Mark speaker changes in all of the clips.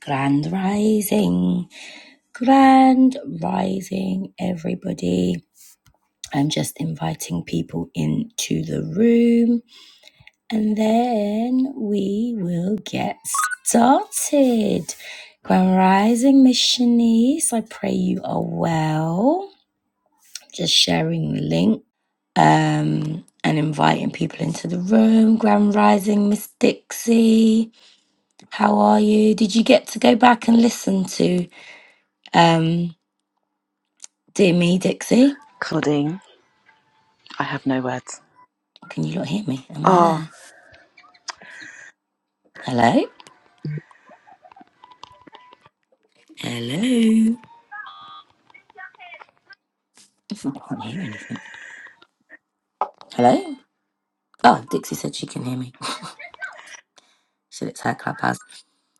Speaker 1: Grand Rising, Grand Rising, everybody. I'm just inviting people into the room and then we will get started. Grand Rising, Miss Shanice, I pray you are well. Just sharing the link um, and inviting people into the room. Grand Rising, Miss Dixie, how are you? Did you get to go back and listen to? um? Dear me, Dixie.
Speaker 2: Claudine, I have no words.
Speaker 1: Can you not hear me? Am I
Speaker 2: Oh,
Speaker 1: there? Hello? Hello? I can't hear anything. Hello? Oh, Dixie said she can hear me. So it's her clubhouse.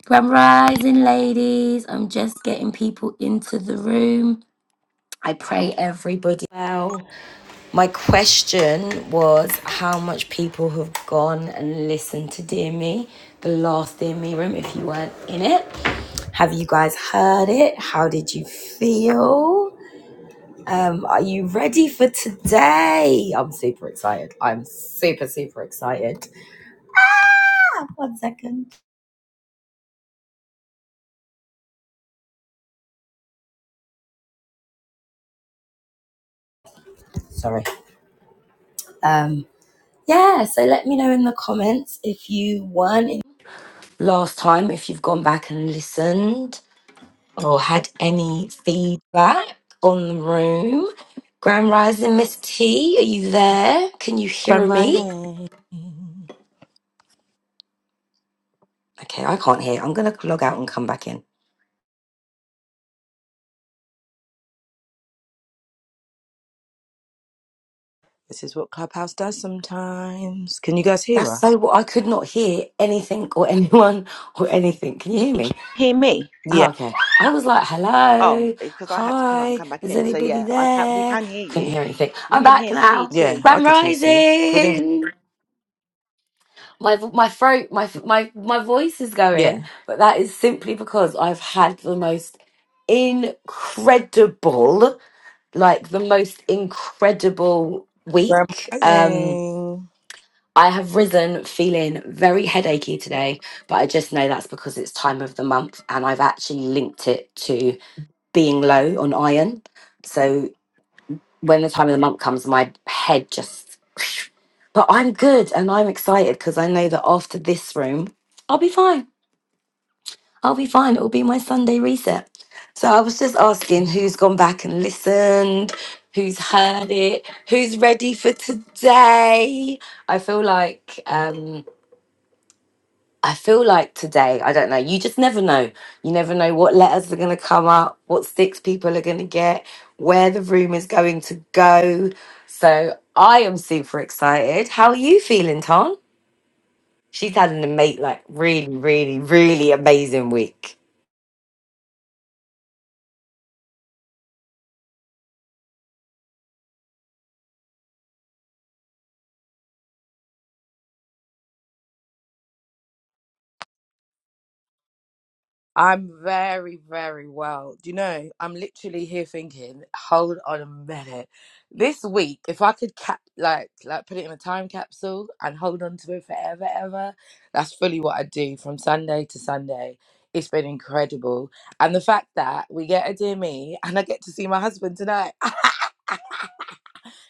Speaker 1: Grand rising, ladies. I'm just getting people into the room. I pray everybody well. My question was how much people have gone and listened to Dear Me, the last Dear Me room, if you weren't in it. Have you guys heard it? How did you feel? Um, are you ready for today? I'm super excited. I'm super, super excited. Ah, one second. Sorry. Um, yeah, so let me know in the comments if you won in- last time, if you've gone back and listened or had any feedback on the room. Grand Rising Miss T, are you there? Can you
Speaker 3: Crime
Speaker 1: hear me?
Speaker 3: writing.
Speaker 1: Okay, I can't hear. I'm gonna log out and come back in.
Speaker 3: This is what Clubhouse does sometimes. Can you guys hear
Speaker 1: That's so.
Speaker 3: us?
Speaker 1: w- I could not hear anything or anyone or anything. Can you hear me?
Speaker 2: hear me.
Speaker 3: Yeah,
Speaker 1: Oh, okay. I was like,
Speaker 2: Oh,
Speaker 1: "Hello,
Speaker 2: because I had to come out and
Speaker 1: hi.
Speaker 2: come back
Speaker 1: Is
Speaker 2: in. So
Speaker 1: anybody
Speaker 2: yeah, I can. We
Speaker 1: there?"
Speaker 2: can hear
Speaker 1: Couldn't
Speaker 2: you.
Speaker 1: hear anything.
Speaker 2: We
Speaker 1: I'm
Speaker 2: can
Speaker 1: back
Speaker 2: hear C
Speaker 1: now.
Speaker 3: yeah,
Speaker 2: too.
Speaker 3: I
Speaker 1: Grand
Speaker 3: could hear. See, including
Speaker 1: rising. My v- my throat, my f- my my voice is
Speaker 3: yeah.
Speaker 1: going, but that is simply because I've had the most incredible, like the most incredible
Speaker 3: Crime
Speaker 1: week. Um
Speaker 3: writing.
Speaker 1: I have risen feeling very headachy today, but I just know that's because it's time of the month and I've actually linked it to being low on iron. So when the time of the month comes, my head just. But I'm good and I'm excited because I know that after this room, I'll be fine. I'll be fine. It'll be my Sunday reset. So I was just asking who's gone back and listened, who's heard it, who's ready for today. I feel like. um I feel like today, I don't know, you just never know. You never know what letters are going to come up, what sticks people are going to get, where the room is going to go. So I am super excited. How are you feeling, Tom? She's had an amazing, like, really, really, really amazing week.
Speaker 3: I'm very, very well. Do you know, I'm literally here thinking, hold on a minute. This week, if I could cap like like put it in a time capsule and hold on to it forever, ever, that's fully what I do from Sunday to Sunday. It's been incredible. And the fact that we get a dear me and I get to see my husband tonight.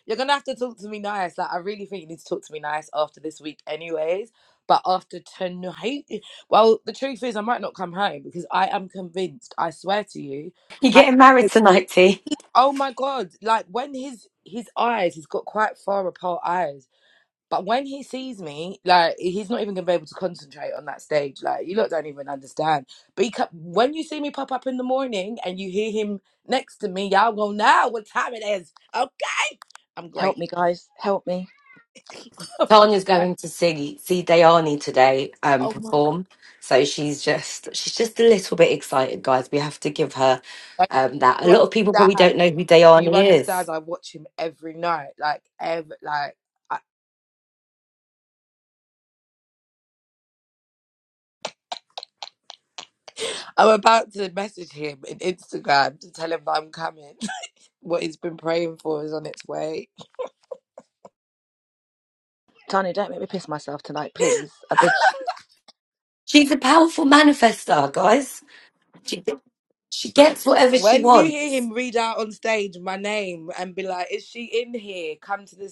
Speaker 3: You're gonna have to talk to me nice. Like I really think you need to talk to me nice after this week, anyways. But after tonight, well, the truth is, I might not come home because I am convinced. I swear to you,
Speaker 1: You're
Speaker 3: I.
Speaker 1: getting married tonight, T.
Speaker 3: Oh my god! Like when his his eyes, he's got quite far apart eyes. But when he sees me, like he's not even gonna be able to concentrate on that stage. Like you lot don't even understand. But he kept, when you see me pop up in the morning and you hear him next to me, y'all go now what time it is. Okay, I'm great.
Speaker 2: Help me, guys. Help me.
Speaker 1: Tanya's
Speaker 3: Right.
Speaker 1: going to see see Dayani today um,
Speaker 3: Oh my god.
Speaker 1: perform, so she's just she's just a little bit excited, guys. We have to give her
Speaker 3: Like,
Speaker 1: um, that. A
Speaker 3: do you
Speaker 1: lot of people probably
Speaker 3: understand?
Speaker 1: don't know who
Speaker 3: Do you
Speaker 1: Dayani is.
Speaker 3: understand? I watch him every night. Like every like I, I'm about to message him in Instagram to tell him that I'm coming. what he's been praying for is on its way.
Speaker 2: Tanya, don't make me piss myself tonight, please. I beg
Speaker 1: She's a powerful manifestar, guys. She she gets whatever she
Speaker 3: When you hear
Speaker 1: wants.
Speaker 3: him read out on stage my name and be like, "Is she in here? Come to the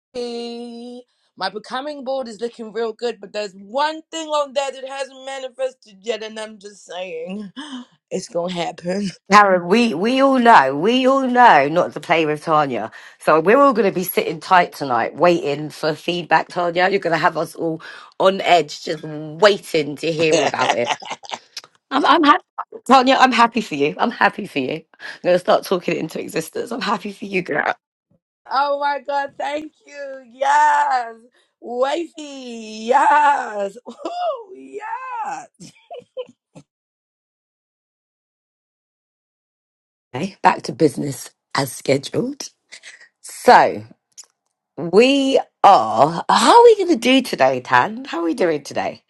Speaker 3: stage." My becoming board is looking real good, but there's one thing on there that hasn't manifested yet, and I'm just saying, it's gonna happen.
Speaker 1: Karen, we, we all know, we all know not to play with Tanya. So we're all going to be sitting tight tonight, waiting for feedback, Tanya. You're going to have us all on edge, just waiting to hear about it. I'm, I'm happy. Tanya, I'm happy for you. I'm happy for you. I'm going to start talking it into existence. I'm happy for you, girl.
Speaker 3: Oh my God, thank you. Yes. Wavy. Yes. Ooh, yes.
Speaker 1: Okay, back to business as scheduled. So, We are. How are we going to do today, Tan? How are we doing today?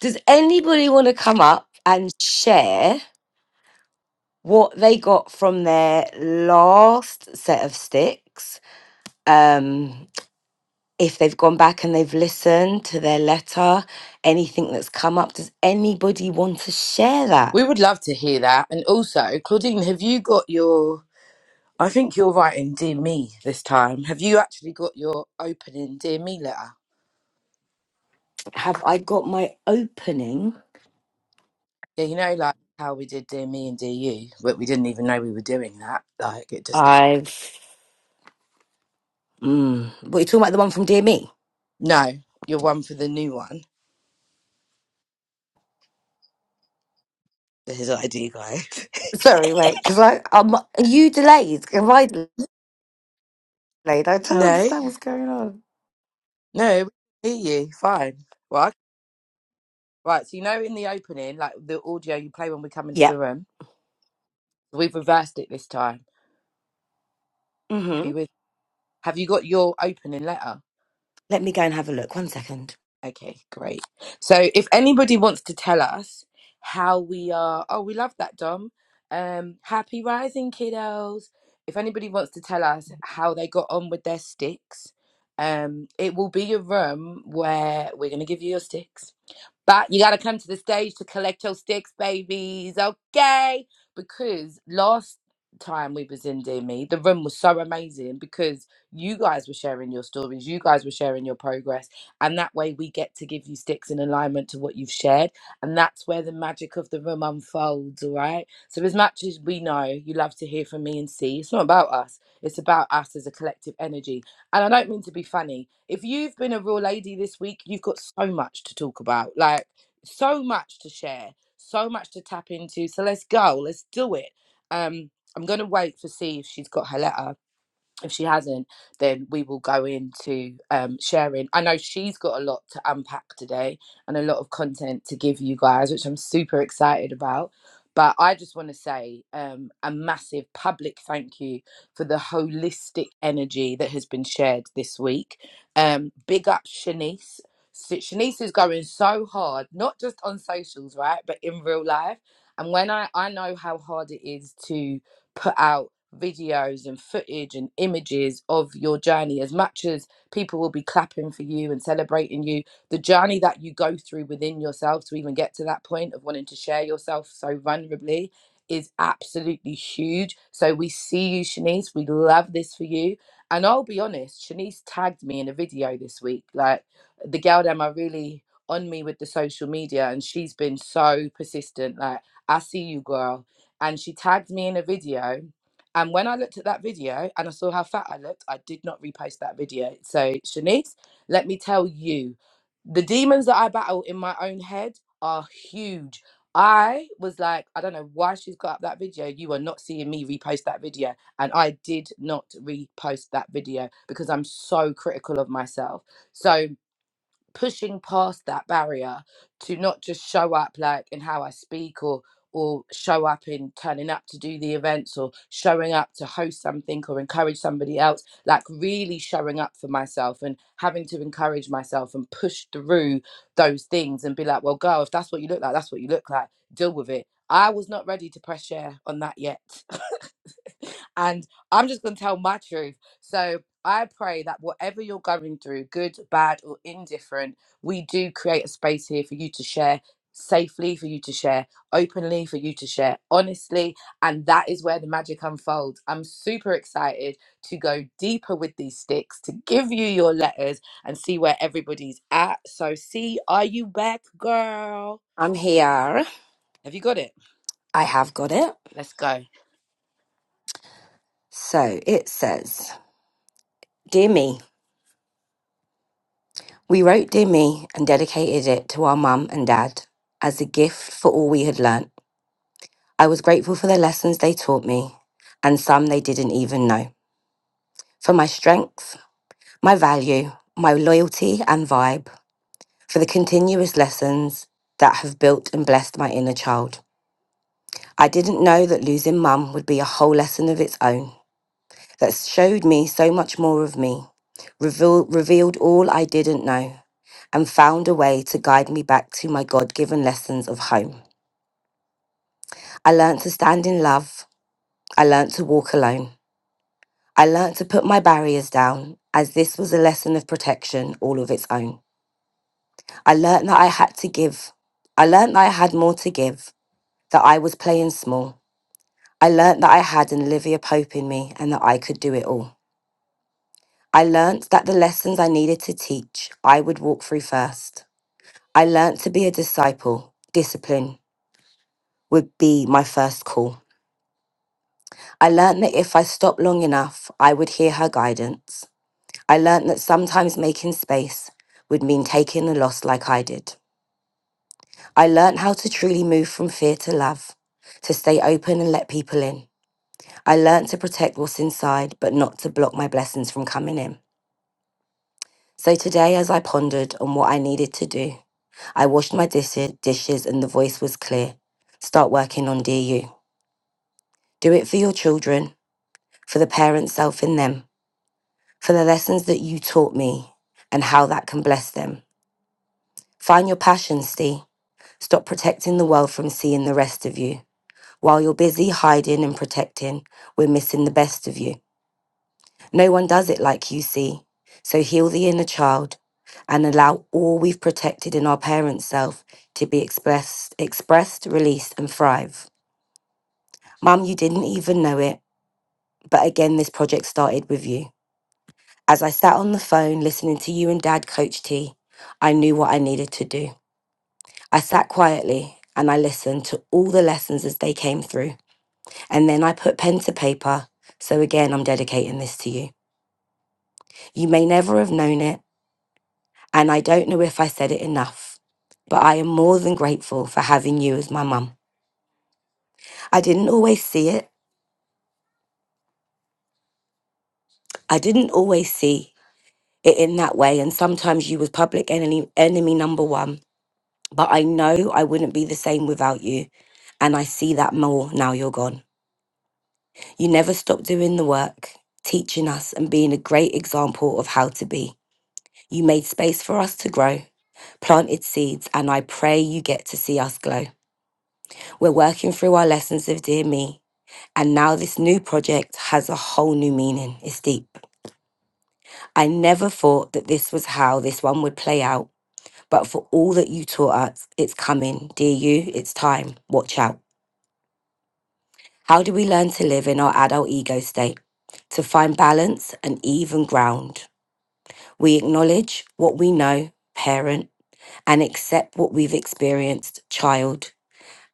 Speaker 1: Does anybody want to come up and share what they got from their last set of sticks? Um, if they've gone back and they've listened to their letter, anything that's come up, does anybody want to share that?
Speaker 3: We would love to hear that. And also, Claudine, have you got your. I think you're writing Dear Me this time. Have you actually got your opening Dear Me letter?
Speaker 1: Have I got my opening?
Speaker 3: Yeah, you know, like how we did Dear Me and Dear You, but we didn't even know we were doing that. Like, it just. hap-
Speaker 1: I've. Mm, what are you talking about? The one from Dear Me?
Speaker 3: No, you're one for the new one. His ID guy.
Speaker 1: Sorry, wait, because I um, are you delayed? Am I? delayed? Like, I don't
Speaker 3: no,
Speaker 1: understand what's going on.
Speaker 3: no, we hear you. Fine. Well, I Right, so you know in the opening, like the audio you play when we come into
Speaker 1: Yeah.
Speaker 3: the room, we've reversed it this time. Are
Speaker 1: Mm-hmm.
Speaker 3: you with? Have you got your opening letter?
Speaker 1: Let me go and have a look. One second.
Speaker 3: Okay, great. So if anybody wants to tell us how we are, oh, we love that, Dom. Um, happy rising, kiddos. If anybody wants to tell us how they got on with their sticks, um, it will be a room where we're going to give you your sticks But you got to come to the stage to collect your sticks, babies, okay? Because last time we was in Dear Me, the room was so amazing because you guys were sharing your stories, you guys were sharing your progress, and that way we get to give you sticks in alignment to what you've shared, and that's where the magic of the room unfolds, all right? So as much as we know you love to hear from me and see, it's not about us, it's about us as a collective energy and I don't mean to be funny. If you've been a real lady this week, you've got so much to talk about, like so much to share, so much to tap into. So let's go, let's do it. Um, I'm gonna wait to see if she's got her letter if she hasn't, then we will go into um, sharing. I know she's got a lot to unpack today and a lot of content to give you guys, which I'm super excited about. But I just want to say um, a massive public thank you for the holistic energy that has been shared this week. Um, big up Shanice. Si- Shanice is going so hard, not just on socials, right, but in real life. And when I, I know how hard it is to put out videos and footage and images of your journey as much as people will be clapping for you and celebrating you the journey that you go through within yourself to even get to that point of wanting to share yourself so vulnerably is absolutely huge so we see you shanice we love this for you and i'll be honest shanice tagged me in a video this week like the girl them are really on me with the social media and she's been so persistent like i see you girl and she tagged me in a video and when I looked at that video and I saw how fat I looked, I did not repost that video. So, Shanice, let me tell you, the demons that I battle in my own head are huge. I was like, I don't know why she's got up that video. You are not seeing me repost that video. And I did not repost that video because I'm so critical of myself. So, pushing past that barrier to not just show up like in how I speak or or show up in turning up to do the events or showing up to host something or encourage somebody else like really showing up for myself and having to encourage myself and push through those things and be like well girl if that's what you look like that's what you look like deal with it i was not ready to press share on that yet and I'm just going to tell my truth. So I pray that whatever you're going through, good, bad, or indifferent, we do create a space here for you to share safely, for you to share openly, for you to share honestly. And that is where the magic unfolds. I'm super excited to go deeper with these sticks, to give you your letters and see where everybody's at. So, see, are you back, girl?
Speaker 1: I'm here.
Speaker 3: Have you got it?
Speaker 1: I have got it.
Speaker 3: Let's go.
Speaker 1: So it says, Dear me, we wrote Dear Me and dedicated it to our mum and dad as a gift for all we had learnt. I was grateful for the lessons they taught me and some they didn't even know. For my strength, my value, my loyalty and vibe, for the continuous lessons that have built and blessed my inner child. I didn't know that losing mum would be a whole lesson of its own that showed me so much more of me, reveal, revealed all I didn't know, and found a way to guide me back to my God given lessons of home. I learnt to stand in love. I learnt to walk alone. I learnt to put my barriers down, as this was a lesson of protection all of its own. I learnt that I had to give. I learnt that I had more to give, that I was playing small. I learnt that I had an Olivia Pope in me and that I could do it all. I learnt that the lessons I needed to teach, I would walk through first. I learnt to be a disciple. Discipline would be my first call. I learnt that if I stopped long enough, I would hear her guidance. I learnt that sometimes making space would mean taking a loss like I did. I learnt how to truly move from fear to love, to stay open and let people in. I learnt to protect what's inside, but not to block my blessings from coming in. So today, as I pondered on what I needed to do, I washed my dis- dishes and the voice was clear. Start working on dear you. Do it for your children, for the parent self in them, for the lessons that you taught me and how that can bless them. Find your passion, Steve. Stop protecting the world from seeing the rest of you. While you're busy hiding and protecting, we're missing the best of you. No one does it like you see. So heal the inner child and allow all we've protected in our parents' self to be expressed, expressed, released, and thrive. Mum, you didn't even know it, but again, this project started with you. As I sat on the phone listening to you and Dad coach T, I knew what I needed to do. I sat quietly and I listened to all the lessons as they came through, and then I put pen to paper. So again, I'm dedicating this to you. You may never have known it. And I don't know if I said it enough, but I am more than grateful for having you as my mum. I didn't always see it. I didn't always see it in that way. And sometimes you was public enemy, enemy number one. But I know I wouldn't be the same without you. And I see that more now you're gone. You never stopped doing the work, teaching us and being a great example of how to be. You made space for us to grow, planted seeds, and I pray you get to see us glow. We're working through our lessons of Dear Me And now this new project has a whole new meaning. It's deep. I never thought that this was how this one would play out, but for all that you taught us, it's coming. Dear you, it's time. Watch out. How do we learn to live in our adult ego state? To find balance and even ground. We acknowledge what we know, parent, and accept what we've experienced, child,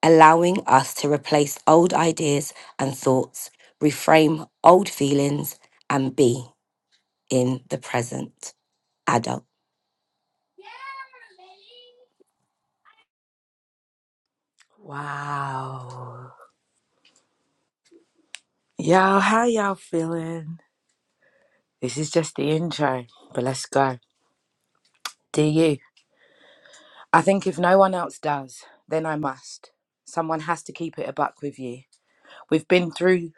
Speaker 1: allowing us to replace old ideas and thoughts, reframe old feelings, and be. in the present adult.
Speaker 3: Wow. Y'all, how y'all feeling? This is just the intro, but let's go. Do you? I think if no one else does, then I must. Someone has to keep it a buck with you. We've been through,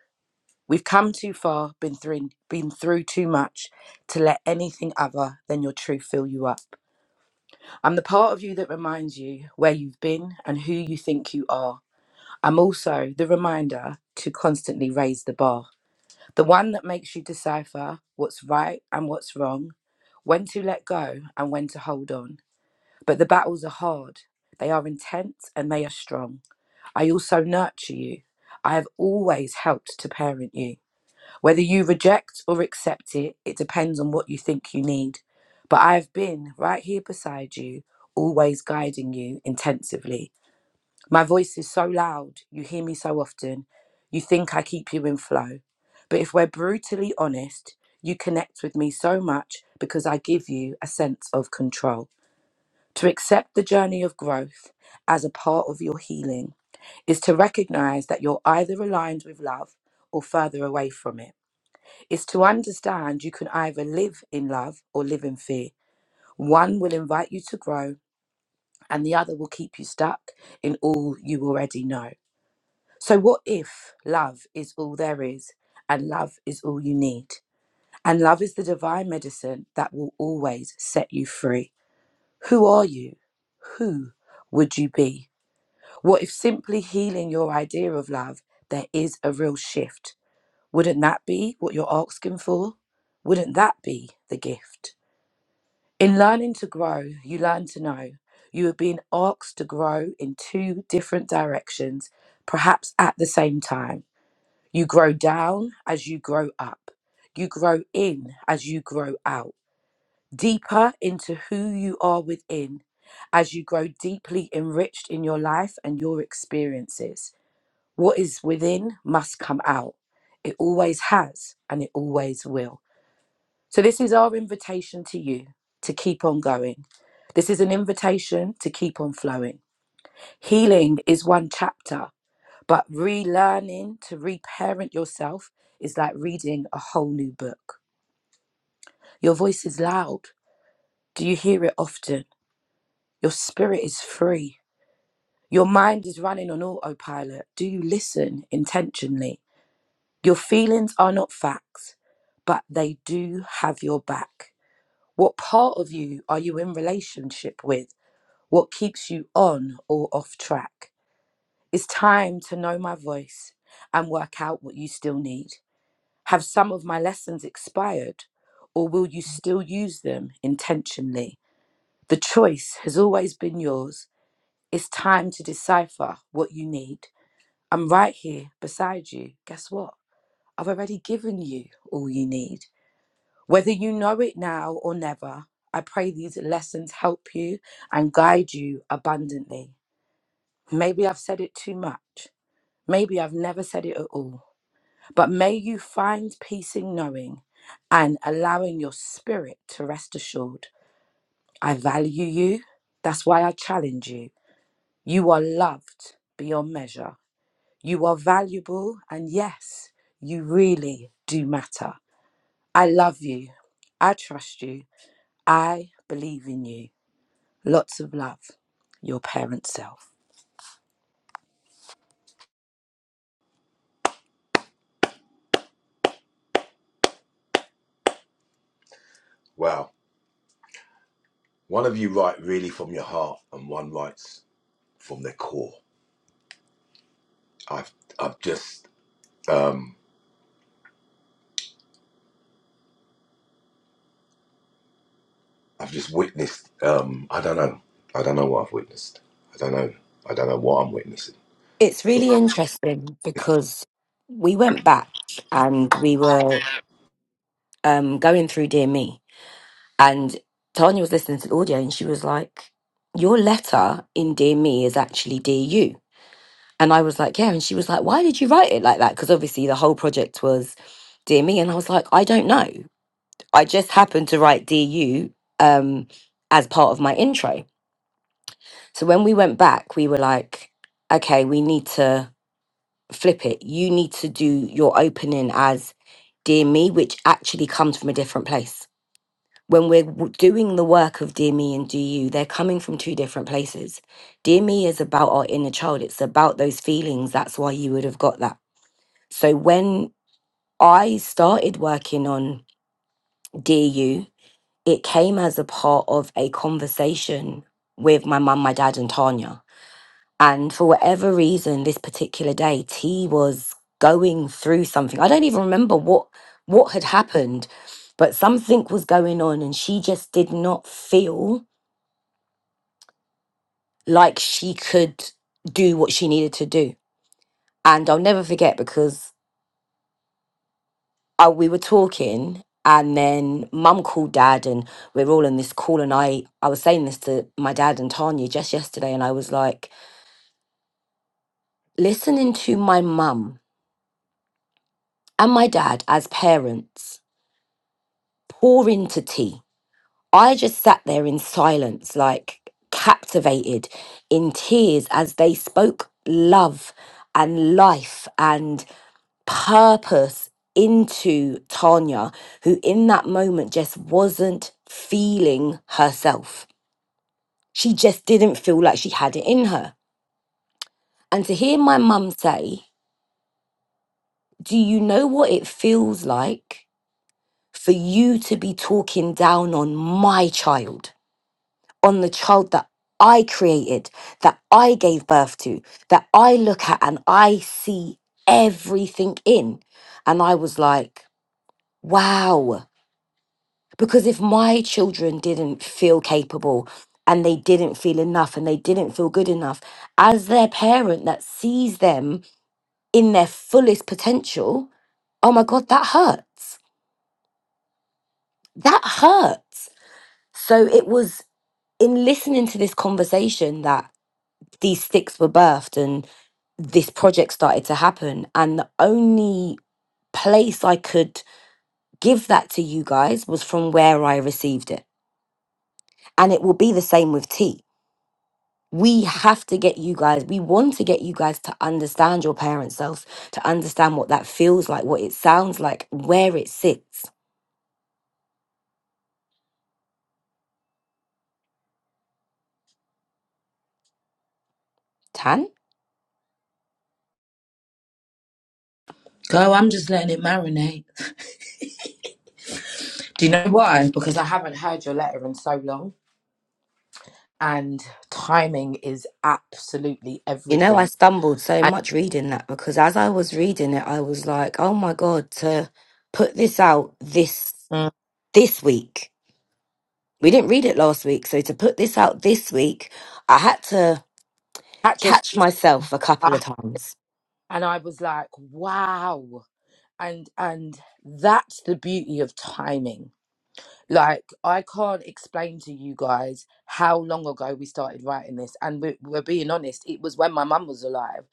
Speaker 3: we've come too far, been through, been through too much to let anything other than your truth fill you up. I'm the part of you that reminds you where you've been and who you think you are. I'm also the reminder to constantly raise the bar, the one that makes you decipher what's right and what's wrong, when to let go and when to hold on. But the battles are hard, they are intense, and they are strong. I also nurture you. I have always helped to parent you. Whether you reject or accept it, it depends on what you think you need. But I have been right here beside you, always guiding you intensively. My voice is so loud, you hear me so often, you think I keep you in flow. But if we're brutally honest, you connect with me so much because I give you a sense of control. To accept the journey of growth as a part of your healing is to recognize that you're either aligned with love or further away from it. It's to understand you can either live in love or live in fear. One will invite you to grow, and the other will keep you stuck in all you already know. So, what if love is all there is, and love is all you need? And love is the divine medicine that will always set you free. Who are you? Who would you be? What if simply healing your idea of love, there is a real shift? Wouldn't that be what you're asking for? Wouldn't that be the gift? In learning to grow, you learn to know. You are being asked to grow in two different directions, perhaps at the same time. You grow down as you grow up. You grow in as you grow out. Deeper into who you are within as you grow deeply enriched in your life and your experiences. What is within must come out. It always has and it always will. So, this is our invitation to you to keep on going. This is an invitation to keep on flowing. Healing is one chapter, but relearning to reparent yourself is like reading a whole new book. Your voice is loud. Do you hear it often? Your spirit is free. Your mind is running on autopilot. Do you listen intentionally? Your feelings are not facts, but they do have your back. What part of you are you in relationship with? What keeps you on or off track? It's time to know my voice and work out what you still need. Have some of my lessons expired, or will you still use them intentionally? The choice has always been yours. It's time to decipher what you need. I'm right here beside you. Guess what? I've already given you all you need. Whether you know it now or never, I pray these lessons help you and guide you abundantly. Maybe I've said it too much. Maybe I've never said it at all. But may you find peace in knowing and allowing your spirit to rest assured. I value you. That's why I challenge you. You are loved beyond measure. You are valuable. And yes, you really do matter. I love you. I trust you I believe in you. Lots of love. Your parent self.
Speaker 4: Wow. One of you write really from your heart, and one writes from their core. I've I've just um, I've just witnessed. Um, I don't know. I don't know what I've witnessed. I don't know. I don't know what I'm witnessing.
Speaker 1: It's really interesting because we went back and we were um, going through Dear Me, and Tanya was listening to the audio and she was like, Your letter in Dear Me is actually Dear You. And I was like, Yeah. And she was like, Why did you write it like that? Because obviously the whole project was Dear Me. And I was like, I don't know. I just happened to write Dear You um, as part of my intro. So when we went back, we were like, Okay, we need to flip it. You need to do your opening as Dear Me, which actually comes from a different place. When we're w- doing the work of Dear Me and Do You, they're coming from two different places. Dear Me is about our inner child, it's about those feelings. That's why you would have got that. So when I started working on Dear You, it came as a part of a conversation with my mum, my dad, and Tanya. And for whatever reason, this particular day, T was going through something. I don't even remember what what had happened, but something was going on, and she just did not feel like she could do what she needed to do. And I'll never forget because I, we were talking, and then Mum called Dad, and we're all in this call, and I I was saying this to my dad and Tanya just yesterday, and I was like, listening to my mum and my dad as parents pour into tea. I just sat there in silence, like captivated in tears as they spoke love and life and purpose into Tanya, who in that moment just wasn't feeling herself. She just didn't feel like she had it in her. And to hear my mum say, Do you know what it feels like for you to be talking down on my child? on the child that I created, that I gave birth to, that I look at and I see everything in. And I was like, wow. Because if my children didn't feel capable and they didn't feel enough and they didn't feel good enough, as their parent that sees them in their fullest potential, oh my God, that hurts. That hurts. So it was in listening to this conversation that these sticks were birthed and this project started to happen. And the only place I could give that to you guys was from where I received it. And it will be the same with tea. We have to get you guys, we want to get you guys to understand your parent self, to understand what that feels like, what it sounds like, where it sits. Tan?
Speaker 3: Girl, I'm just letting it marinate. Do you know why? Because I haven't heard your letter in so long, and timing is absolutely
Speaker 1: You know, I
Speaker 3: everything.
Speaker 1: stumbled so
Speaker 3: And
Speaker 1: much reading that because as I was reading it, I was like, oh my God, to put this out this
Speaker 3: Mm.
Speaker 1: this week We didn't read it last week, so to put this out this week, I had to
Speaker 3: catch yourself,
Speaker 1: catch myself a couple
Speaker 3: I-
Speaker 1: of times.
Speaker 3: and I was like, wow, and and that's the beauty of timing. Like, I can't explain to you guys how long ago we started writing this. And we, we're being honest, it was when my mum was alive.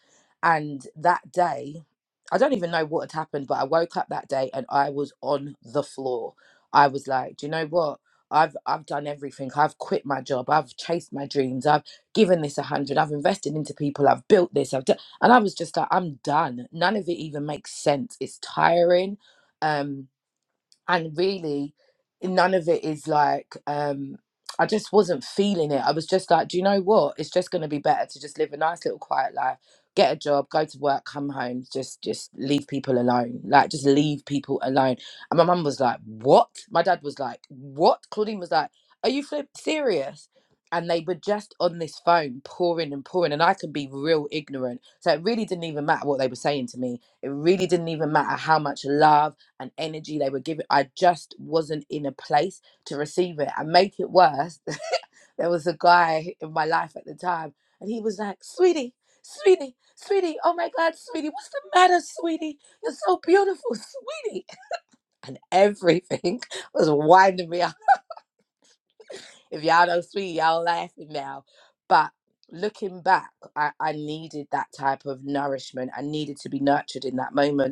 Speaker 3: And that day, I don't even know what had happened, but I woke up that day and I was on the floor. I was like, do you know what? I've I've done everything. I've quit my job. I've chased my dreams. I've given this a hundred. I've invested into people. I've built this. I've done, and I was just like, I'm done. None of it even makes sense. It's tiring. Um, and really none of it is like um i just wasn't feeling it i was just like do you know what it's just going to be better to just live a nice little quiet life get a job go to work come home just just leave people alone like just leave people alone and my mum was like what my dad was like what claudine was like are you flip serious and they were just on this phone pouring and pouring and i could be real ignorant so it really didn't even matter what they were saying to me it really didn't even matter how much love and energy they were giving. I just wasn't in a place to receive it. And make it worse, there was a guy in my life at the time, and he was like, Sweetie, sweetie, sweetie, oh my God, sweetie, what's the matter, sweetie? You're so beautiful, sweetie. Everything was winding me up. If y'all know sweetie, y'all laughing now. But looking back, I, I needed that type of nourishment. I needed to be nurtured in that moment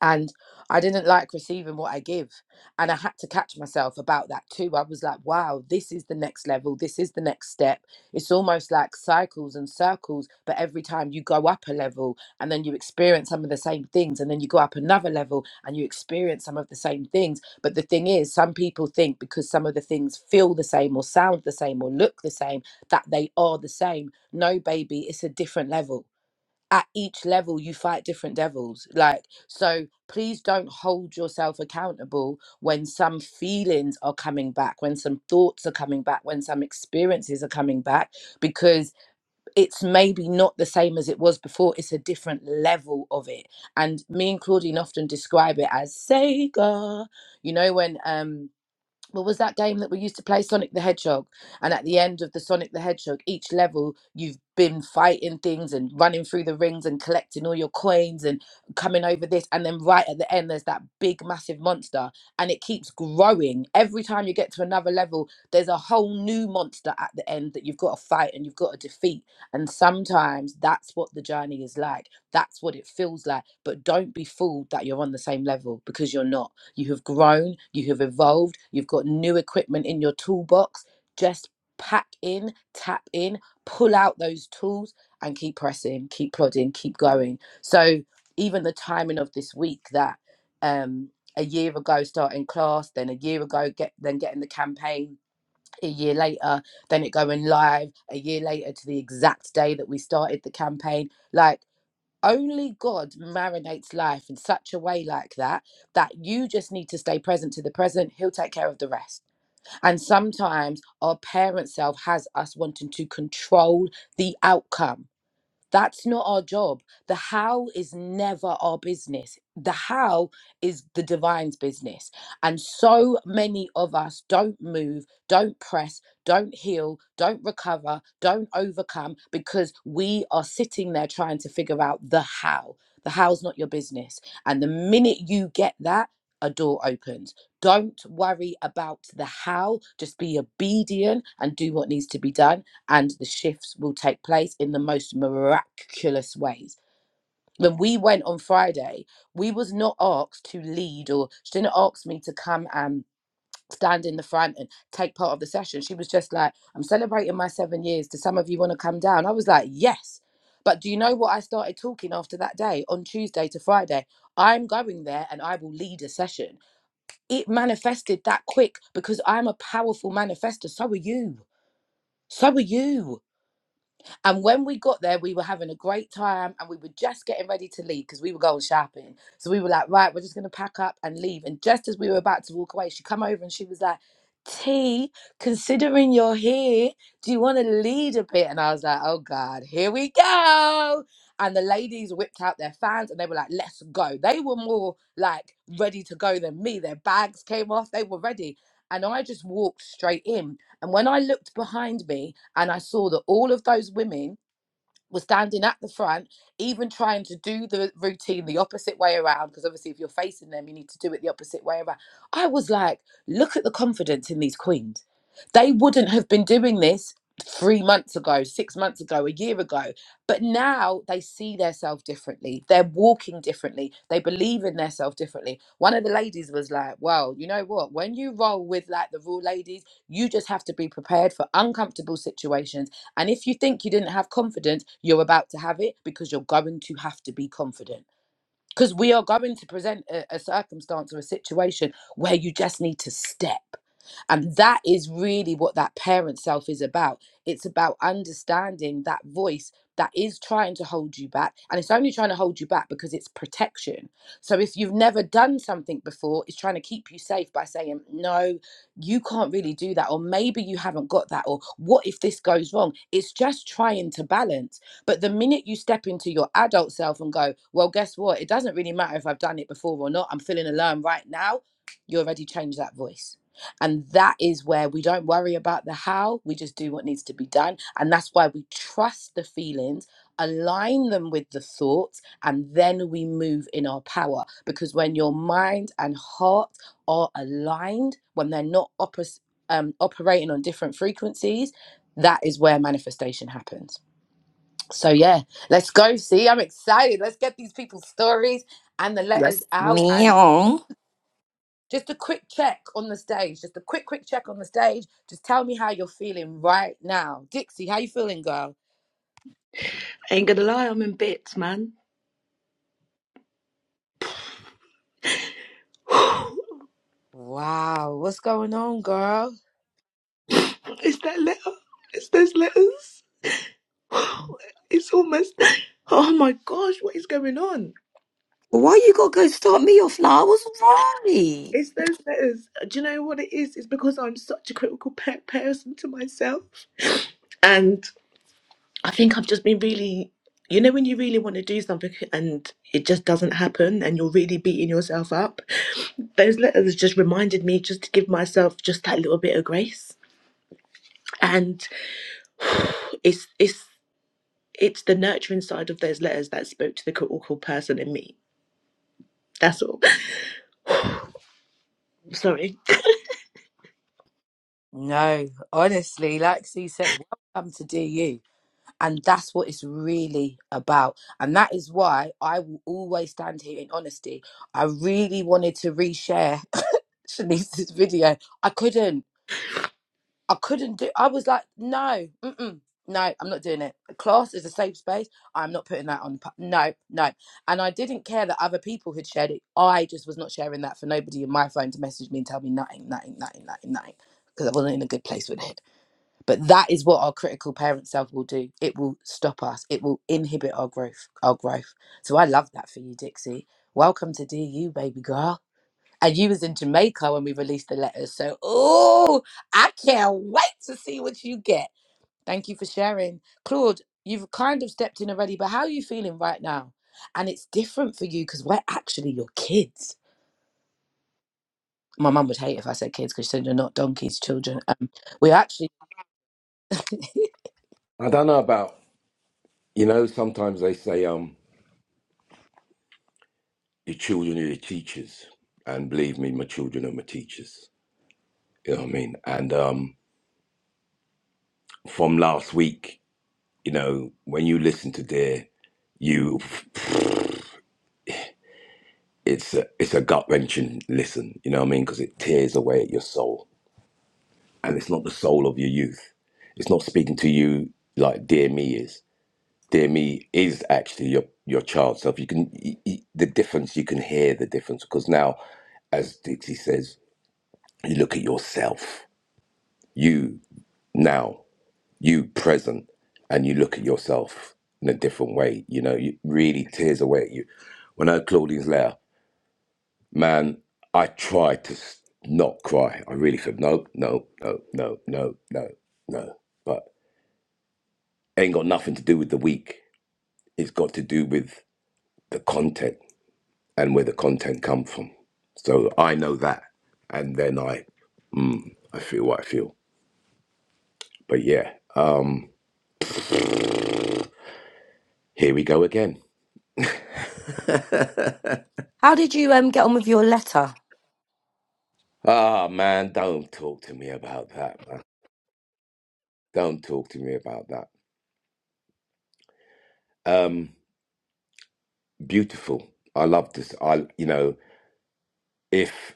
Speaker 3: and I didn't like receiving what I give. And I had to catch myself about that too. I was like, wow, this is the next level. This is the next step. It's almost like cycles and circles, but every time you go up a level and then you experience some of the same things, and then you go up another level and you experience some of the same things. But the thing is, some people think because some of the things feel the same or sound the same or look the same, that they are the same. No, baby, it's a different level at each level you fight different devils like so please don't hold yourself accountable when some feelings are coming back when some thoughts are coming back when some experiences are coming back because it's maybe not the same as it was before it's a different level of it and me and claudine often describe it as sega you know when um what was that game that we used to play sonic the hedgehog and at the end of the sonic the hedgehog each level you've been fighting things and running through the rings and collecting all your coins and coming over this and then right at the end there's that big massive monster and it keeps growing every time you get to another level there's a whole new monster at the end that you've got to fight and you've got to defeat and sometimes that's what the journey is like that's what it feels like but don't be fooled that you're on the same level because you're not you have grown, you have evolved, you've got new equipment in your toolbox. Just pack in, tap in, pull out those tools and keep pressing, keep plodding, keep going. So even the timing of this week that um a year ago starting class, then a year ago get then getting the campaign a year later, then it going live a year later to the exact day that we started the campaign. Like only God marinates life in such a way like that that you just need to stay present to the present. He'll take care of the rest. And sometimes our parent self has us wanting to control the outcome that's not our job. The how is never our business. The how is the divine's business. And so many of us don't move, don't press, don't heal, don't recover, don't overcome because we are sitting there trying to figure out the how. The how's not your business. And the minute you get that, a door opens. Don't worry about the how. Just be obedient and do what needs to be done and the shifts will take place in the most miraculous ways. When we went on Friday, we was not asked to lead or she didn't ask me to come and stand in the front and take part of the session. She was just like, I'm celebrating my seven years. Do some of you want to come down? I was like, yes. But do you know what I started talking after that day on Tuesday to Friday? I'm going there and I will lead a session. It manifested that quick because I'm a powerful manifester. So are you. So are you and when we got there, we were having a great time and we were just getting ready to leave because we were going shopping. So we were like, right, we're just going to pack up and leave. And just as we were about to walk away, she come over and she was like, T, considering you're here, do you want to lead a bit? And I was like, oh God, here we go. And the ladies whipped out their fans and they were like, let's go. They were more like ready to go than me. Their bags came off, they were ready. And I just walked straight in and when I looked behind me and I saw that all of those women was standing at the front, even trying to do the routine the opposite way around. Because obviously, if you're facing them, you need to do it the opposite way around. I was like, look at the confidence in these queens. They wouldn't have been doing this three months ago, six months ago, a year ago. But now they see themselves differently. They're walking differently. They believe in themselves differently. One of the ladies was like, well, you know what? When you roll with like the raw ladies, you just have to be prepared for uncomfortable situations and if you think you didn't have confidence, you're about to have it because you're going to have to be confident because we are going to present a, a circumstance or a situation where you just need to step and that is really what that parent self is about it's about understanding that voice that is trying to hold you back and it's only trying to hold you back because it's protection so if you've never done something before it's trying to keep you safe by saying no you can't really do that or maybe you haven't got that or what if this goes wrong it's just trying to balance but the minute you step into your adult self and go, well, guess what? It doesn't really matter if I've done it before or not. I'm feeling alone right now. You already changed that voice. And that is where we don't worry about the how, we just do what needs to be done. And that's why we trust the feelings, align them with the thoughts, and then we move in our power. Because when your mind and heart are aligned, when they're not oppos- um, operating on different frequencies, that is where manifestation happens. So yeah, let's go. See, I'm excited. Let's get these people's stories and the letters
Speaker 1: Yes.
Speaker 3: out. And
Speaker 1: Meow.
Speaker 3: just a quick check on the stage. Just a quick, quick check on the stage. Just tell me how you're feeling right now, Dixie. How you feeling, girl?
Speaker 2: you. Ain't gonna lie, I'm in bits, man.
Speaker 3: Wow, what's going on, girl?
Speaker 2: Is that letter? Is those letters? It's almost. Oh my gosh, what is going on?
Speaker 1: Why you gotta go start me off now? I was right.
Speaker 2: It's those letters. Do you know what it is? It's because I'm such a critical pe- person to myself, and I think I've just been really. You know when you really want to do something and it just doesn't happen, and you're really beating yourself up. Those letters just reminded me just to give myself just that little bit of grace, and it's it's it's the nurturing side of those letters that spoke to the critical person in me That's all. Sorry.
Speaker 3: No, honestly, like C said, welcome to DU. And that's what it's really about. And that is why I will always stand here in honesty. I really wanted to reshare Shanice's video. I couldn't. I couldn't do. I was like, no, mm-mm, no, I'm not doing it. Class is a safe space. I'm not putting that on. pu- No, no. And I didn't care that other people had shared it. I just was not sharing that for nobody in my phone to message me and tell me nothing, nothing, nothing, nothing, nothing, because I wasn't in a good place with it. But that is what our critical parent self will do. It will stop us. It will inhibit our growth. Our growth. So I love that for you, Dixie. Welcome to DU, baby girl and you was in Jamaica when we released the letters. So, oh, I can't wait to see what you get. Thank you for sharing, Claude. You've kind of stepped in already, but how are you feeling right now? And it's different for you because we're actually your kids. My mum would hate if I said kids because she said you're not donkeys, children. Um, we actually
Speaker 4: I don't know about you know. Sometimes they say um, your children are your teachers, and believe me, my children are my teachers. You know what I mean? And um, from last week, you know, when you listen to their you. it's a, it's a gut wrenching listen. You know what I mean? Because it tears away at your soul, and it's not the soul of your youth. It's not speaking to you like "Dear Me" is. "Dear Me" is actually your your child self. You can y- y- the difference. You can hear the difference because now, as Dixie says, you look at yourself. You now, you present, and you look at yourself in a different way. You know, it really tears away at you. When I heard Claudine's letter. Man, I tried to not cry. I really said, no, no, no, no, no, no, no. But it ain't got nothing to do with the week. It's got to do with the content and where the content come from. So I know that. And then I, mm, I feel what I feel. But yeah, here we go again.
Speaker 1: How did you um get on with your letter?
Speaker 4: Ah, man, don't talk to me about that, man. Don't talk to me about that. Um, beautiful. I love this. I, you know, if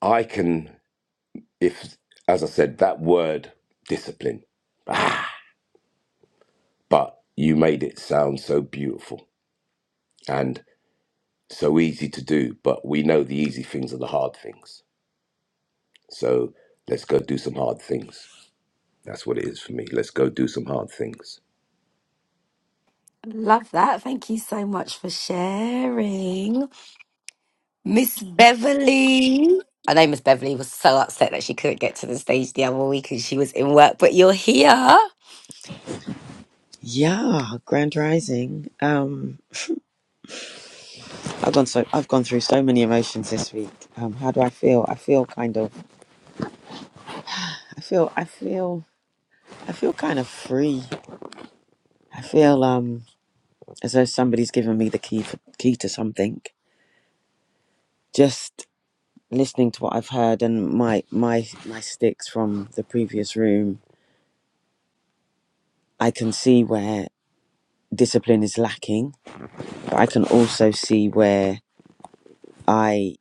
Speaker 4: I can, if, as I said, that word discipline, ah, but you made it sound so beautiful and so easy to do. But we know the easy things are the hard things. So let's go do some hard things. That's what it is for me. Let's go do some hard things.
Speaker 1: Love that. Thank you so much for sharing. Miss Beverly. I know Miss Beverly was so upset that she couldn't get to the stage the other week and she was in work, but you're here.
Speaker 5: Yeah, Grand Rising. Um, I've gone so I've gone through so many emotions this week. Um, how do I feel? I feel kind of I feel I feel I feel kind of free. I feel um as though somebody's given me the key for, key to something. Just listening to what I've heard and my my my sticks from the previous room, I can see where discipline is lacking, but I can also see where I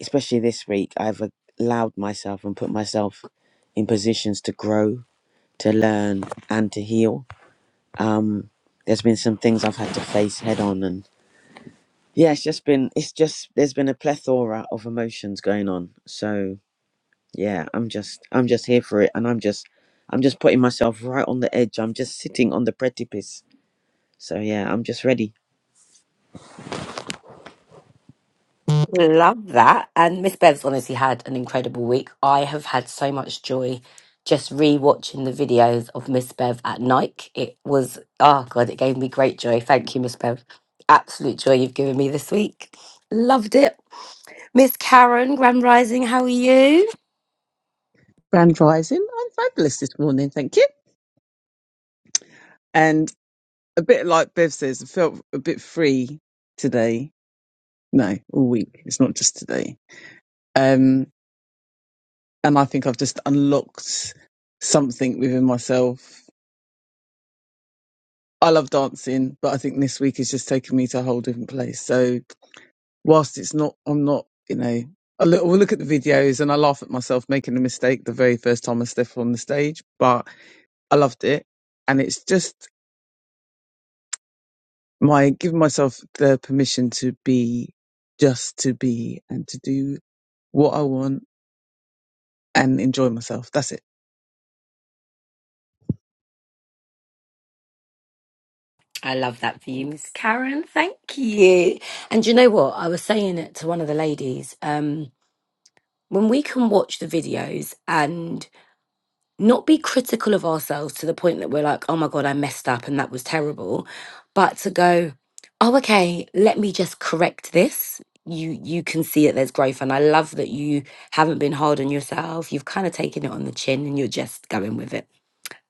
Speaker 5: especially this week, I've allowed myself and put myself in positions to grow, to learn, and to heal. Um, there's been some things I've had to face head on, and yeah, it's just been, it's just, there's been a plethora of emotions going on. So yeah, I'm just, I'm just here for it, and I'm just, I'm just putting myself right on the edge. I'm just sitting on the precipice. So yeah, I'm just ready.
Speaker 1: Love that. And Miss Bev's honestly had an incredible week. I have had so much joy just re watching the videos of Miss Bev at Nike. It was, oh God, it gave me great joy. Thank you, Miss Bev. Absolute joy you've given me this week. Loved it. Miss Karen, Grand Rising, how are you?
Speaker 6: Grand Rising. I'm fabulous this morning, thank you. And a bit like Bev says, I felt a bit free today. No, all week. It's not just today. Um, and I think I've just unlocked something within myself. I love dancing, but I think this week has just taken me to a whole different place. So whilst it's not, I'm not, you know, I look, will look at the videos and I laugh at myself making a mistake the very first time I step on the stage, but I loved it. And it's just my giving myself the permission to be just to be and to do what I want and enjoy myself. That's it.
Speaker 1: I love that for you, Miss Karen. Thank you. And do you know what? I was saying it to one of the ladies. Um, when we can watch the videos and not be critical of ourselves to the point that we're like, oh my God, I messed up and that was terrible, but to go, oh, okay, let me just correct this. You you can see that there's growth. And I love that you haven't been hard on yourself. You've kind of taken it on the chin and you're just going with it.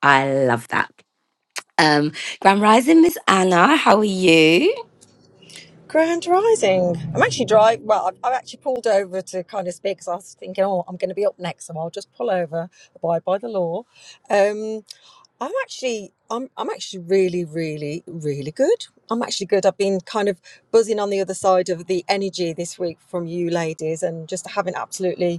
Speaker 1: I love that. Um, Grand Rising, Miss Anna, how are you?
Speaker 7: Grand Rising. I'm actually driving. Well, I've, I've actually pulled over to kind of speak because I was thinking, oh, I'm going to be up next, so I'll just pull over, abide by the law. Um, I'm actually, I'm, I'm actually really, really, really good. I'm actually good. I've been kind of buzzing on the other side of the energy this week from you ladies, and just having absolutely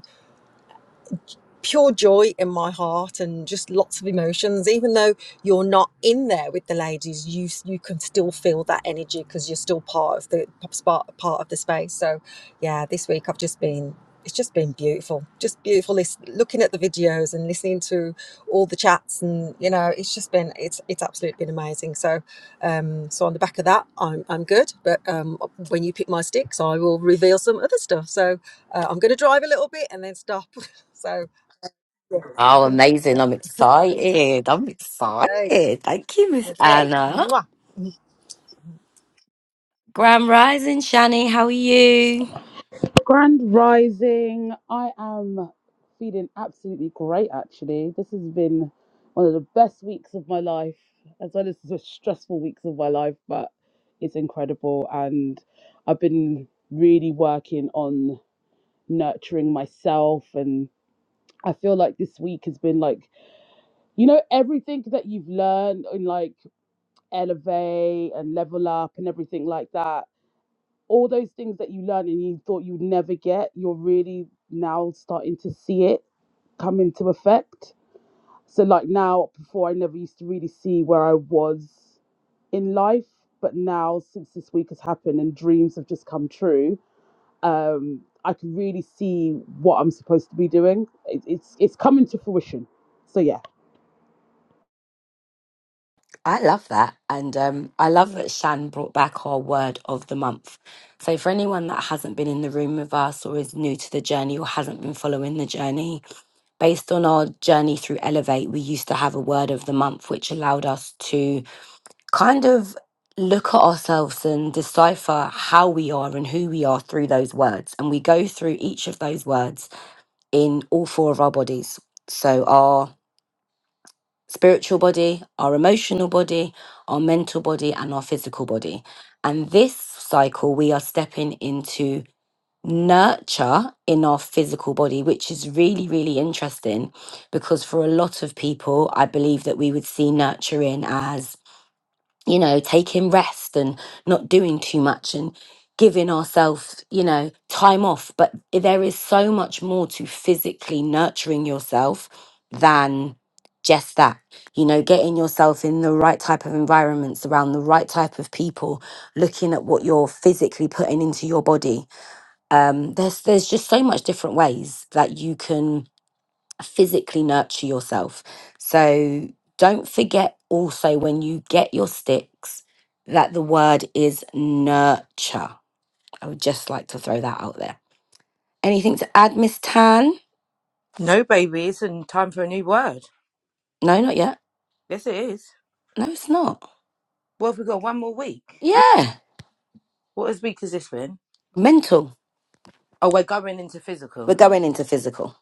Speaker 7: pure joy in my heart and just lots of emotions even though you're not in there with the ladies you you can still feel that energy because you're still part of the part, part of the space so yeah this week i've just been it's just been beautiful just beautiful this looking at the videos and listening to all the chats and you know it's just been it's it's absolutely been amazing so um so on the back of that i'm i'm good but um when you pick my sticks i will reveal some other stuff so uh, i'm going to drive a little bit and then stop so Yes, you
Speaker 1: Oh,
Speaker 7: can.
Speaker 1: amazing. I'm excited. I'm
Speaker 7: Okay.
Speaker 1: excited. Thank you, Miss
Speaker 7: Okay.
Speaker 1: Anna.
Speaker 7: Mwah.
Speaker 1: Grand Rising, Shani, how are you?
Speaker 8: Grand Rising. I am feeling absolutely great actually. This has been one of the best weeks of my life, as well as the stressful weeks of my life, but it's incredible. And I've been really working on nurturing myself. And I feel like this week has been like, you know, everything that you've learned in like Elevate and Level Up and everything like that all those things that you learn and you thought you'd never get, you're really now starting to see it come into effect. So, like now, before I never used to really see where I was in life, but now since this week has happened and dreams have just come true, um, I can really see what I'm supposed to be doing. It, it's it's coming to fruition. So yeah.
Speaker 1: I love that. And um, I love that Shan brought back our word of the month. So, for anyone that hasn't been in the room with us or is new to the journey or hasn't been following the journey, based on our journey through Elevate, we used to have a word of the month, which allowed us to kind of look at ourselves and decipher how we are and who we are through those words. And we go through each of those words in all four of our bodies. So, our spiritual body, our emotional body, our mental body, and our physical body. And this cycle, we are stepping into nurture in our physical body, which is really, really interesting because for a lot of people, I believe that we would see nurturing as you know, taking rest and not doing too much and giving ourselves, you know, time off. But there is so much more to physically nurturing yourself than just that. You know, getting yourself in the right type of environments around the right type of people, looking at what you're physically putting into your body. Um, there's there's just so much different ways that you can physically nurture yourself. So don't forget also when you get your sticks that the word is nurture. I would just like to throw that out there. Anything to add, Miss Tan?
Speaker 3: no baby. It's in time for a new word.
Speaker 1: No, not yet.
Speaker 3: Yes, it is.
Speaker 1: No, it's not.
Speaker 3: Well, have we got one more week? We-
Speaker 1: Yeah,
Speaker 3: What as week has this been?
Speaker 1: mental.
Speaker 3: Oh, we're going into physical.
Speaker 1: We're going into physical.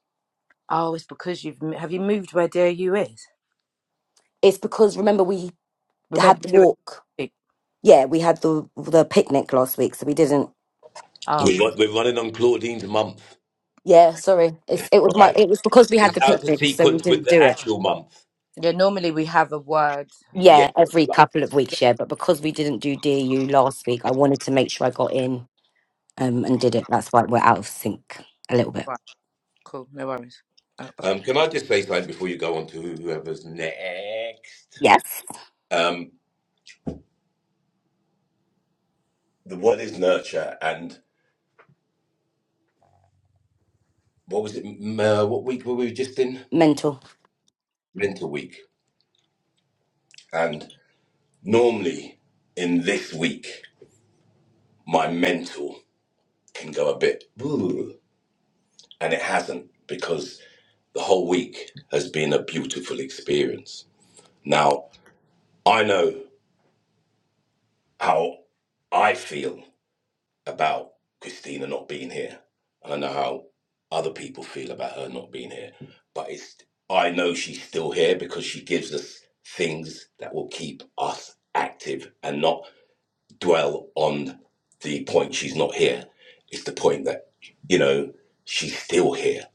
Speaker 3: Oh, it's because you've m- have you moved where dear you is.
Speaker 1: It's because remember we
Speaker 3: We're meant to
Speaker 1: had
Speaker 3: do
Speaker 1: the
Speaker 3: it
Speaker 1: walk. Yeah, we had the the picnic last week, so we didn't.
Speaker 3: Oh,
Speaker 4: We're, run- we're running on Claudine's month,
Speaker 1: Yeah, sorry. It's it was
Speaker 3: uh,
Speaker 4: all
Speaker 1: my
Speaker 4: right?
Speaker 1: it was because we had
Speaker 4: It's
Speaker 1: the
Speaker 3: yeah.
Speaker 4: out of
Speaker 1: picnic, so we
Speaker 4: sequence with
Speaker 1: didn't
Speaker 4: the
Speaker 1: do it.
Speaker 4: actual month.
Speaker 3: Yeah, Normally we have a word.
Speaker 4: Yeah.
Speaker 1: Yeah,
Speaker 4: good
Speaker 3: that-
Speaker 1: every
Speaker 4: luck.
Speaker 1: couple of
Speaker 3: yeah,
Speaker 1: weeks, yeah. But because we didn't do DU last week, I
Speaker 3: okay,
Speaker 1: wanted to make sure I got in um, and did it. That's why we're out of sync a little bit.
Speaker 3: Right. Cool. No worries. Uh, but-
Speaker 4: Um, can I just say something before you go on to whoever's next?
Speaker 1: Yes.
Speaker 4: Um, the word is nurture, and what was it? Uh, what week were we just in?
Speaker 1: Mental.
Speaker 4: Mental week. And normally in this week, my mental can go a bit, "Ooh," and it hasn't because the whole week has been a beautiful experience. Now I know how I feel about Christina not being here. And I know how other people feel about her not being here. But it's I know she's still here because she gives us things that will keep us active and not dwell on the point she's not here. It's the point that, you know, she's still here.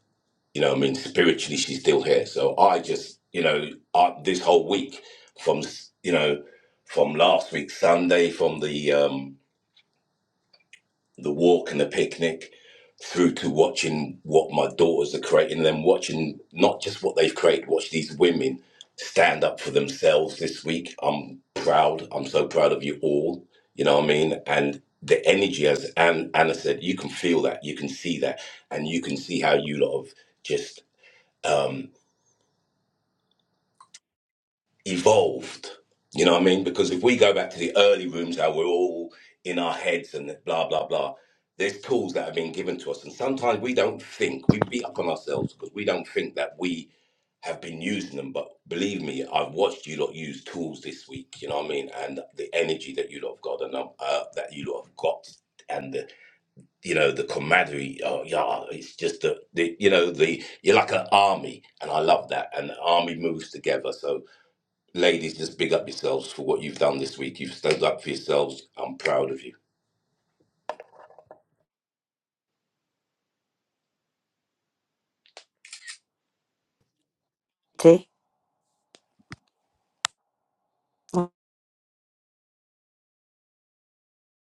Speaker 4: You know, I mean, spiritually, she's still here. So I just, you know, I, this whole week from, you know, from last week, Sunday, from the, um the walk and the picnic through to watching what my daughters are creating and then watching not just what they've created watch these women stand up for themselves this week i'm proud i'm so proud of you all you know what i mean and the energy as Ann, anna said you can feel that you can see that and you can see how you lot have just um, evolved. You know what I mean? Because if we go back to the early rooms, how we're all in our heads and blah blah blah. There's tools that have been given to us, and sometimes we don't think. We beat up on ourselves because we don't think that we have been using them. But believe me, I've watched you lot use tools this week. You know what I mean? And the energy that you lot have got, and um, uh, that you lot have got, and the you know the camaraderie. Oh yeah, it's just the, the you know the you're like an army, and I love that. And the army moves together. So Ladies, just big up yourselves for what you've done this week. You've stood up for yourselves. I'm proud of you.
Speaker 1: Tea.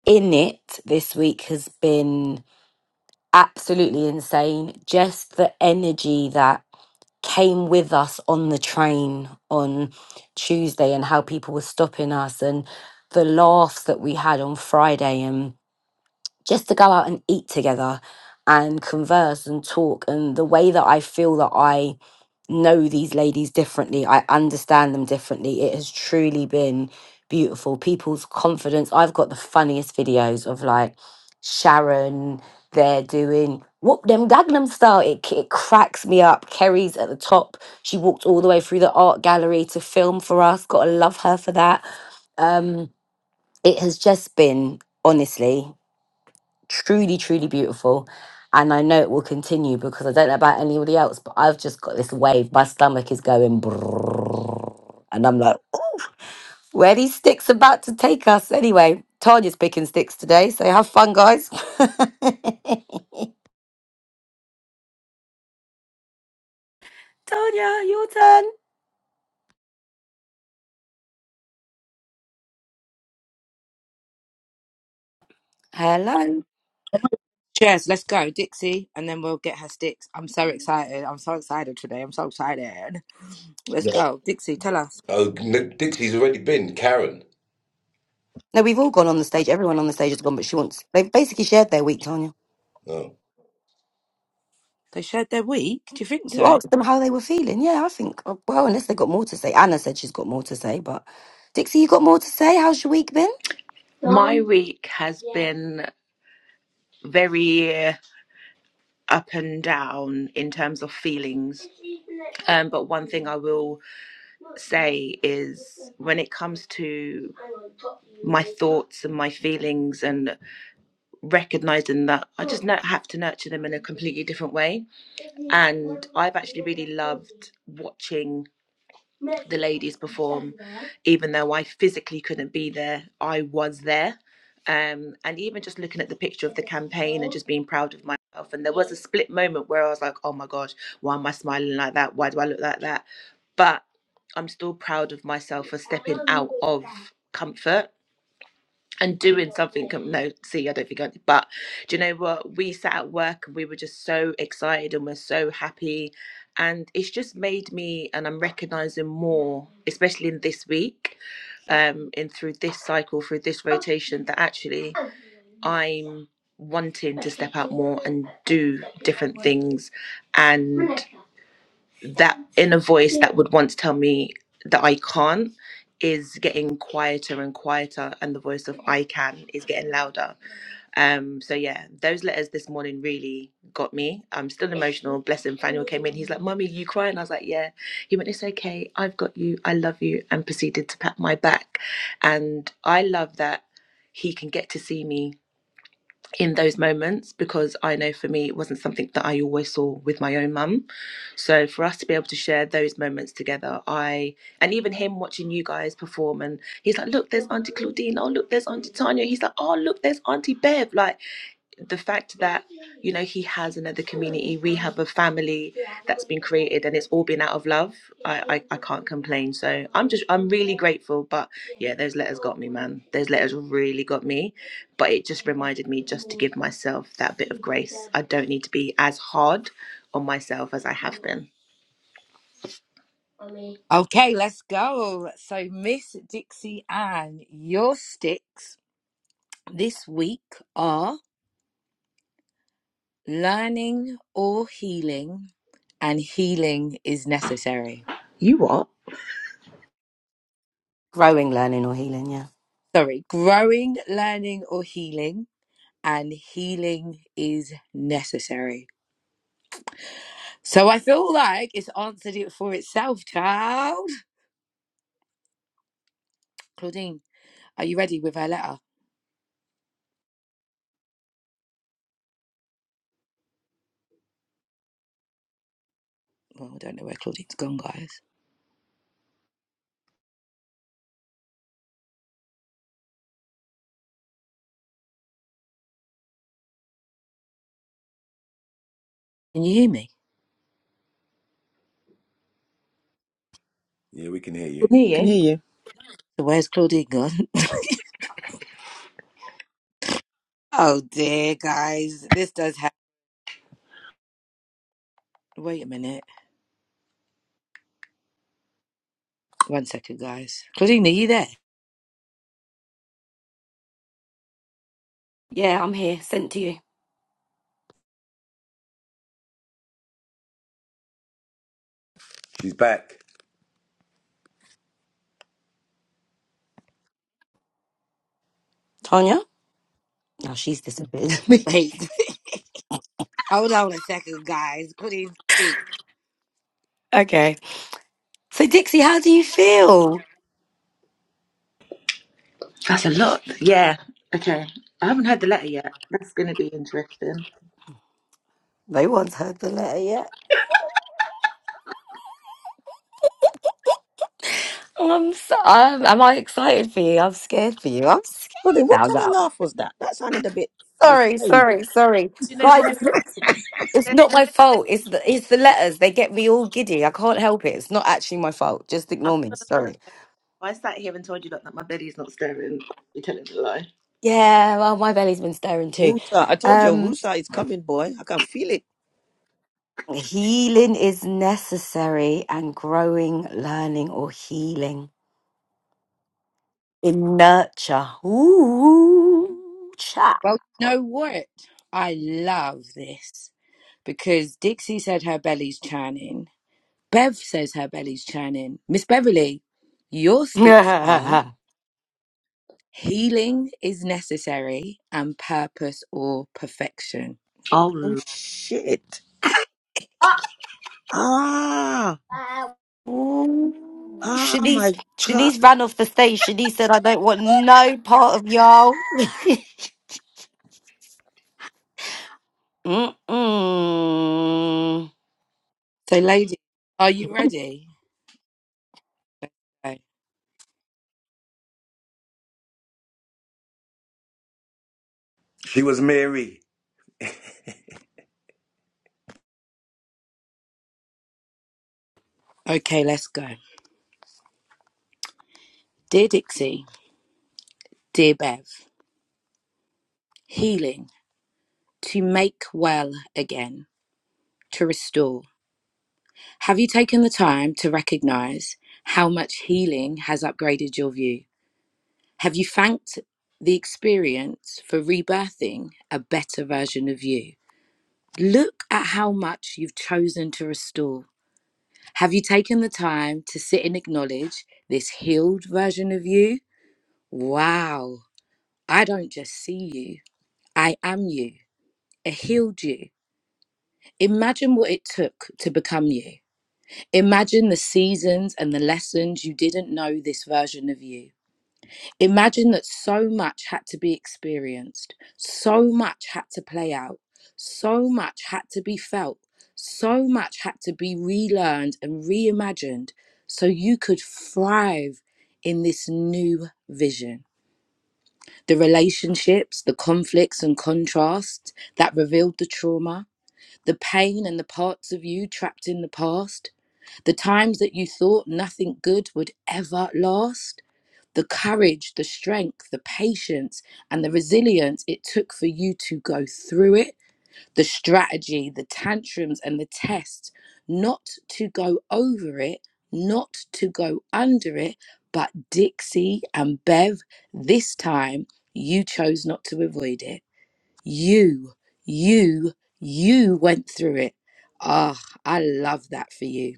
Speaker 1: In it this week has been absolutely insane. Just the energy that came with us on the train on Tuesday and how people were stopping us and the laughs that we had on Friday just to go out and eat together and converse and talk and the way that I feel that I know these ladies differently, I understand them differently. It has truly been beautiful. People's confidence. I've got the funniest videos of like Sharon They're doing whoop them Gangnam style. It, c- it cracks me up. Kerry's at the top. She walked all the way through the art gallery to film for us. Gotta love her for that. Um, it has just been honestly truly, truly beautiful. And I know it will continue because I don't know about anybody else, but I've just got this wave. My stomach is going, brrrr, and I'm like, where these sticks about to take us? Anyway, Tanya's picking sticks today, so have fun, guys. Tanya, your turn. Hello.
Speaker 3: Cheers. Let's go, Dixie, and then we'll get her sticks. I'm so excited. I'm so excited today. I'm so excited. Let's
Speaker 4: Yeah.
Speaker 3: go, Dixie. Tell us.
Speaker 4: Oh, n- Dixie's already been. Karen.
Speaker 1: No, we've all gone on the stage. Everyone on the stage has gone, but she wants. They've basically shared their week, Tanya.
Speaker 4: Oh.
Speaker 3: They shared their week. Do you think
Speaker 1: You
Speaker 3: so?
Speaker 1: asked them how they were feeling. Yeah, I think, uh, well, unless they got more to say. Anna said she's got more to say, but Dixie, you got more to say? How's your week been?
Speaker 2: My week has been very uh, up and down in terms of feelings. Um, but one thing I will say is when it comes to my thoughts and my feelings and recognizing that I just nu- have to nurture them in a completely different way. And I've actually really loved watching the ladies perform even though i physically couldn't be there i was there um, and even just looking at the picture of the campaign and just being proud of myself and there was a split moment where i was like oh my gosh why am i smiling like that why do i look like that but i'm still proud of myself for stepping out of comfort and doing something. com- No, see, I don't think I. But do you know what? We sat at work and we were just so excited and we're so happy, and it's just made me and I'm recognizing more, especially in this week, um, in through this cycle, through this rotation, that actually I'm wanting to step out more and do different things, and that inner voice that would once tell me that I can't is getting quieter and quieter, and the voice of I can is getting louder. Um, so yeah, those letters this morning really got me. I'm still emotional. Blessing Faniel came in. He's like, "Mummy, you crying?" I was like, "Yeah." He went, "It's okay. I've got you. I love you," and proceeded to pat my back. And I love that he can get to see me in those moments because I know for me it wasn't something that I always saw with my own mum. So for us to be able to share those moments together, I and even him watching you guys perform and he's like, Look, there's Auntie Claudine, oh look, there's Auntie Tanya. He's like, Oh look, there's Auntie Bev. Like." the fact that you know he has another community we have a family that's been created and it's all been out of love I, I i can't complain so i'm just i'm really grateful but yeah those letters got me man those letters really got me but it just reminded me just to give myself that bit of grace i don't need to be as hard on myself as i have been
Speaker 3: Okay, let's go. So, Miss Dixie Ann, your sticks this week are learning or healing, and healing is necessary.
Speaker 2: you what
Speaker 1: Growing, learning, or healing, yeah.
Speaker 3: Sorry, growing, learning, or healing, and healing is necessary. So, I feel like it's answered it for itself, child. Claudine, are you ready with her letter? Well, I don't know where Claudine's gone, guys. Can you hear me?
Speaker 4: Yeah, we can hear you.
Speaker 2: can
Speaker 5: Can hear you.
Speaker 3: So, where's Claudine gone? Oh dear, guys, this does happen. Wait a minute, one second, guys. Claudine, are you there?
Speaker 1: Yeah, I'm here. Sent to you.
Speaker 4: She's back.
Speaker 1: Tanya? Oh, she's disappeared. Me.
Speaker 3: Wait, hold on a second, guys. Claudine, speak.
Speaker 1: okay. So, Dixie, how do you feel?
Speaker 2: that's a lot yeah okay i haven't heard the letter yet that's going to be interesting
Speaker 1: No one's heard the letter yet. Oh, I'm so, I'm, am I excited for you? I'm scared for you. I'm scared
Speaker 5: Robin, what
Speaker 1: now.
Speaker 5: kind
Speaker 1: now.
Speaker 5: of laugh was that? That sounded a bit
Speaker 1: Sorry,
Speaker 5: strange.
Speaker 1: sorry, sorry,
Speaker 2: You
Speaker 1: guys. It's not
Speaker 2: know,
Speaker 1: it's not my fault. It's the it's the letters. They get me all giddy. I can't help it. It's not actually my fault. Just
Speaker 2: I'm
Speaker 1: ignore me.
Speaker 2: not gonna
Speaker 1: Sorry.
Speaker 2: lie. If I sat here and told you look, that my belly's not stirring, You're telling a lie.
Speaker 1: Yeah, well, my belly's been stirring too.
Speaker 5: Wusa. I told you,
Speaker 1: Um,
Speaker 5: Wusa is coming, boy. I can feel it.
Speaker 1: healing is necessary, and growing, learning, or healing in nurture. Ooh,
Speaker 3: Well, you
Speaker 1: child.
Speaker 3: know what? I love this because Dixie said her belly's churning. Bev says her belly's churning. Miss Beverly, your sticks are healing is necessary and purpose or perfection.
Speaker 2: Oh,
Speaker 5: Oh,
Speaker 2: Lord.
Speaker 5: shit. Ah,
Speaker 2: Ah,
Speaker 1: Ooh,
Speaker 5: ah,
Speaker 1: Shanice,
Speaker 5: my God.
Speaker 1: Shanice ran off the stage. Shanice said, I don't want no part of y'all. Mm-mm.
Speaker 3: So, lady, are you ready? Okay,
Speaker 4: She was Mary.
Speaker 3: okay, let's go. Dear Dixie, dear Bev. healing, to make well again, to restore. Have you taken the time to recognize how much healing has upgraded your view? Have you thanked the experience for rebirthing a better version of you? Look at how much you've chosen to restore. Have you taken the time to sit and acknowledge this healed version of you? Wow, I don't just see you, I am you, a healed you Imagine what it took to become you. Imagine the seasons and the lessons you didn't know this version of you. Imagine that so much had to be experienced, so much had to play out, so much had to be felt, so much had to be relearned and reimagined so you could thrive in this new vision. The relationships, the conflicts and contrasts that revealed the trauma, the pain and the parts of you trapped in the past, the times that you thought nothing good would ever last, the courage, the strength, the patience, and the resilience it took for you to go through it, the strategy, the tantrums, and the tests, not to go over it, not to go under it, but Dixie and Bev, this time you chose not to avoid it you, you, you went through it. Ah, I love that for you.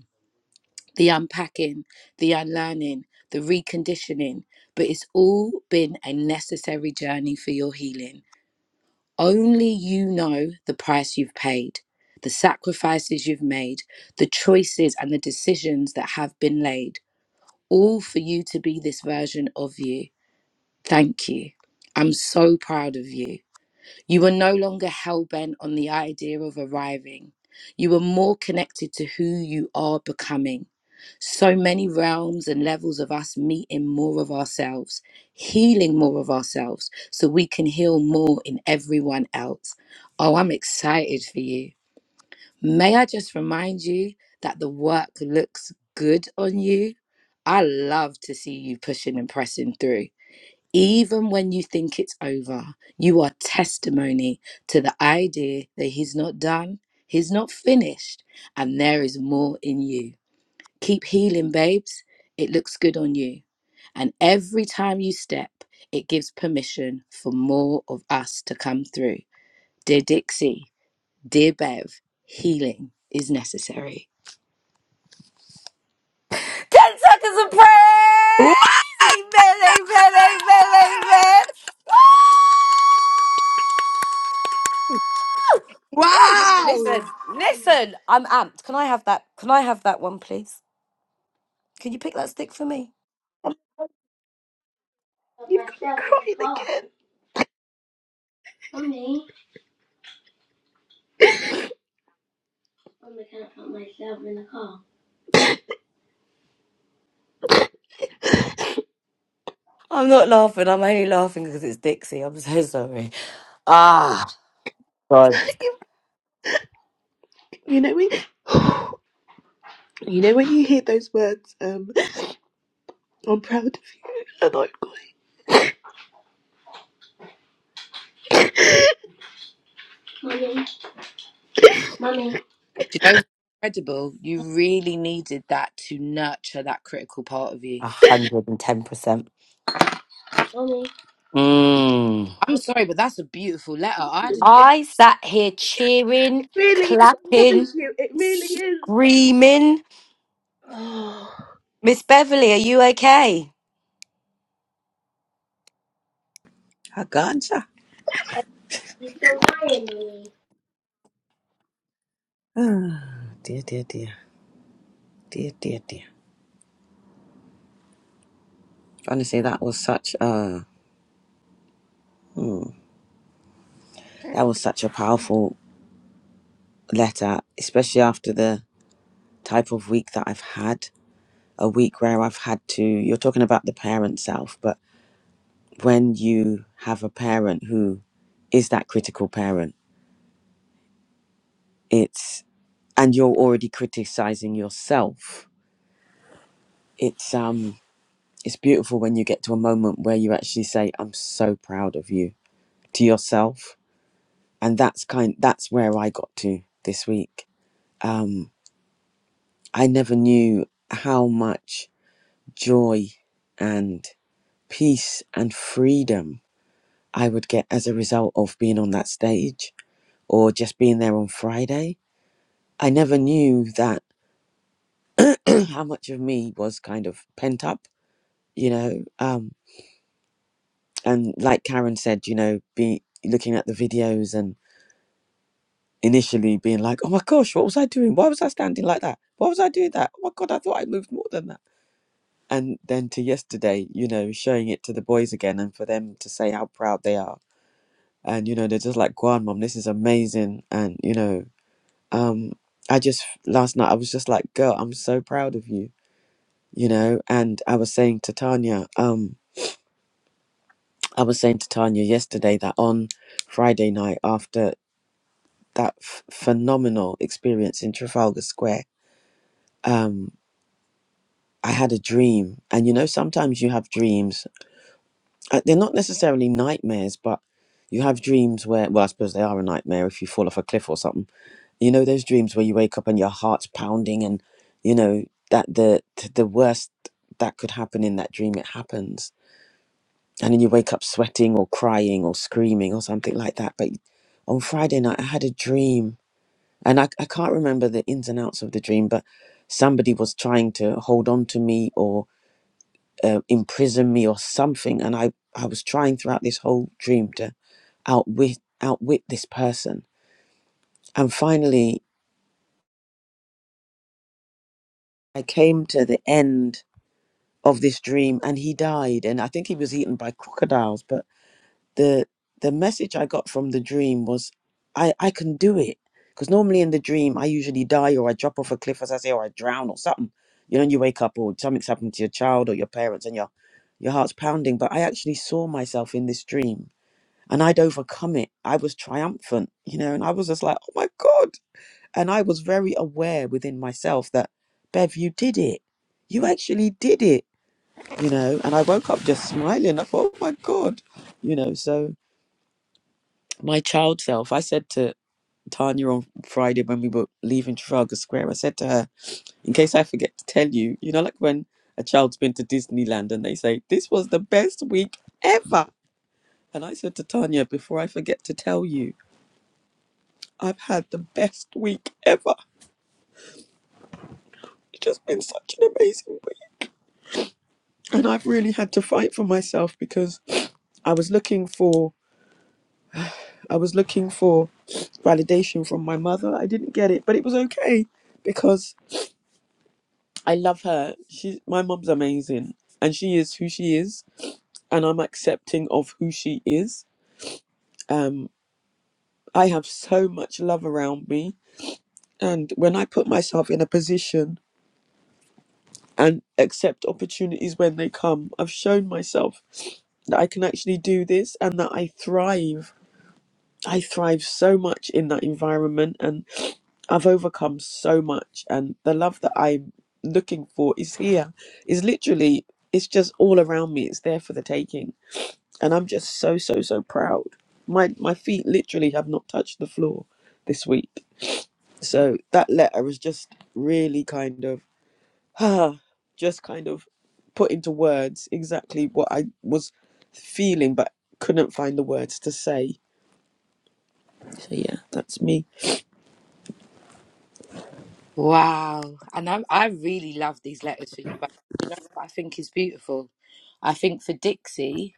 Speaker 3: The unpacking, the unlearning, the reconditioning, but it's all been a necessary journey for your healing. Only you know the price you've paid, the sacrifices you've made, the choices and the decisions that have been laid, all for you to be this version of you. Thank you. I'm so proud of you. You were no longer hell bent on the idea of arriving. You were more connected to who you are becoming. So many realms and levels of us meeting more of ourselves, healing more of ourselves, so we can heal more in everyone else. Oh, I'm excited for you. May I just remind you that the work looks good on you? I love to see you pushing and pressing through. Even when you think it's over, you are testimony to the idea that He's not done, He's not finished, and there is more in you. Keep healing, babes. It looks good on you. And every time you step, it gives permission for more of us to come through. Dear Dixie, dear Bev, healing is necessary.
Speaker 1: 10 seconds of
Speaker 3: Wow!
Speaker 1: praise. Amen, amen, amen, amen. Woo! Woo! Listen,
Speaker 3: Do
Speaker 1: listen, I'm amped. Can I have that? Can I have that one, please? Can you pick that stick for me?
Speaker 2: you've got me crying again. Mummy, I'm looking at myself in the car.
Speaker 1: I'm not laughing. I'm only laughing because it's Dixie. I'm so sorry. Ah, God,
Speaker 2: You, you know when you know when you hear those words, um, I'm proud of you and I'm going. Mummy, mummy,
Speaker 3: you know what's incredible? You really needed that to nurture that critical part of you.
Speaker 1: 110%.
Speaker 2: mummy.
Speaker 1: Mmm.
Speaker 3: I'm sorry, but that's a beautiful letter. I didn't.
Speaker 1: I sat here cheering,
Speaker 2: It really is. I
Speaker 1: clapping,
Speaker 2: promise you, it really is. But
Speaker 1: screaming. Miss Beverly, are you okay?
Speaker 5: Haganza.
Speaker 2: you're still crying, mummy.
Speaker 5: Ah, dear, dear, dear, dear, dear, dear. Honestly, that was such a that was such a powerful letter, especially after the type of week that I've had. A week where I've had to. You're talking about the parent self, but when you have a parent who is that critical parent, it's and you're already criticizing yourself. It's um, it's beautiful when you get to a moment where you actually say, "I'm so proud of you" to yourself and that's kind that's where I got to this week. Um, I never knew how much joy and peace and freedom I would get as a result of being on that stage or just being there on Friday. I never knew that how much of me was kind of pent up, you know. Um, and like Karen said, you know, be looking at the videos and initially being like, "Oh my gosh, what was I doing? Why was I standing like that? Why was I doing that? Oh my god, I thought I moved more than that." and then to yesterday, you know, showing it to the boys again and for them to say how proud they are. And, you know, they're just like, Guan, mom, this is amazing. And, you know, um, I just, last night, I was just like, girl, I'm so proud of you, you know. And I was saying to Tanya, um, I was saying to Tanya yesterday that on Friday night, after that f- phenomenal experience in Trafalgar Square, um, I had a dream. And, you know, sometimes you have dreams uh, they're not necessarily nightmares, but you have dreams where, well, I suppose they are a nightmare if you fall off a cliff or something. You know those dreams where you wake up and your heart's pounding, and you know that the the worst that could happen in that dream it happens, and then you wake up sweating or crying or screaming or something like that. But on Friday night, I had a dream, and I I can't remember the ins and outs of the dream, but somebody was trying to hold on to me or uh, imprison me or something. And I, I was trying throughout this whole dream to outwit, outwit this person. And finally, I came to the end of this dream and he died. And I think he was eaten by crocodiles. But the, the message I got from the dream was, I, I can do it. Because normally in the dream, I usually die or I drop off a cliff, as I say, or I drown or something. You know, and you wake up or something's happened to your child or your parents and your, your heart's pounding. But I actually saw myself in this dream and I'd overcome it. I was triumphant, you know, and I was just like, oh my God. And I was very aware within myself that, Bev, you did it. You actually did it, you know. And I woke up just smiling. I thought, oh my God, you know. So my child self, I said to Tanya on Friday when we were leaving Trafalgar Square, I said to her, in case I forget to tell you, you know, like when a child's been to Disneyland and they say, this was the best week ever. And I said to Tanya, before I forget to tell you, I've had the best week ever. It's just been such an amazing week. And I've really had to fight for myself because I was looking for I was looking for validation from my mother. I didn't get it, but it was okay because I love her. She my mum's amazing and she is who she is and I'm accepting of who she is. Um I have so much love around me and when I put myself in a position and accept opportunities when they come, I've shown myself that I can actually do this and that I thrive. I thrive so much in that environment and I've overcome so much and the love that I'm looking for is here. Is literally it's just all around me. It's there for the taking. And I'm just so so so proud. My my feet literally have not touched the floor this week. So that letter is just really kind of just kind of put into words exactly what I was feeling, but couldn't find the words to say. So yeah, that's me.
Speaker 3: Wow, and I I really love these letters for you, but you know what I think is beautiful. I think for Dixie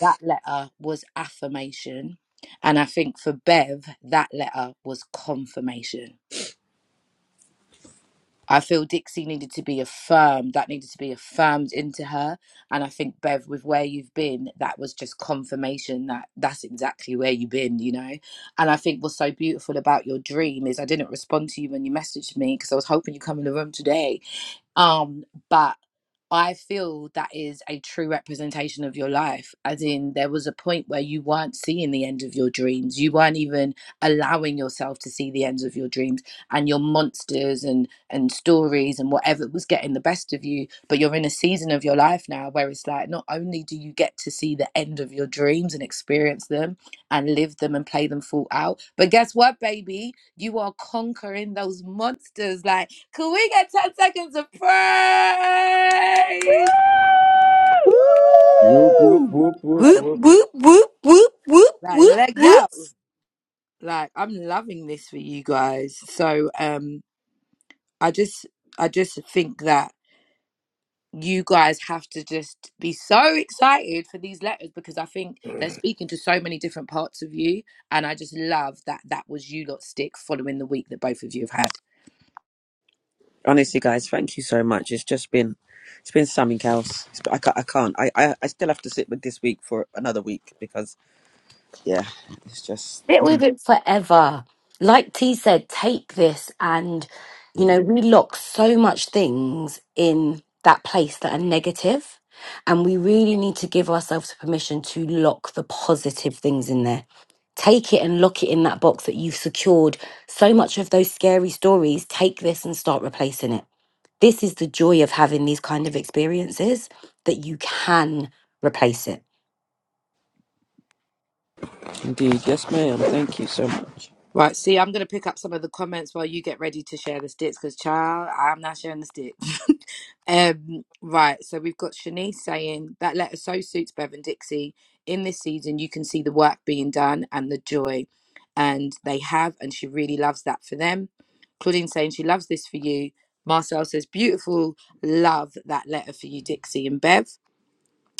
Speaker 3: that letter was affirmation, and I think for Bev that letter was confirmation. I feel Dixie needed to be affirmed. That needed to be affirmed into her. And I think Bev, with where you've been, that was just confirmation that that's exactly where you've been, you know. And I think what's so beautiful about your dream is I didn't respond to you when you messaged me because I was hoping you would come in the room today. Um, but I feel that is a true representation of your life. As in, there was a point where you weren't seeing the end of your dreams. You weren't even allowing yourself to see the ends of your dreams, and your monsters and and stories and whatever was getting the best of you. But you're in a season of your life now where it's like not only do you get to see the end of your dreams and experience them and live them and play them full out, but guess what, baby? You are conquering those monsters. Like could we get 10 seconds of praise?
Speaker 4: Whoop, whoop,
Speaker 8: Woo!
Speaker 4: whoop, whoop,
Speaker 1: Whoop,
Speaker 4: whoop.
Speaker 1: whoop, whoop, whoop, whoop,
Speaker 3: Like,
Speaker 1: whoop,
Speaker 3: let go.
Speaker 1: whoop.
Speaker 3: Like, I'm loving this for you guys. So um I just I just think that you guys have to just be so excited for these letters because I think they're speaking to so many different parts of you. And I just love that that was you lot stick following the week that both of you have had.
Speaker 5: Honestly, guys, thank you so much. It's just been, it's been something else. It's- I can't, I can't. I, I, I still have to sit with this week for another week because, yeah, it's just.
Speaker 1: Sit
Speaker 5: mm,
Speaker 1: with it forever. Like T said, take this and, you
Speaker 5: Yeah,
Speaker 1: know, we lock so much things in that place that are negative, And we really need to give ourselves permission to lock the positive things in there. Take it and lock it in that box that you've secured. So much of those scary stories, take this and start replacing it. This is the joy of having these kind of experiences that you can replace it.
Speaker 5: indeed. Yes, ma'am. Thank you so much.
Speaker 3: Right, see, I'm going to pick up some of the comments while you get ready to share the sticks because, child, I'm not sharing the sticks. um, right, so we've got Shanice saying that letter so suits Bevan Dixie. In this season, you can see the work being done and the joy, and they have, and she really loves that for them. Claudine saying she loves this for you. Marcel says, beautiful, love that letter for you, Dixie and Bev.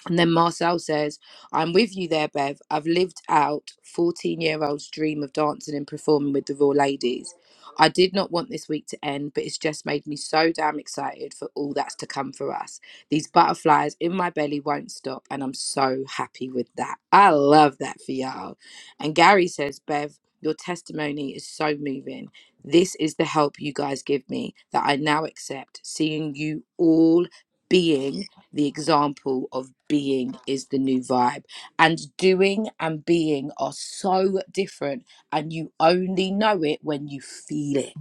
Speaker 3: And then Marcel says, I'm with you there, Bev. I've lived out 14 year old's dream of dancing and performing with the Raw Ladies. I did not want this week to end, but it's just made me so damn excited for all that's to come for us. These butterflies in my belly won't stop, and I'm so happy with that. I love that for y'all. And Gary says, Bev, your testimony is so moving. This is the help you guys give me that I now accept, seeing you all being the example of being is the new vibe. And doing and being are so different, and you only know it when you feel it.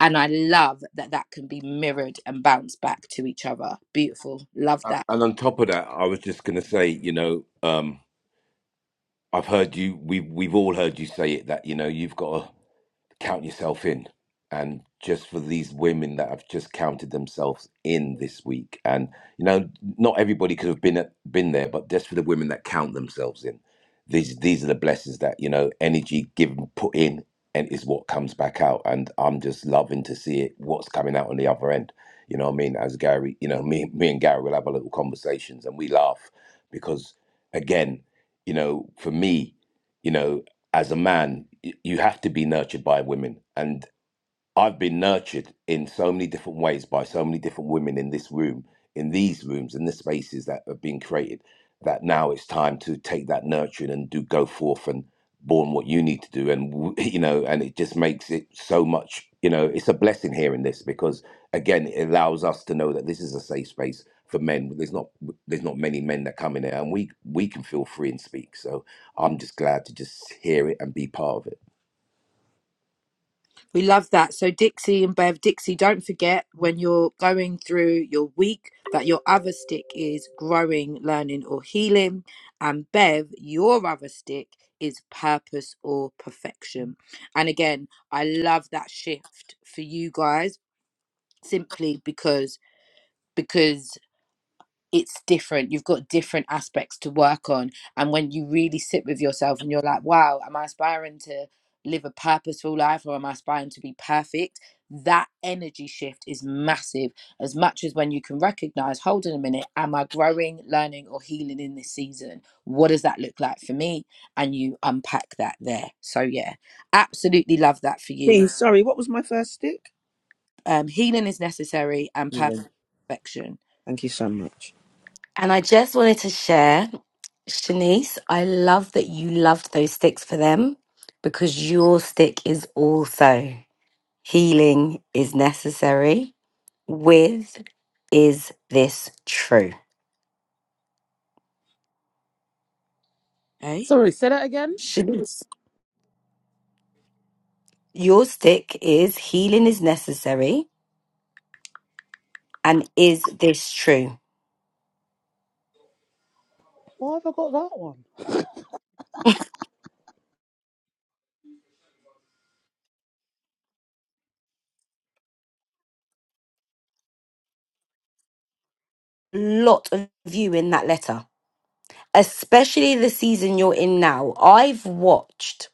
Speaker 3: And I love that that can be mirrored and bounced back to each other. Beautiful. Love
Speaker 4: Uh,
Speaker 3: that.
Speaker 4: And on top of that, I was just going to say, you know, um, I've heard you. We we've all heard you say it that you know you've got to count yourself in. And just for these women that have just counted themselves in this week, and you know, not everybody could have been at, been there, but just for the women that count themselves in, these these are the blessings that you know, energy given put in, and is what comes back out. And I'm just loving to see it, what's coming out on the other end. You know what I mean? As Gary, you know, me me and Gary will have our little conversations, and we laugh because, again, you know, for me, you know as a man, you have to be nurtured by women, and I've been nurtured in so many different ways by so many different women in this room, in these rooms, in the spaces that have been created. That now it's time to take that nurturing and do go forth and born what you need to do, and you know, and it just makes it so much. You know, it's a blessing hearing this because again, it allows us to know that this is a safe space for men. There's not there's not many men that come in there, and we we can feel free and speak. So I'm just glad to just hear it and be part of it.
Speaker 3: We love that. So, Dixie and Bev, Dixie, don't forget when you're going through your week that your other stick is growing, learning, or healing. And Bev, your other stick is purpose or perfection. And again, I love that shift for you guys simply because. Because it's different. You've got different aspects to work on. And when you really sit with yourself and you're like, wow, am I aspiring to live a purposeful life or am I aspiring to be perfect? That energy shift is massive, as much as when you can recognize, hold on a minute, am I growing, learning, or healing in this season? What does that look like for me? And you unpack that there. So, yeah, absolutely love that for you.
Speaker 5: Please, sorry, what was my first stick?
Speaker 3: Um, healing is necessary and purpose
Speaker 5: Yeah.
Speaker 3: is perfection.
Speaker 5: Thank you so much.
Speaker 1: And I just wanted to share. Shanice, I love that you loved those sticks for them because your stick is also healing is necessary. With is this true?
Speaker 3: Eh?
Speaker 8: Sorry, say that again.
Speaker 1: Shanice, your stick is healing is necessary and is this true?
Speaker 8: Why have I got that one?
Speaker 1: Lot of you in that letter, especially the season you're in now. I've watched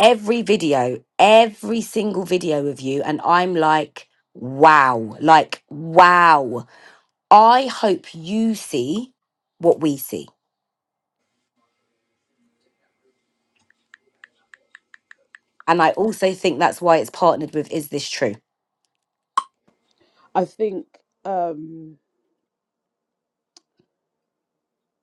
Speaker 1: every video, every single video of you, and I'm like, wow, like, wow. I hope you see what we see. And I also think that's why it's partnered with Is This True?
Speaker 8: I think, um,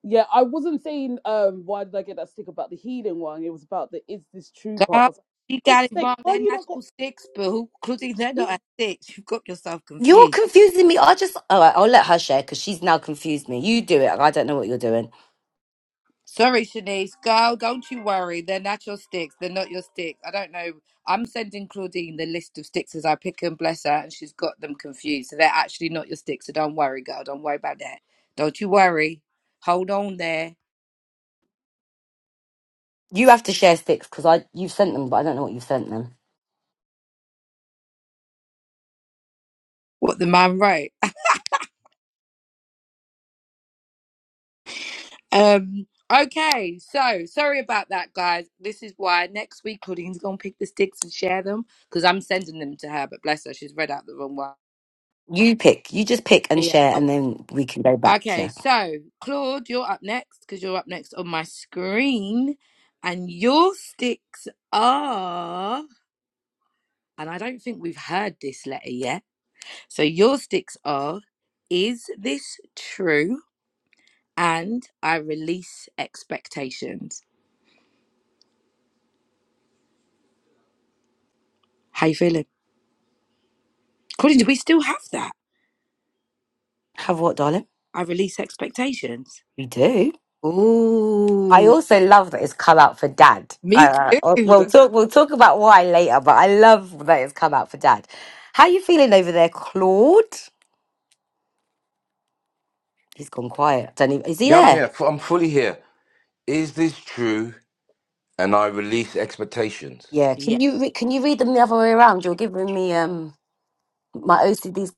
Speaker 8: yeah, I wasn't saying um, why did I get that stick about the healing one. It was about the is this true part.
Speaker 3: Girl,
Speaker 8: Because,
Speaker 3: she
Speaker 8: like,
Speaker 3: got it
Speaker 8: sake,
Speaker 3: wrong.
Speaker 8: why
Speaker 3: They're
Speaker 8: you not got
Speaker 3: natural six, but who including they're not
Speaker 8: you?
Speaker 3: at six. You've got yourself
Speaker 1: You're
Speaker 3: confused.
Speaker 1: confusing me. I just, all right, I'll let her share because she's now confused me. You do it. I don't know what you're doing.
Speaker 3: Sorry, Shanice. Girl, don't you worry. They're not your sticks. They're not your sticks. I don't know. I'm sending Claudine the list of sticks as I pick and bless her, and she's got them confused. So they're actually not your sticks. So don't worry, girl. Don't worry about that. Don't you worry. Hold on there.
Speaker 1: You have to share sticks because I, you've sent them, but I don't know what you've sent them.
Speaker 3: What the man wrote. Um. Okay. So sorry about that, guys. This is why next week Claudine's gonna pick the sticks and share them because I'm sending them to her. But bless her, she's read out the wrong one.
Speaker 1: You pick. You just pick and
Speaker 3: Yeah.
Speaker 1: share,
Speaker 3: I
Speaker 1: and
Speaker 3: will.
Speaker 1: then we can go back.
Speaker 3: Okay.
Speaker 1: Yeah.
Speaker 3: So Claude, you're up next because you're up next on my screen, and your sticks are. And I don't think we've heard this letter yet. So your sticks are. Is this true? And I release expectations. How you feeling? Claudine, do we still have that?
Speaker 1: Have what, darling?
Speaker 3: I release expectations.
Speaker 1: We do. I
Speaker 3: Ooh,
Speaker 1: also love that it's come out for dad.
Speaker 3: Me
Speaker 1: Uh,
Speaker 3: too.
Speaker 1: we'll talk. We'll talk about why later, but I love that it's come out for dad. How you feeling over there, Claude? He's gone quiet. Don't even, is he
Speaker 4: Yeah, I'm
Speaker 3: Have
Speaker 4: here.
Speaker 1: there?
Speaker 4: F- I'm fully here. Is this true? And I release expectations.
Speaker 1: Yeah.
Speaker 3: yeah.
Speaker 1: Can you re- can you read them the other way around? You're giving me um my OCDs.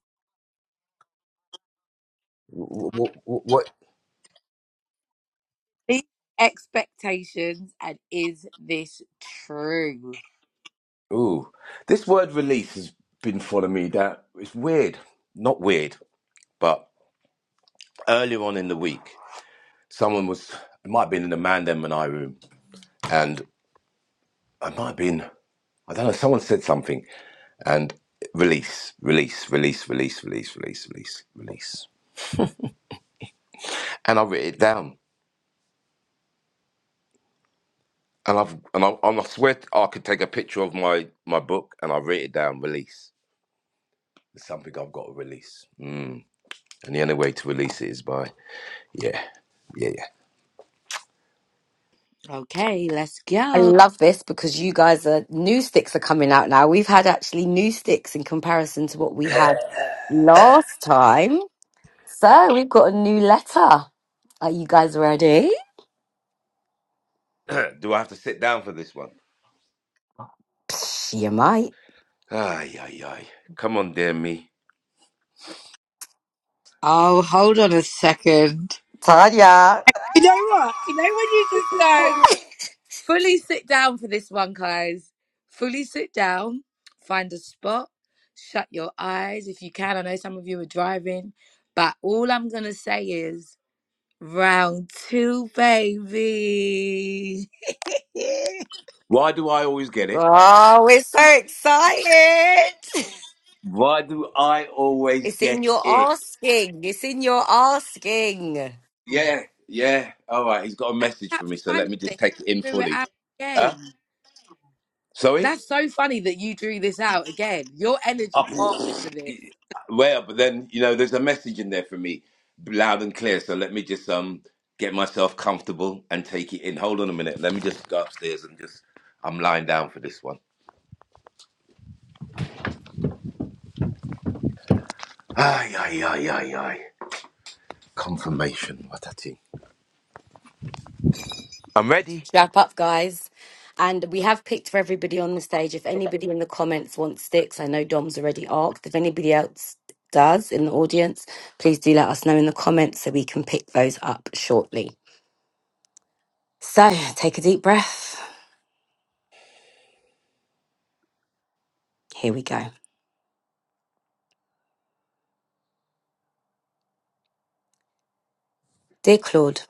Speaker 4: What? what, what
Speaker 3: these expectations and is this true?
Speaker 4: ooh, this word release has been following me. That it's weird. Not weird, but earlier on in the week, someone was. It might have been in the man them and I room, and it might have been. I don't know. Someone said something, and release, release, release, release, release, release, release, release. And I wrote it down. And I've and I, and I swear I could take a picture of my my book and I wrote it down. Release. It's something I've got to release. And the only way to release it is by, yeah, yeah,
Speaker 3: Okay, let's
Speaker 1: I
Speaker 3: go.
Speaker 1: love this because you guys are new sticks are coming out now. We've had actually new sticks in comparison to what we had last time. So we've got a new letter. Are you guys ready?
Speaker 4: yeah. do I have to sit down for this one?
Speaker 1: Psh, you might.
Speaker 4: Ay, ay, ay. Come on, dear me.
Speaker 3: Oh, hold on a second.
Speaker 1: Tanya.
Speaker 3: You know what? You know when you just go, fully sit down for this one, guys. Fully sit down, find a spot, shut your eyes if you can. I know some of you are driving, but all I'm going to say is Round two, baby.
Speaker 4: Why do I always get it?
Speaker 1: Oh, we're so excited.
Speaker 4: Why do I always
Speaker 1: It's in
Speaker 4: get
Speaker 1: your
Speaker 4: it?
Speaker 1: asking. It's in your asking.
Speaker 4: Yeah, yeah. All right, he's got a message for me,
Speaker 3: That's
Speaker 4: so
Speaker 3: funny
Speaker 4: let me
Speaker 3: that
Speaker 4: just take it in
Speaker 3: you drew it
Speaker 4: fully.
Speaker 3: out
Speaker 4: Huh?
Speaker 3: again.
Speaker 4: Sorry?
Speaker 3: That's so funny that you drew this out again. Your energy
Speaker 4: Oh,
Speaker 3: asks for this.
Speaker 4: Well, but then you know, there's a message in there for me, loud and clear. So let me just um get myself comfortable and take it in. Hold on a minute. Let me just go upstairs and just I'm lying down for this one. Ay ay ay ay ay. Confirmation. What a thing. I'm ready.
Speaker 1: Strap up, guys. And we have picked for everybody on the stage. If anybody in the comments wants sticks, I know Dom's already asked. If anybody else does in the audience, please do let us know in the comments so we can pick those up shortly. So take a deep breath. Here we go. Dear Claude,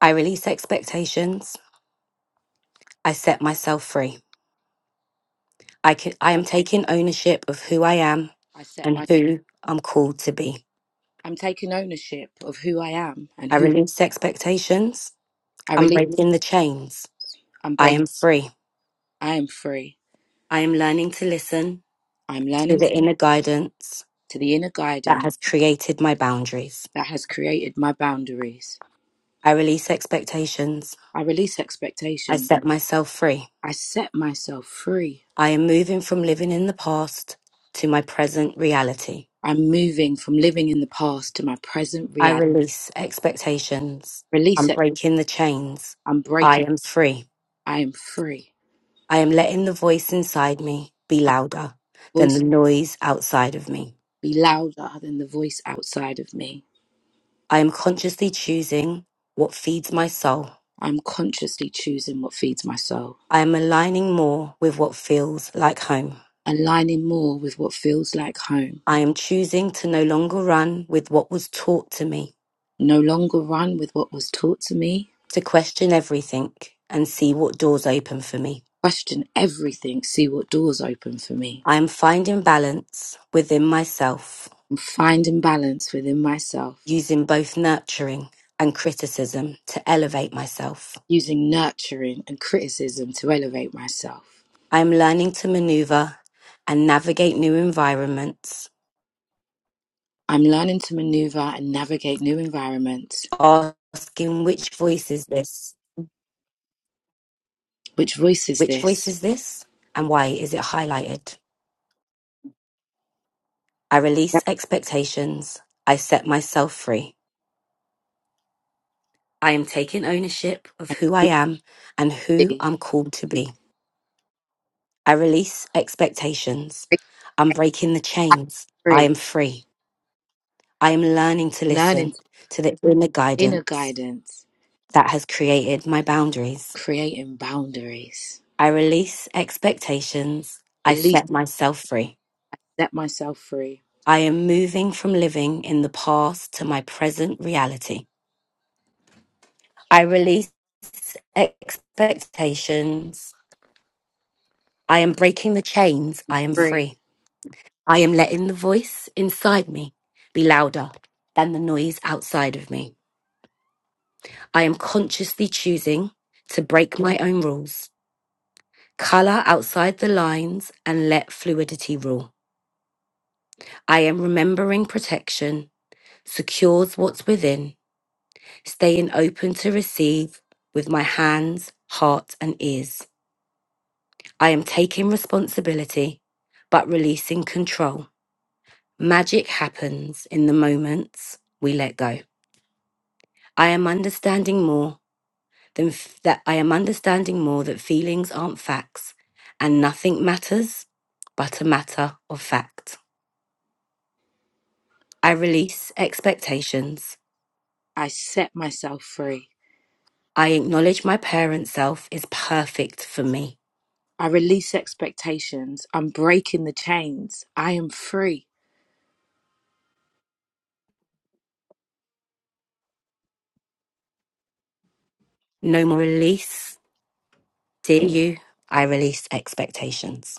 Speaker 1: I release expectations. I set myself free. I, can, I
Speaker 3: I,
Speaker 1: am taking ownership of who I am
Speaker 3: I set
Speaker 1: and
Speaker 3: my.
Speaker 1: who I'm called to be.
Speaker 3: I'm taking ownership of who I am and
Speaker 1: I
Speaker 3: who
Speaker 1: release expectations.
Speaker 3: I
Speaker 1: I'm
Speaker 3: release.
Speaker 1: breaking the chains.
Speaker 3: I'm
Speaker 1: I
Speaker 3: breaking.
Speaker 1: am free.
Speaker 3: I am free.
Speaker 1: I am learning to listen
Speaker 3: I'm
Speaker 1: to
Speaker 3: learning
Speaker 1: the
Speaker 3: to,
Speaker 1: inner guidance
Speaker 3: to the inner
Speaker 1: that
Speaker 3: guidance
Speaker 1: has created my boundaries.
Speaker 3: that has created my boundaries.
Speaker 1: I release expectations.
Speaker 3: I release
Speaker 1: I
Speaker 3: expectation.
Speaker 1: set myself free.
Speaker 3: I set myself free.
Speaker 1: I am moving from living in the past to my present reality.
Speaker 3: I'm moving from living in the past to my present
Speaker 1: I
Speaker 3: reality.
Speaker 1: release expectations.
Speaker 3: Release
Speaker 1: I'm
Speaker 3: expectation
Speaker 1: breaking the chains.
Speaker 3: I'm
Speaker 1: I
Speaker 3: breaking.
Speaker 1: am free.
Speaker 3: I am free.
Speaker 1: I am letting the voice inside me be louder than the
Speaker 3: Voice
Speaker 1: noise outside of me.
Speaker 3: be louder than the voice outside of me.
Speaker 1: I am consciously choosing what feeds my soul.
Speaker 3: I'm consciously choosing what feeds my soul,
Speaker 1: I am aligning more with what feels like home.
Speaker 3: aligning more with what feels like home.
Speaker 1: I am choosing to no longer run with what was taught to me,
Speaker 3: No longer run with what was taught to me.
Speaker 1: to question everything and see what doors open for me.
Speaker 3: Question everything, see what doors open for me.
Speaker 1: I am finding balance within myself,
Speaker 3: I'm finding balance within myself,
Speaker 1: using both nurturing and criticism to elevate myself.
Speaker 3: using nurturing and criticism to elevate myself.
Speaker 1: I am learning to maneuver and navigate new environments,
Speaker 3: I'm learning to maneuver and navigate new environments.
Speaker 1: asking which voice is this
Speaker 3: Which voice is
Speaker 1: Which voice
Speaker 3: this?
Speaker 1: is this? And why is it highlighted? I release
Speaker 3: That
Speaker 1: expectations. I set myself free. I am taking ownership of
Speaker 3: I
Speaker 1: who I
Speaker 3: can
Speaker 1: am and who
Speaker 3: be
Speaker 1: I'm called to be. I release expectations. I'm breaking the chains. I
Speaker 3: free.
Speaker 1: am free. I am learning to
Speaker 3: learning
Speaker 1: listen to the inner
Speaker 3: inner
Speaker 1: guidance
Speaker 3: guidance,
Speaker 1: that has created my boundaries.
Speaker 3: creating boundaries.
Speaker 1: I release expectations. I
Speaker 3: Release,
Speaker 1: set myself free.
Speaker 3: set myself free.
Speaker 1: I am moving from living in the past to my present reality. I release expectations. I am breaking the chains. I am
Speaker 3: Free.
Speaker 1: free. I am letting the voice inside me be louder than the noise outside of me. I am consciously choosing to break my own rules, color outside the lines, and let fluidity rule. I am remembering protection secures what's within, staying open to receive with my hands, heart, and ears. I am taking responsibility, but releasing control. Magic happens in the moments we let go. I am understanding more than f- that. I am understanding more that feelings aren't facts and nothing matters but a matter of fact. I release expectations.
Speaker 3: I set myself free.
Speaker 1: I acknowledge my parent self is perfect for me.
Speaker 3: I release expectations. I'm breaking the chains. I am free.
Speaker 1: No more release. Dear you, I release expectations.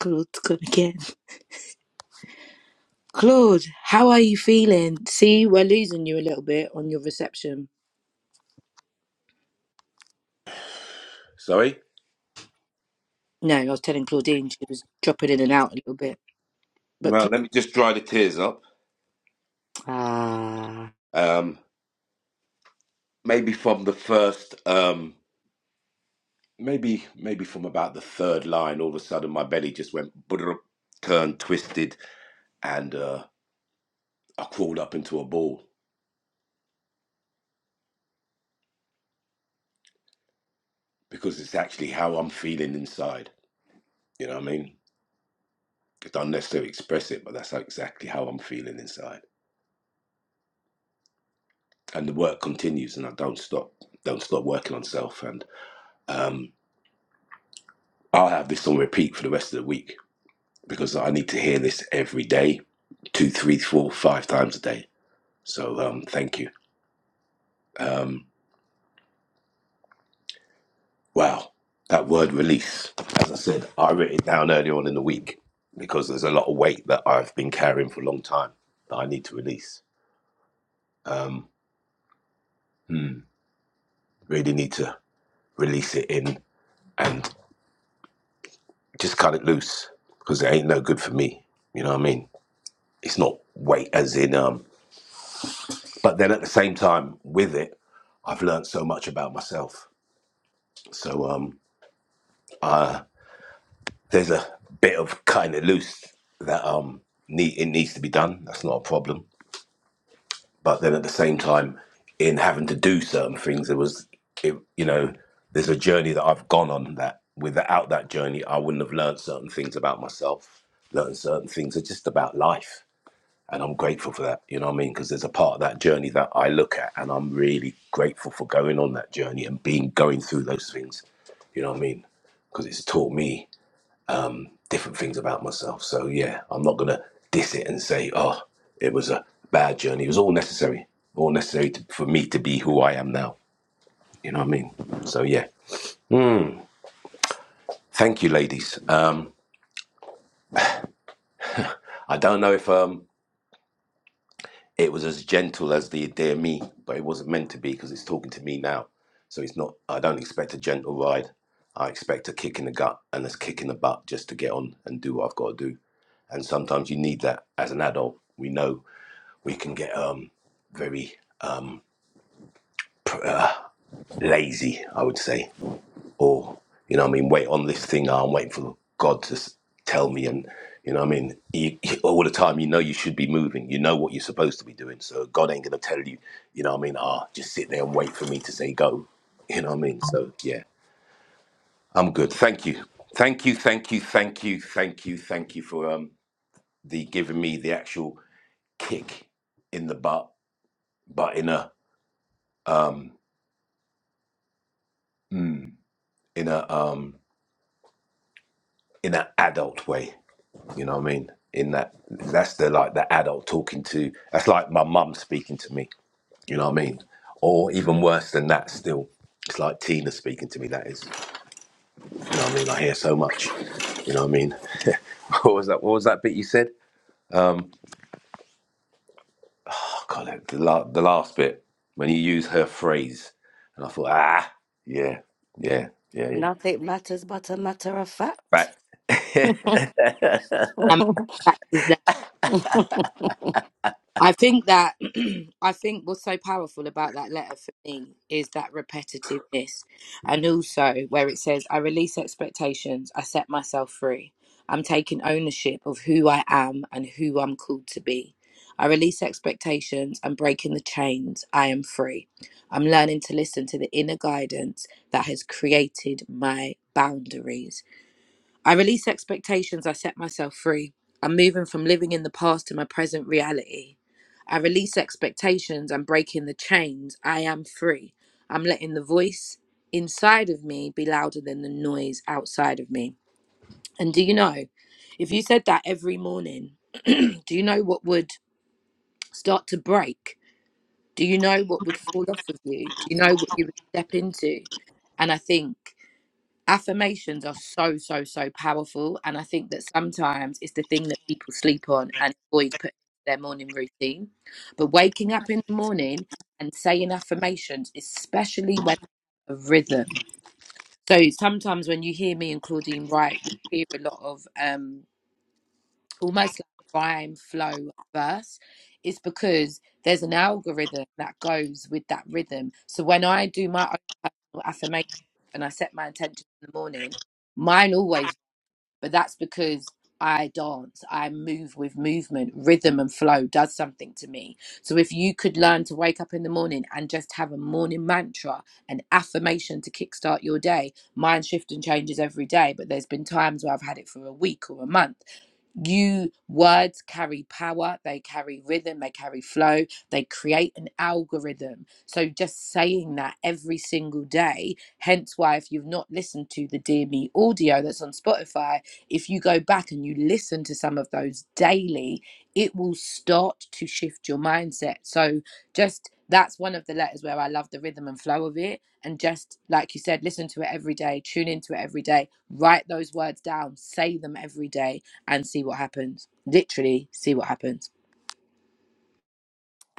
Speaker 3: Claude's gone again. Claude, how are you feeling? See, we're losing you a little bit on your reception.
Speaker 4: Sorry.
Speaker 3: No, I was telling Claudine she was dropping in and out a little bit. But
Speaker 4: Well,
Speaker 3: Claude,
Speaker 4: let me just dry the tears up.
Speaker 3: ah,
Speaker 4: Um, maybe from the first, um, maybe maybe from about the third line, all of a sudden my belly just went butter, turned twisted, and uh, I crawled up into a ball. because it's actually how I'm feeling inside. You know what I mean? I don't necessarily express it, but that's how, exactly how I'm feeling inside. And the work continues, and I don't stop, don't stop working on self. And um, I'll have this on repeat for the rest of the week because I need to hear this every day, two, three, four, five times a day. So um, thank you. Um, wow, that word release. As I said, I wrote it down earlier on in the week because there's a lot of weight that I've been carrying for a long time that I need to release. Um, hmm. Really need to release it in and just cut it loose because it ain't no good for me. You know what I mean? It's not weight as in um. But then at the same time, with it, I've learned so much about myself. So um, there's a bit of cutting it loose that um need it needs to be done. That's not a problem. but then at the same time in having to do certain things there was it, you know there's a journey that i've gone on that without that journey i wouldn't have learned certain things about myself learned certain things are just about life and i'm grateful for that you know what i mean because there's a part of that journey that i look at and i'm really grateful for going on that journey and being going through those things you know what i mean because it's taught me different things about myself. So yeah, I'm not gonna diss it and say, oh, it was a bad journey. It was all necessary, all necessary to, for me to be who I am now. You know what I mean? So yeah, thank you, ladies. Um, I don't know if um it was as gentle as the dear me, but it wasn't meant to be because it's talking to me now. So it's not. I don't expect a gentle ride. I expect a kick in the gut and a kick in the butt just to get on and do what I've got to do. And sometimes you need that as an adult. We know we can get um very um pr- uh, lazy, I would say, or you know, what I mean, wait on this thing. Oh, I'm waiting for God to s- tell me, and you know, what I mean, you, you- all the time, you know, you should be moving. You know what you're supposed to be doing. So God ain't gonna tell you, you know, what I mean, ah, just sit there and wait for me to say go. You know what I mean? So yeah, I'm good. Thank you, thank you, thank you, thank you, thank you, thank you for um the giving me the actual kick in the butt, but in a um. hmm, in a um in an adult way. You know what I mean? In that that's the like the adult talking to that's like my mum speaking to me. You know what I mean? Or even worse than that still. It's like Tina speaking to me, that is. You know what I mean? I hear so much. You know what I mean? what was that what was that bit you said? Um oh god the, la- the last bit when you use her phrase and I thought, ah yeah, yeah, yeah, yeah.
Speaker 1: Nothing matters but a matter of fact.
Speaker 4: Back.
Speaker 3: uh, I think that I think what's so powerful about that letter for me is that repetitiveness, and also where it says, "I release expectations. I set myself free. I'm taking ownership of who I am and who I'm called to be. I release expectations. I'm breaking the chains. I am free. I'm learning to listen to the inner guidance that has created my boundaries. I release expectations, I set myself free. I'm moving from living in the past to my present reality. I release expectations, I'm breaking the chains, I am free. I'm letting the voice inside of me be louder than the noise outside of me. And do you know, if you said that every morning, do you know what would start to break? Do you know what would fall off of you? Do you know what you would step into? And I think affirmations are so so so powerful and i think that sometimes it's the thing that people sleep on and avoid putting into their morning routine but waking up in the morning and saying affirmations especially when a rhythm so sometimes when you hear me and claudine write you'll hear a lot of um almost like rhyme flow verse is because there's an algorithm that goes with that rhythm so when i do my own personal affirmation and i set my intention in the morning mine always but that's because i dance i move with movement rhythm and flow does something to me so if you could learn to wake up in the morning and just have a morning mantra an affirmation to kickstart your day mine shift and changes every day but there's been times where i've had it for a week or a month you words carry power they carry rhythm they carry flow they create an algorithm so just saying that every single day hence why if you've not listened to the dear me audio that's on spotify if you go back and you listen to some of those daily it will start to shift your mindset so just that's one of the letters where I love the rhythm and flow of it. And just like you said, listen to it every day, tune into it every day, write those words down, say them every day and see what happens. Literally, see what happens.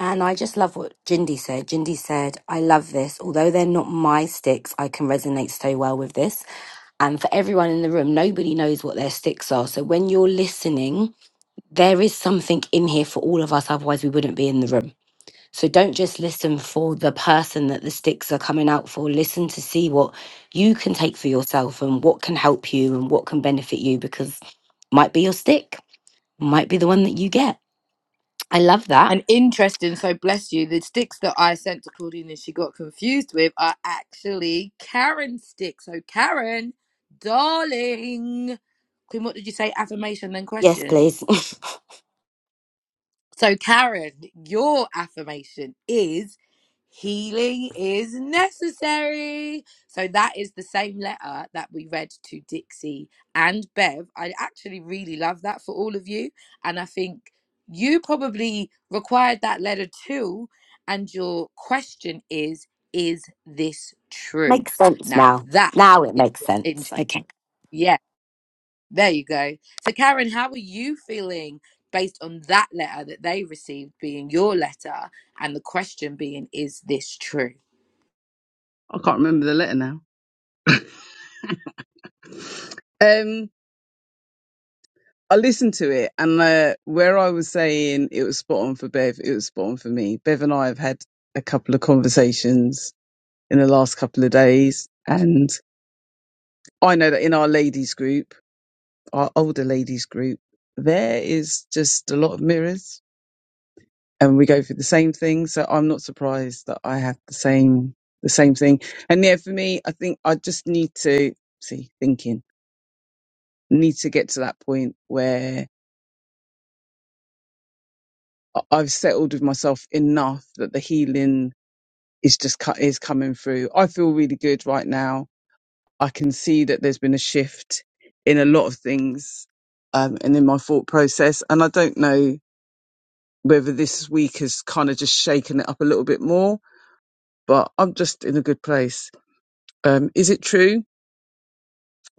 Speaker 1: And I just love what Jindy said. Jindy said, I love this. Although they're not my sticks, I can resonate so well with this. And for everyone in the room, nobody knows what their sticks are. So when you're listening, there is something in here for all of us. Otherwise, we wouldn't be in the room. So don't just listen for the person that the sticks are coming out for. Listen to see what you can take for yourself and what can help you and what can benefit you because might be your stick, might be the one that you get. I love that.
Speaker 3: And interesting, so bless you, the sticks that I sent to Claudine and she got confused with are actually Karen sticks. So, Karen, darling, Queen, what did you say? Affirmation, then
Speaker 1: Yes,
Speaker 3: question.
Speaker 1: please.
Speaker 3: So, Karen, your affirmation is healing is necessary. So, that is the same letter that we read to Dixie and Bev. I actually really love that for all of you. And I think you probably required that letter too. And your question is, is this true?
Speaker 1: makes sense
Speaker 3: Now,
Speaker 1: now.
Speaker 3: that
Speaker 1: Now it
Speaker 3: is,
Speaker 1: makes
Speaker 3: in-
Speaker 1: sense. Okay.
Speaker 3: yes. There you go. So, Karen, how are you feeling based on that letter that they received being your letter and the question being, is this true?
Speaker 6: I can't remember the letter now. Um, I listened to it, and uh, where I was saying it was spot on for Bev, it was spot on for me. Bev and I have had a couple of conversations in the last couple of days, and I know that in our ladies group, our older ladies group, there is just a lot of mirrors and we go through the same thing. So I'm not surprised that I have the same the same thing. And yeah, for me, I think I just need to see thinking. Need to get to that point where I- I've settled with myself enough that the healing is just cut is coming through. I feel really good right now. I can see that there's been a shift in a lot of things um, and in my thought process. And I don't know whether this week has kind of just shaken it up a little bit more, but I'm just in a good place Um, is it true?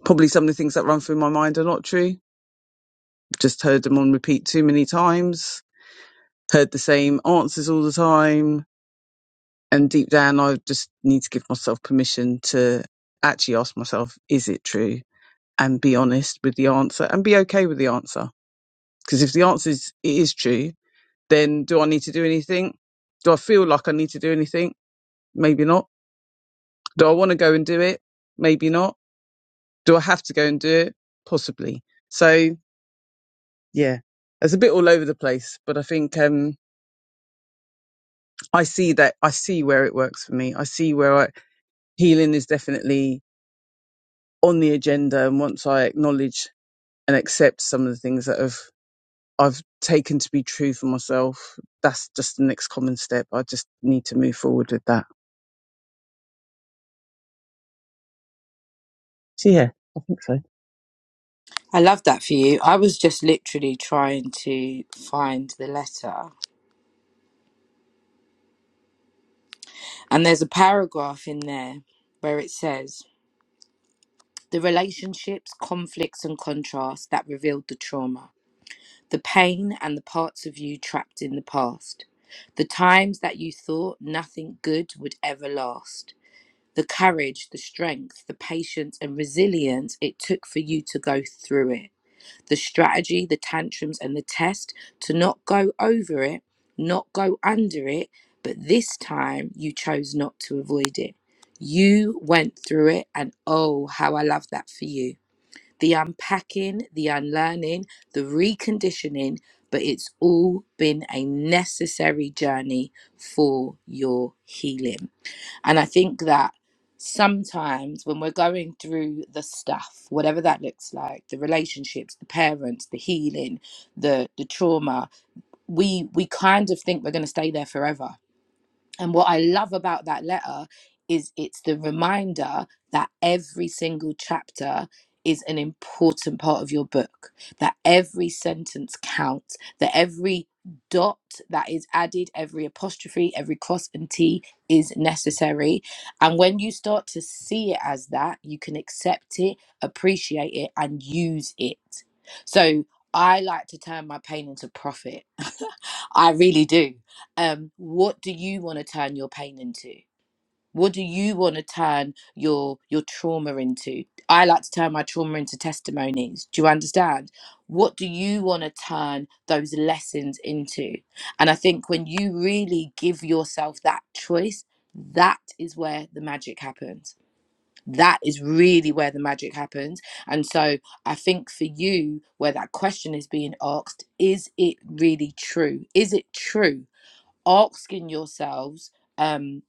Speaker 6: Probably some of the things that run through my mind are not true. Just heard them on repeat too many times, heard the same answers all the time. And deep down, I just need to give myself permission to actually ask myself, is it true? And be honest with the answer and be okay with the answer. Because if the answer is, it is true, then do I need to do anything? Do I feel like I need to do anything? Maybe not. Do I want to go and do it? Maybe not. Do I have to go and do it? Possibly. So yeah, it's a bit all over the place, but I think um, I see that I see where it works for me. I see where I, healing is definitely on the agenda, and once I acknowledge and accept some of the things that have I've taken to be true for myself, that's just the next common step. I just need to move forward with that. So yeah, I think so.
Speaker 3: I love that for you. I was just literally trying to find the letter. And there's a paragraph in there where it says the relationships, conflicts, and contrasts that revealed the trauma, the pain, and the parts of you trapped in the past, the times that you thought nothing good would ever last. the courage, the strength, the patience, and resilience it took for you to go through it, the strategy, the tantrums, and the test to not go over it, not go under it, but this time you chose not to avoid it. You went through it, and oh, how I love that for you. The unpacking, the unlearning, the reconditioning, but it's all been a necessary journey for your healing. And I think that sometimes when we're going through the stuff, whatever that looks like, the relationships, the parents, the healing, the the trauma, we we kind of think we're going to stay there forever and what I love about that letter is it's the reminder that every single chapter is an important part of your book, that every sentence counts, that every dot that is added, every apostrophe, every cross and T is necessary. And when you start to see it as that, you can accept it, appreciate it, and use it. So I like to turn my pain into profit. I really do um what do you want to turn your pain into what do you want to turn your your trauma into i like to turn my trauma into testimonies do you understand what do you want to turn those lessons into and i think when you really give yourself that choice that is where the magic happens that is really where the magic happens and so i think for you where that question is being asked is it really true is it true asking yourselves um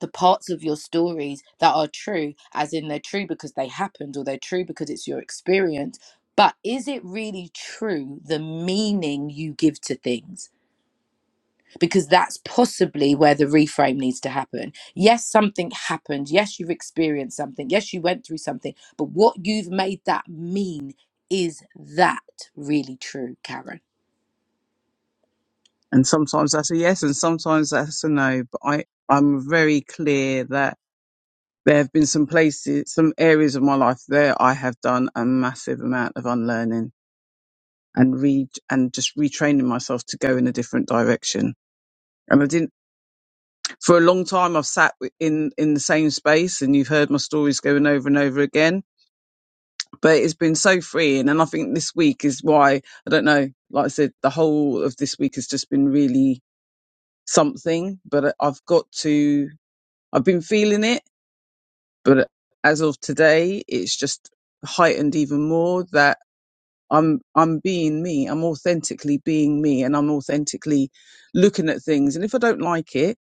Speaker 3: the parts of your stories that are true as in they're true because they happened or they're true because it's your experience but is it really true the meaning you give to things because that's possibly where the reframe needs to happen yes something happened yes you've experienced something yes you went through something but what you've made that mean is that really true karen
Speaker 6: And sometimes that's a yes, and sometimes that's a no. But I I'm very clear that there have been some places, some areas of my life there I have done a massive amount of unlearning and read and just retraining myself to go in a different direction. And I didn't for a long time. I've sat wi- in in the same space, and you've heard my stories going over and over again. But it's been so freeing, and I think this week is why I don't know. Like I said, the whole of this week has just been really something. But I- I've got to. I've been feeling it, but as of today, it's just heightened even more. That I'm I'm being me. I'm authentically being me, and I'm authentically looking at things. And if I don't like it,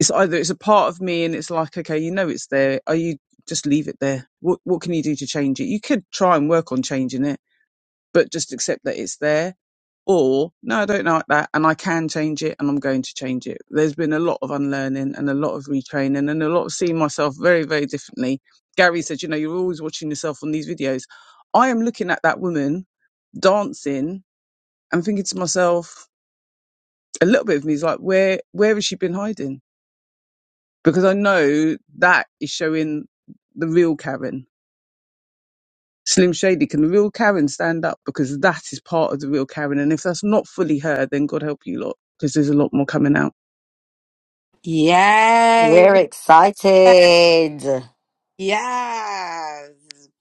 Speaker 6: it's either it's a part of me, and it's like, okay, you know, it's there. Are you just leave it there? What what can you do to change it? You could try and work on changing it, but just accept that it's there or, no, I don't like that and I can change it and I'm going to change it. There's been a lot of unlearning and a lot of retraining and a lot of seeing myself very, very differently. Gary said, you know, you're always watching yourself on these videos. I am looking at that woman dancing and thinking to myself, a little bit of me is like, where, where has she been hiding? Because I know that is showing the real Karen. Slim Shady, can the real Karen stand up? Because that is part of the real Karen. And if that's not fully her, then God help you lot, because there's a lot more coming out.
Speaker 3: Yay.
Speaker 1: We're excited.
Speaker 3: Yes,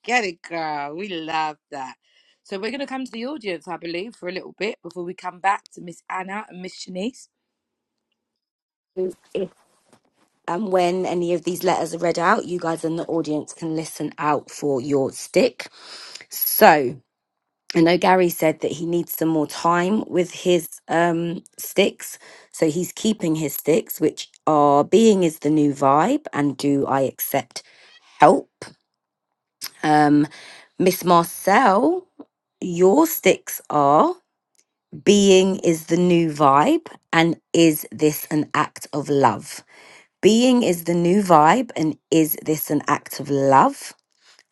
Speaker 3: get it, girl. We love that. So we're going to come to the audience, I believe, for a little bit before we come back to Miss Anna and Miss Shanice.
Speaker 1: If and when any of these letters are read out, you guys in the audience can listen out for your stick. So I know Gary said that he needs some more time with his um, sticks. So he's keeping his sticks, which are being is the new vibe and do I accept help? Um, Miss Marcel, your sticks are. being is the new vibe and is this an act of love being is the new vibe and is this an act of love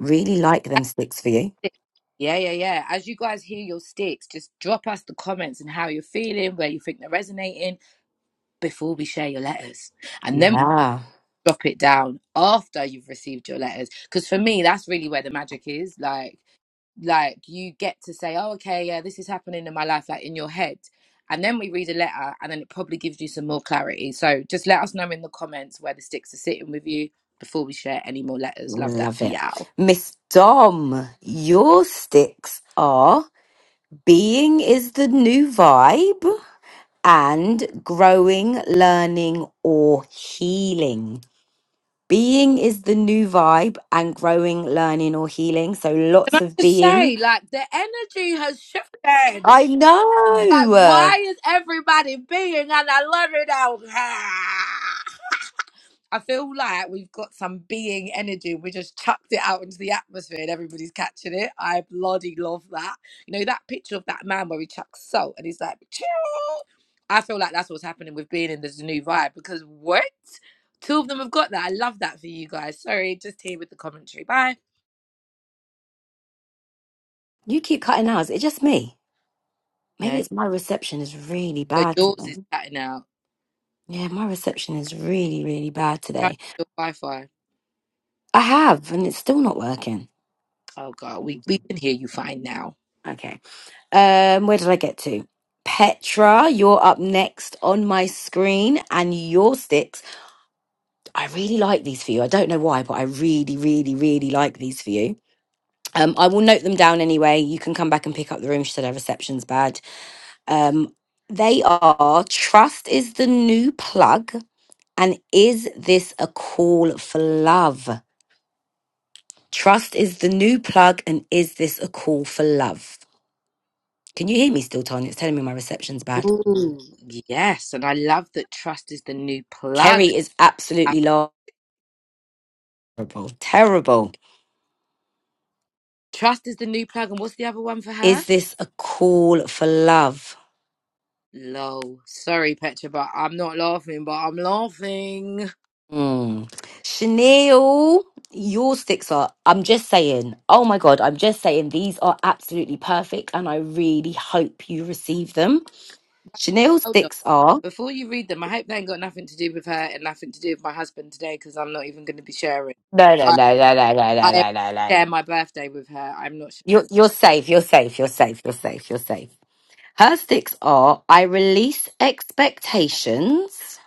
Speaker 1: really like them sticks for you
Speaker 3: Yeah, yeah, yeah. As you guys hear your sticks, just drop us the comments and how you're feeling, where you think they're resonating before we share your letters. And then we'll
Speaker 1: yeah
Speaker 3: drop it down after you've received your letters. Because for me, that's really where the magic is. Like, like you get to say oh okay yeah this is happening in my life like in your head and then we read a letter and then it probably gives you some more clarity so just let us know in the comments where the sticks are sitting with you before we share any more letters love that
Speaker 1: love
Speaker 3: for
Speaker 1: it
Speaker 3: y'all
Speaker 1: miss dom your sticks are being is the new vibe and growing learning or healing being is the new vibe and growing learning or healing so
Speaker 3: can
Speaker 1: lots of
Speaker 3: i just
Speaker 1: being
Speaker 3: say like the energy has shifted
Speaker 1: I
Speaker 3: like
Speaker 1: know. Uh,
Speaker 3: why is everybody being an unleavened out I feel like we've got some being energy. We just chucked it out into the atmosphere and everybody's catching it. I bloody love that. You know, that picture of that man where he chucks salt and he's like, chill. I feel like that's what's happening with being in this new vibe because what? Two of them have got that. I love that for you guys. Sorry, just here with the commentary. Bye.
Speaker 1: You keep cutting out. Is it just me? Maybe
Speaker 3: No,
Speaker 1: it's my reception is really
Speaker 3: your-
Speaker 1: bad
Speaker 3: yours
Speaker 1: today.
Speaker 3: is cutting out.
Speaker 1: Yeah, my reception is really, really bad
Speaker 3: Turn
Speaker 1: today.
Speaker 3: off your Wi Fi.
Speaker 1: I have, and it's still not working.
Speaker 3: Oh, God, we, we can hear you fine now.
Speaker 1: Okay. Um, where did I get to? Petra, you're up next on my screen, and your sticks. I really like these for you. I don't know why, but I really, really, really like these for you. Um, I will note them down anyway. You can come back and pick up the room. She said her reception's bad. Um, they are trust is the new plug, and is this a call for love? Trust is the new plug, and is this a call for love? Can you hear me still, Tanya? It's telling me my reception's bad.
Speaker 3: Ooh, yes. And I love that trust is the new plug.
Speaker 1: Kerry is absolutely lo- terrible. Terrible.
Speaker 3: Trust is the new plug, and what's the other one for her?
Speaker 1: Is this a call for love?
Speaker 3: Lol. Sorry, Petra, but I'm not laughing, but I'm laughing.
Speaker 1: Mm. Chanel, your sticks are. I'm just saying. Oh my God, I'm just saying these are absolutely perfect, and I really hope you receive them. Chanel
Speaker 3: Hold on.
Speaker 1: sticks are
Speaker 3: Before you read them, I hope they ain't got nothing to do with her and nothing to do with my husband today, because I'm not even going to be sharing.
Speaker 1: no, no,
Speaker 3: I,
Speaker 1: no, no, no, no, no,
Speaker 3: I
Speaker 1: no, no, no. no.
Speaker 3: share my birthday with her. I'm not sharing.
Speaker 1: You're you're safe. You're safe. You're safe. You're
Speaker 3: it.
Speaker 1: safe. You're safe. Her sticks are. I release expectations,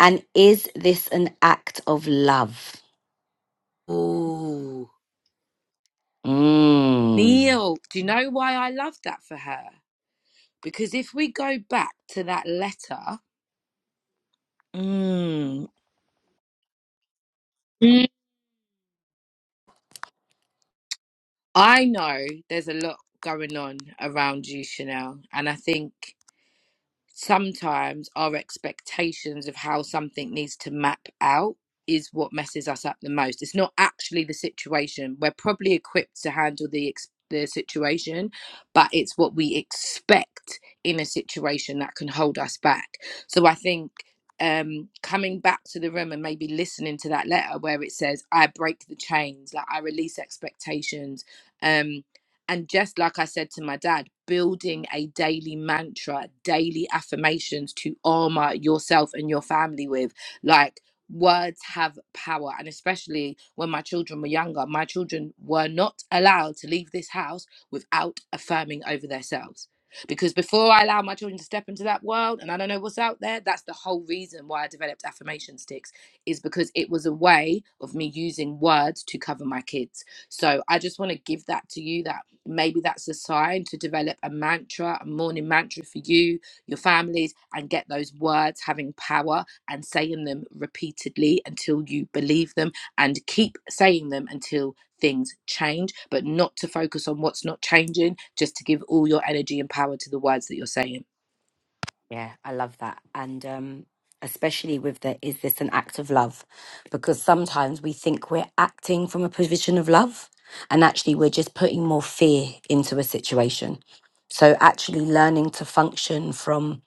Speaker 1: and is this an act of love?
Speaker 3: Ooh.
Speaker 1: Mm.
Speaker 3: Neil, do you know why I love that for her? Because if we go back to that letter, mm, Mm. I know there's a lot going on around you, Chanel, and I think. sometimes our expectations of how something needs to map out is what messes us up the most. It's not actually the situation. We're probably equipped to handle the ex- the situation, but it's what we expect in a situation that can hold us back. So I think um coming back to the room and maybe listening to that letter where it says I break the chains, like I release expectations. um and just like I said to my dad, building a daily mantra, daily affirmations to armor yourself and your family with. Like, words have power. And especially when my children were younger, my children were not allowed to leave this house without affirming over themselves. Because before I allow my children to step into that world and I don't know what's out there, that's the whole reason why I developed affirmation sticks, is because it was a way of me using words to cover my kids. So I just want to give that to you that maybe that's a sign to develop a mantra, a morning mantra for you, your families, and get those words having power and saying them repeatedly until you believe them and keep saying them until things change, but not to focus on what's not changing, just to give all your energy and power to the words that you're saying.
Speaker 1: Yeah, I love that, and um, especially with the is this an act of love? Because sometimes we think we're acting from a position of love, and actually we're just putting more fear into a situation. So actually learning to function from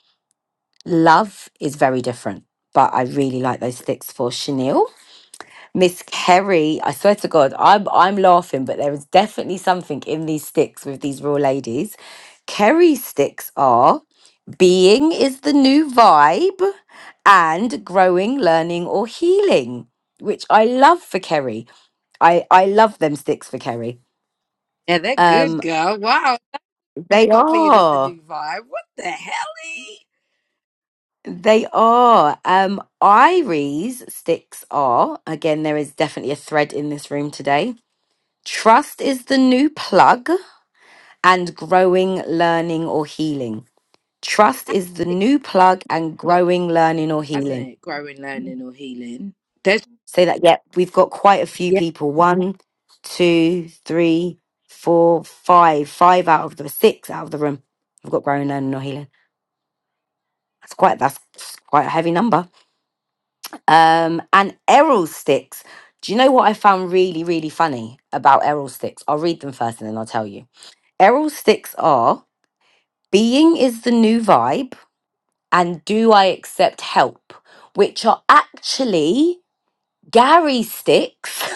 Speaker 1: love is very different. But I really like those sticks for Chanel. Miss Kerry, I swear to God, I'm I'm laughing, but there is definitely something in these sticks with these raw ladies. Kerry's sticks are being is the new vibe and growing, learning, or healing, which I love for Kerry. I, I love them sticks for Kerry.
Speaker 3: Yeah, they're good
Speaker 1: Um,
Speaker 3: girl. Wow,
Speaker 1: they
Speaker 3: got being is the
Speaker 1: are.
Speaker 3: new vibe. What the helly?
Speaker 1: They are. Um, Iries sticks are, again, there is definitely a thread in this room today. Trust is the new plug and growing, learning, or healing. Trust is the new plug and growing, learning, or
Speaker 3: Hasn't
Speaker 1: healing.
Speaker 3: it? Growing, learning, or healing. That's
Speaker 1: Say that. Yep. We've got quite a few
Speaker 3: yeah.
Speaker 1: people. One, two, three, four, five. Five out of the six out of the room. We've got growing, learning, or healing. That's quite, that's quite a heavy number. um, and Errol sticks. Do you know what I found really, really funny about Errol sticks? I'll read them first and then I'll tell you. Errol sticks are being is the new vibe and do I accept help, which are actually Gary sticks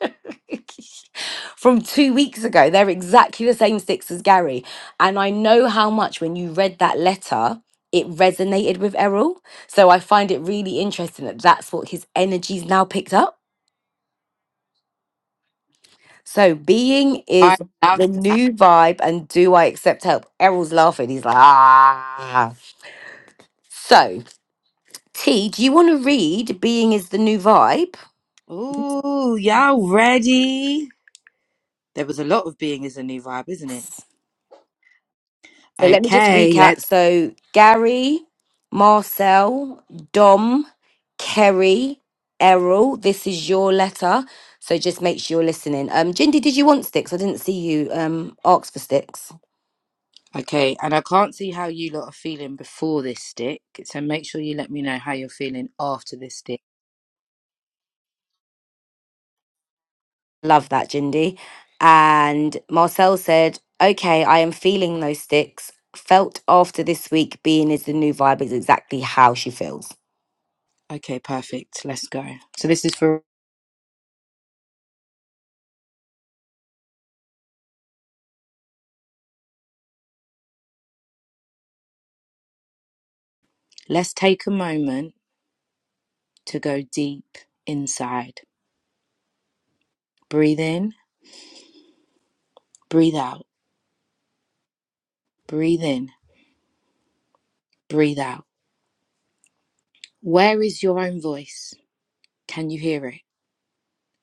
Speaker 1: from two weeks ago. They're exactly the same sticks as Gary. And I know how much when you read that letter, it resonated with Errol. So I find it really interesting that that's what his energy's now picked up. So being
Speaker 3: I
Speaker 1: is the
Speaker 3: love that.
Speaker 1: new vibe and do I accept help? Errol's laughing. He's like, ah. So, T, do you want to read Being is the New Vibe?
Speaker 3: Ooh, y'all ready? There was a lot of being is a new vibe, isn't it?
Speaker 1: So let me just
Speaker 3: Okay,
Speaker 1: recap.
Speaker 3: let's.
Speaker 1: So Gary, Marcel, Dom, Kerry, Errol, this is your letter. So just make sure you're listening. Um, Jindy, did you want sticks? I didn't see you um ask for sticks.
Speaker 3: Okay, and I can't see how you lot are feeling before this stick, so make sure you let me know how you're feeling after this stick.
Speaker 1: Love that, Jindy. And Marcel said, Okay, I am feeling those sticks. Felt after this week being is the new vibe is exactly how she feels.
Speaker 3: Okay, perfect. Let's go. So this is for. Let's take a moment to go deep inside. Breathe in, breathe out, breathe in, breathe out. Where is your own voice? Can you hear it?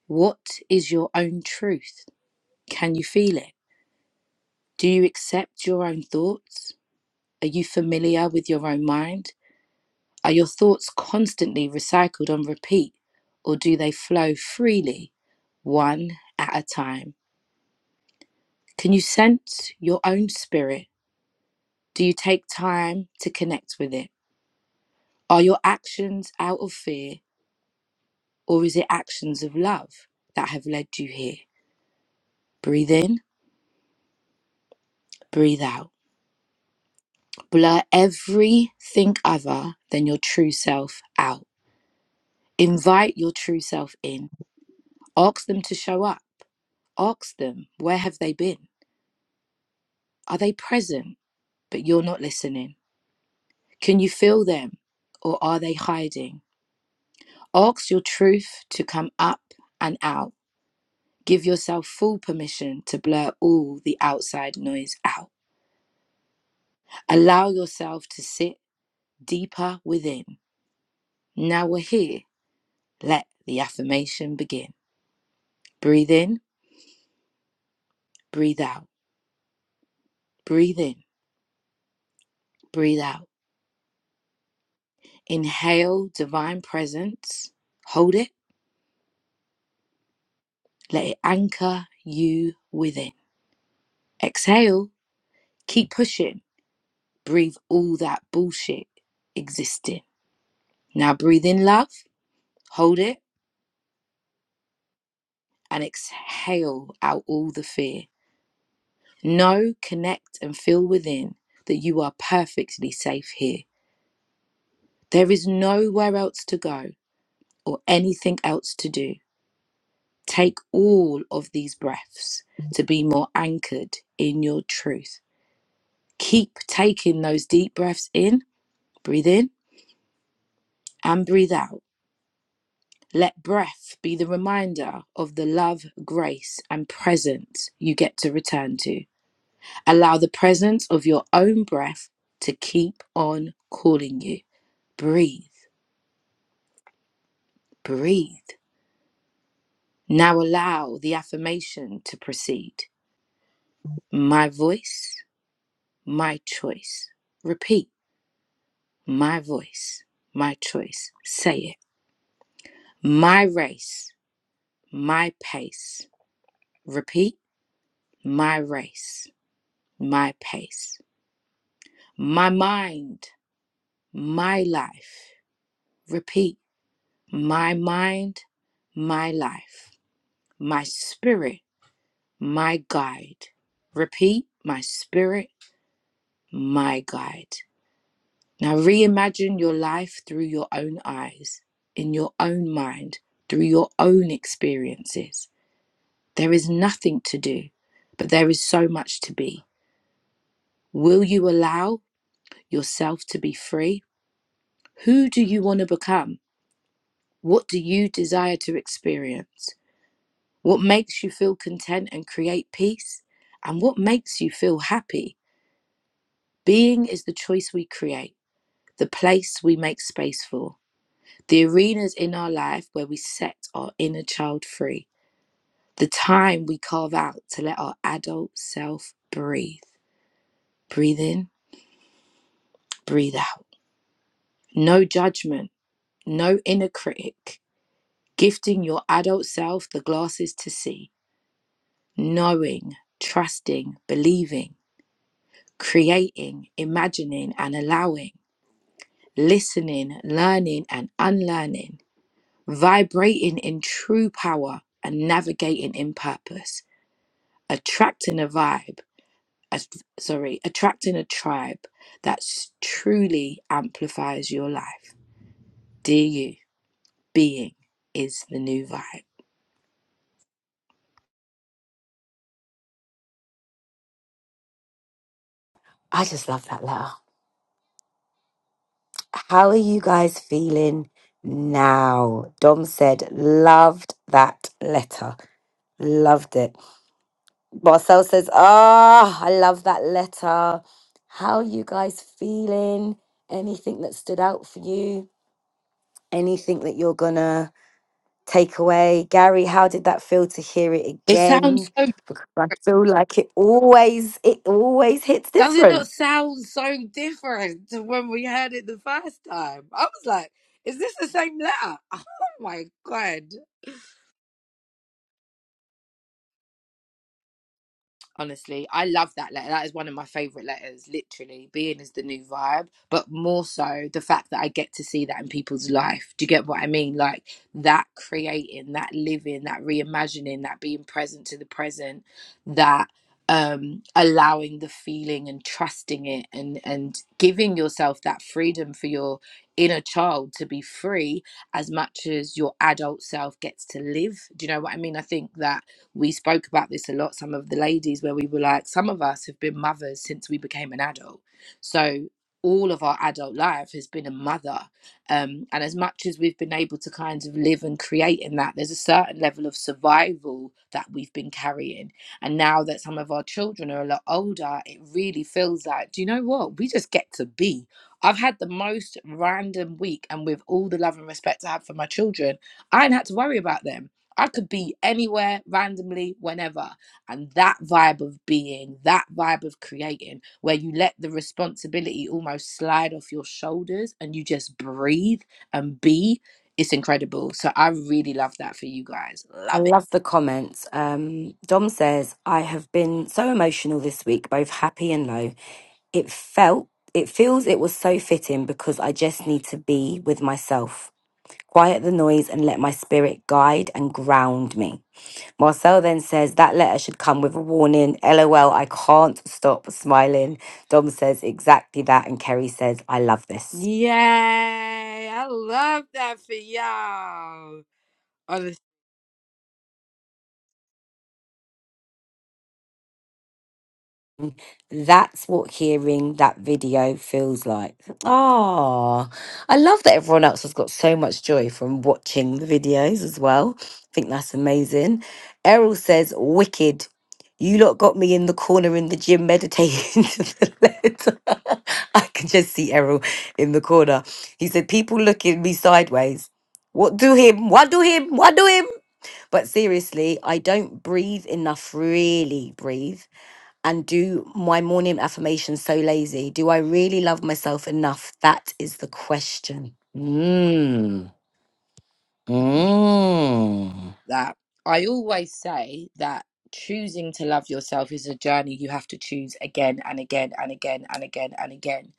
Speaker 3: What is your own truth? Can you feel it? Do you accept your own thoughts? Are you familiar with your own mind? Are your thoughts constantly recycled on repeat, or do they flow freely, one at a time? Can you sense your own spirit? Do you take time to connect with it? Are your actions out of fear, or is it actions of love that have led you here? Breathe in, breathe out. Blur everything other than your true self out. Invite your true self in. Ask them to show up. Ask them, where have they been? Are they present? But you're not listening. Can you feel them? Or are they hiding? Ask your truth to come up and out. Give yourself full permission to blur all the outside noise out. Allow yourself to sit deeper within. Now we're here. Let the affirmation begin. Breathe in, breathe out. Breathe in, breathe out. Inhale divine presence. Hold it Let it anchor you within. Exhale, keep pushing. Breathe all that bullshit existing. Now breathe in love, hold it, and exhale out all the fear. Know, connect, and feel within that you are perfectly safe here. There is nowhere else to go or anything else to do. Take all of these breaths to be more anchored in your truth. Keep taking those deep breaths in. Breathe in and breathe out. Let breath be the reminder of the love, grace, and presence you get to return to. Allow the presence of your own breath to keep on calling you. Breathe, breathe. Now allow the affirmation to proceed. My voice, my choice. Repeat. My voice, my choice. Say it. My race, my pace. Repeat. My race my pace, my mind, my life. Repeat, my mind, my life, my spirit, my guide. Repeat, my spirit, my guide. Now reimagine your life through your own eyes, in your own mind, through your own experiences. There is nothing to do, but there is so much to be. Will you allow yourself to be free? Who do you want to become? What do you desire to experience? What makes you feel content and create peace? And what makes you feel happy? Being is the choice we create, the place we make space for, the arenas in our life where we set our inner child free, the time we carve out to let our adult self breathe. Breathe in, breathe out. No judgment, no inner critic. Gifting your adult self the glasses to see knowing, trusting, believing, creating, imagining and allowing, listening, learning and unlearning, vibrating in true power and navigating in purpose, attracting a vibe, a, sorry, attracting a tribe that s- truly amplifies your life. Dear you, being is the new vibe.
Speaker 1: I just love that letter. How are you guys feeling now? Dom said, loved that letter. Loved it. Marcel says, ah, I love that letter. How are you guys feeling? Anything that stood out for you? Anything that you're gonna takeaway. Gary, how did that feel to hear it
Speaker 3: It sounds
Speaker 1: again?
Speaker 3: so
Speaker 1: Because I feel like it always it always hits
Speaker 3: Does it not
Speaker 1: different.
Speaker 3: sound so different to when we heard it the first time? I was like, is this the same letter? Oh my god. honestly. I love that letter. That is one of my favourite letters, literally. Being is the new vibe, but more so the fact that I get to see that in people's life. Do you get what I mean? Like that creating, that living, that reimagining, that being present to the present, that um allowing the feeling and trusting it and and giving yourself that freedom for your inner child to be free as much as your adult self gets to live do you know what i mean i think that we spoke about this a lot, some of the ladies, where we were like, some of us have been mothers since we became an adult. So all of our adult life has been a mother. Um, and as much as we've been able to kind of live and create in that, there's a certain level of survival that we've been carrying. And now that some of our children are a lot older, it really feels like, do you know what? We just get to be. I've had the most random week, and with all the love and respect I have for my children, I ain't had to worry about them I could be anywhere randomly, whenever. And that vibe of being, that vibe of creating, where you let the responsibility almost slide off your shoulders and you just breathe and be, it's incredible. So I really love that for you guys.
Speaker 1: I
Speaker 3: Love it.
Speaker 1: love the comments. Um, Dom says, I have been so emotional this week, both happy and low. It felt it feels it was so fitting because I just need to be with myself. Quiet the noise and let my spirit guide and ground me. Marcel then says that letter should come with a warning. LOL, I can't stop smiling. Dom says exactly that. And Kerry says, I love this.
Speaker 3: Yay! I love that for y'all. Honestly.
Speaker 1: That's what hearing that video feels like. Ah, I love that everyone else has got so much joy from watching the videos as well. I think that's amazing. Errol says, Wicked. You lot got me in the corner in the gym meditating to the letter. I can just see Errol in the corner. He said, People look at me sideways. What do him? What do him? What do him? But seriously, I don't breathe enough, really breathe and do my morning affirmation so lazy? Do I really love myself enough? That is the question. Mm. Mm.
Speaker 3: that. I always say that choosing to love yourself is a journey you have to choose again and again and again and again and again.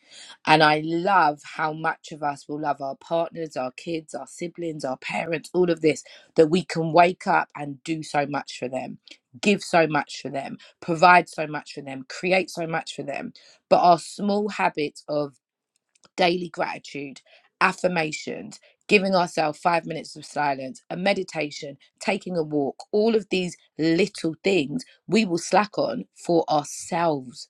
Speaker 3: And I love how much of us will love our partners, our kids, our siblings, our parents, all of this, that we can wake up and do so much for them, give so much for them, provide so much for them, create so much for them. But our small habits of daily gratitude, affirmations, giving ourselves five minutes of silence, a meditation, taking a walk, all of these little things we will slack on for ourselves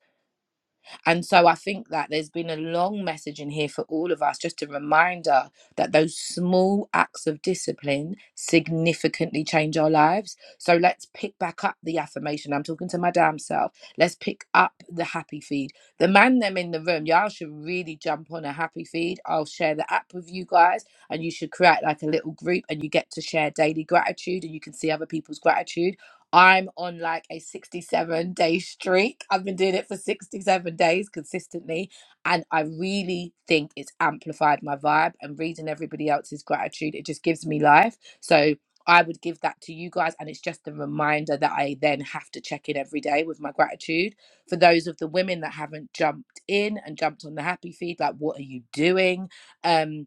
Speaker 3: and so I think that there's been a long message in here for all of us, just a reminder that those small acts of discipline significantly change our lives. So let's pick back up the affirmation. I'm talking to my damn self. Let's pick up the happy feed. The man them in the room, y'all should really jump on a happy feed. I'll share the app with you guys, and you should create like a little group, and you get to share daily gratitude, and you can see other people's gratitude I'm on like a 67 day streak. I've been doing it for 67 days consistently. And I really think it's amplified my vibe and reading everybody else's gratitude. It just gives me life. So I would give that to you guys. And it's just a reminder that I then have to check in every day with my gratitude. For those of the women that haven't jumped in and jumped on the happy feed, like, what are you doing? Um,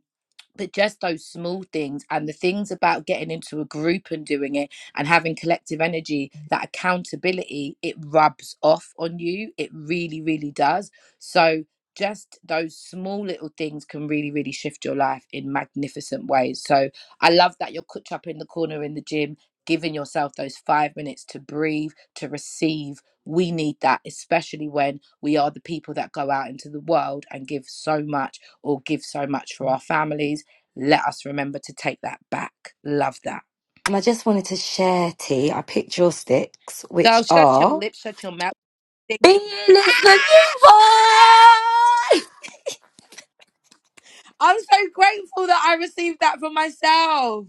Speaker 3: but just those small things and the things about getting into a group and doing it and having collective energy that accountability it rubs off on you it really really does so just those small little things can really really shift your life in magnificent ways so i love that you're cooked up in the corner in the gym giving yourself those five minutes to breathe to receive we need that especially when we are the people that go out into the world and give so much or give so much for our families let us remember to take that back. Love that.
Speaker 1: And I just wanted to share, T, I picked your sticks,
Speaker 3: Girl,
Speaker 1: which
Speaker 3: shut your
Speaker 1: are
Speaker 3: lips, shut your mouth.
Speaker 1: being is the new vibe.
Speaker 3: I'm so grateful that I received that from myself.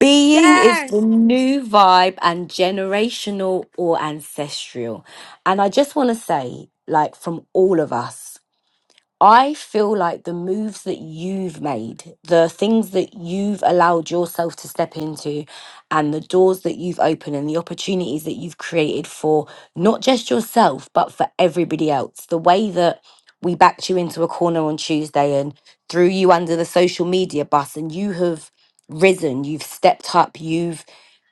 Speaker 1: Being is the
Speaker 3: Yes.
Speaker 1: new vibe and generational or ancestral. And I just want to say, like, from all of us, I feel like the moves that you've made, the things that you've allowed yourself to step into, and the doors that you've opened, and the opportunities that you've created for not just yourself, but for everybody else. The way that we backed you into a corner on Tuesday and threw you under the social media bus, and you have risen, you've stepped up, you've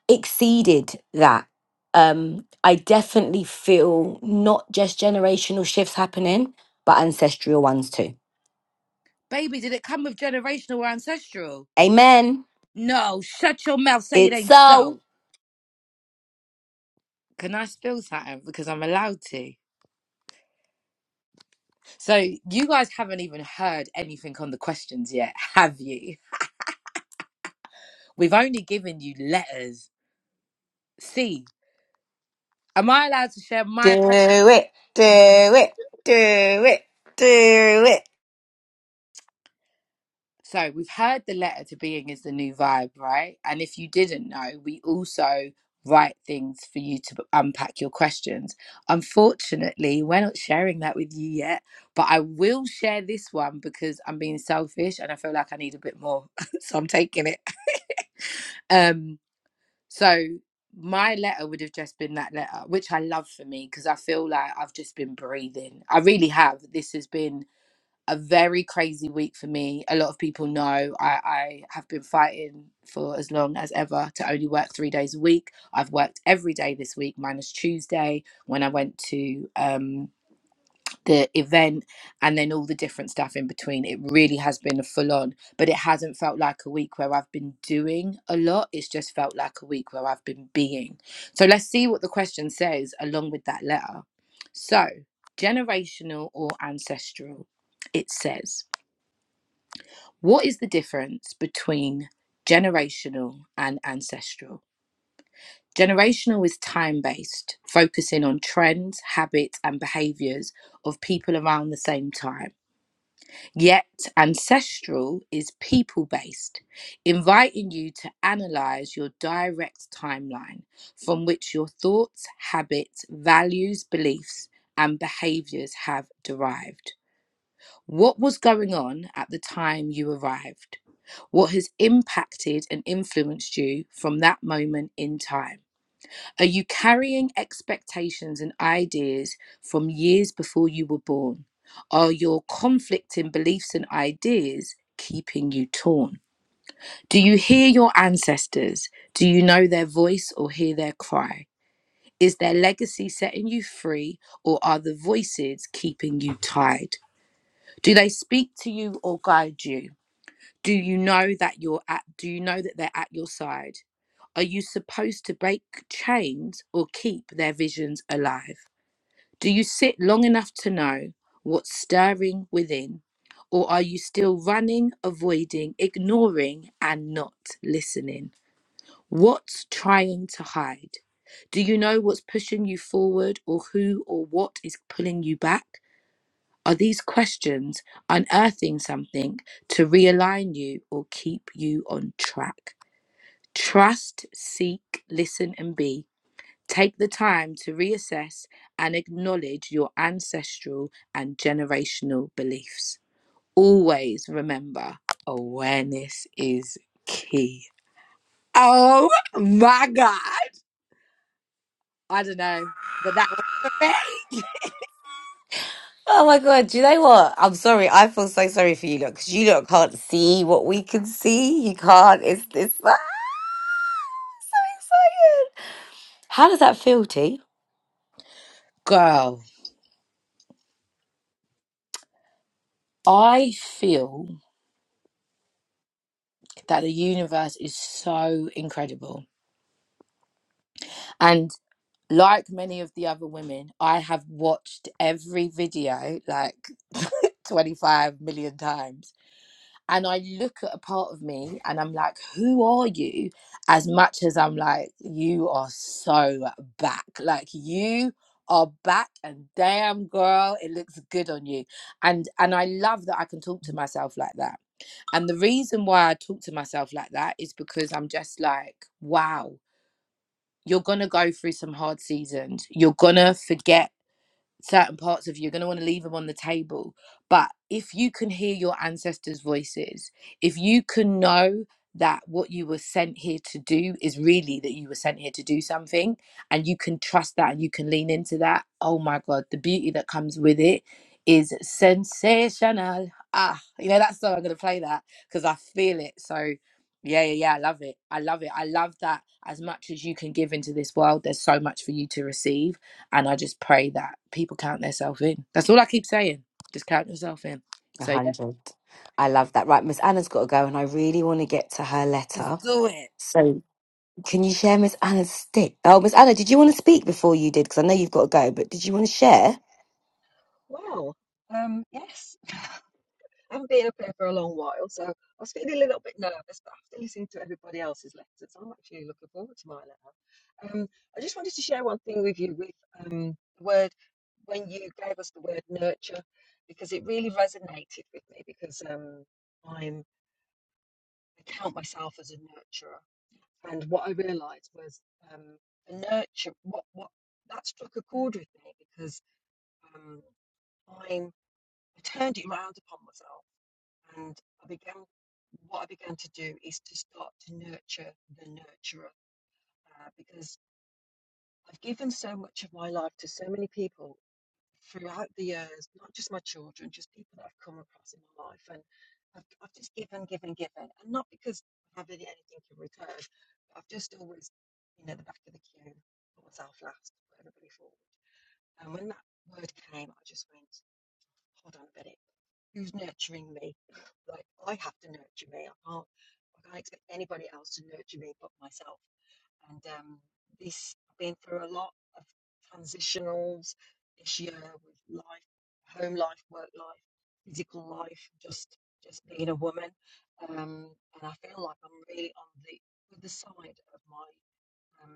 Speaker 1: exceeded that. Um, I definitely feel not just generational shifts happening, but ancestral ones too.
Speaker 3: Baby, did it come with generational or ancestral?
Speaker 1: Amen.
Speaker 3: No, shut your mouth, say it
Speaker 1: It's
Speaker 3: ain't
Speaker 1: so.
Speaker 3: so. Can I spill something? Because I'm allowed to. So, you guys haven't even heard anything on the questions yet, have you? We've only given you letters. See, am I allowed to share my
Speaker 1: Do it, do it, do it, do it.
Speaker 3: So we've heard the letter to being is the new vibe, right? And if you didn't know, we also write things for you to unpack your questions. Unfortunately, we're not sharing that with you yet, but I will share this one because I'm being selfish and I feel like I need a bit more. so I'm taking it. Um so my letter would have just been that letter, which I love for me because I feel like I've just been breathing. I really have. This has been a very crazy week for me. A lot of people know I, I have been fighting for as long as ever to only work three days a week. I've worked every day this week, minus Tuesday when I went to um, the event and then all the different stuff in between. It really has been a full on, but it hasn't felt like a week where I've been doing a lot. It's just felt like a week where I've been being. So let's see what the question says along with that letter. So, generational or ancestral? It says, what is the difference between generational and ancestral? Generational is time based, focusing on trends, habits, and behaviors of people around the same time. Yet, ancestral is people based, inviting you to analyze your direct timeline from which your thoughts, habits, values, beliefs, and behaviors have derived. What was going on at the time you arrived? What has impacted and influenced you from that moment in time? Are you carrying expectations and ideas from years before you were born? Are your conflicting beliefs and ideas keeping you torn? Do you hear your ancestors? Do you know their voice or hear their cry? Is their legacy setting you free or are the voices keeping you tied? Do they speak to you or guide you? do you know that you're at do you know that they're at your side are you supposed to break chains or keep their visions alive do you sit long enough to know what's stirring within or are you still running avoiding ignoring and not listening what's trying to hide do you know what's pushing you forward or who or what is pulling you back are these questions unearthing something to realign you or keep you on track? Trust, seek, listen, and be. Take the time to reassess and acknowledge your ancestral and generational beliefs. Always remember awareness is key. Oh my God. I don't know, but that was for me.
Speaker 1: Oh my god, do you know what? I'm sorry, I feel so sorry for you look, because you look can't see what we can see. You can't, it's this. so excited. How does that feel, T?
Speaker 3: Girl, I feel that the universe is so incredible And like many of the other women, I have watched every video like 25 million times. And I look at a part of me and I'm like, who are you? As much as I'm like, you are so back. Like you are back and damn girl, it looks good on you. And and I love that I can talk to myself like that. And the reason why I talk to myself like that is because I'm just like, wow you're going to go through some hard seasons. You're going to forget certain parts of you, you're going to want to leave them on the table. But if you can hear your ancestors' voices, if you can know that what you were sent here to do is really that you were sent here to do something, and you can trust that and you can lean into that, oh my God, the beauty that comes with it is sensational. Ah, you know, that's song I'm going to play that because I feel it. So, yeah, yeah, yeah, I love it. I love it. I love that as much as you can give into this world, there's so much for you to receive and I just pray that people count themselves in. That's all I keep saying. Just count yourself in.
Speaker 1: A
Speaker 3: So yeah.
Speaker 1: hundred. I love that. Right, Miss Anna's got to go, and I really want to get to her
Speaker 3: Let's
Speaker 1: letter.
Speaker 3: do it.
Speaker 1: So, can you share Miss Anna's stick? Oh, Miss Anna, did you want to speak before you did? Because I know you've got to go, but did you want to share?
Speaker 7: Wow. Um. Yes, I haven't been up here for a long while, so I was feeling a little bit nervous. But after listening to everybody else's letters, I'm actually looking forward to my letter. Um. I just wanted to share one thing with you with um the word when you gave us the word nurture because it really resonated with me because um I'm I count myself as a nurturer, and what I realised was um a nurture what what that struck a chord with me because um, i turned it around upon myself, and I began. What I began to do is to start to nurture the nurturer, uh, because I've given so much of my life to so many people throughout the years, not just my children, just people that I've come across in my life, and I've, I've just given, given, given, and not because I have really anything in return. But I've just always, you know, the back of the queue, put myself last, put everybody forward, and when that word came, I just went, hold on a minute, who's nurturing me? Like I have to nurture me. I can't I can't expect anybody else to nurture me but myself. And um, this I've been through a lot of transitionals this year with life, home life, work life, physical life, just just being a woman. Um, and I feel like I'm really on the other side of my um,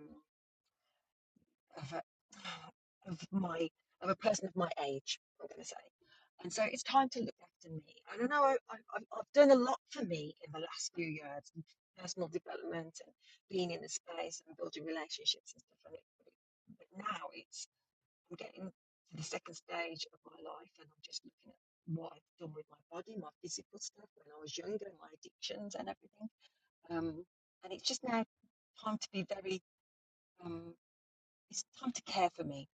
Speaker 7: of, a, of my of a person of my age. I'm going to say. And so it's time to look after me. I don't know, I, I, I've done a lot for me in the last few years, and personal development and being in the space and building relationships and stuff like that. But now it's, I'm getting to the second stage of my life, just looking at what I've done with my body, my physical stuff when I was younger, my addictions and everything. Um, and it's just now time to be very, um, it's time to care for me.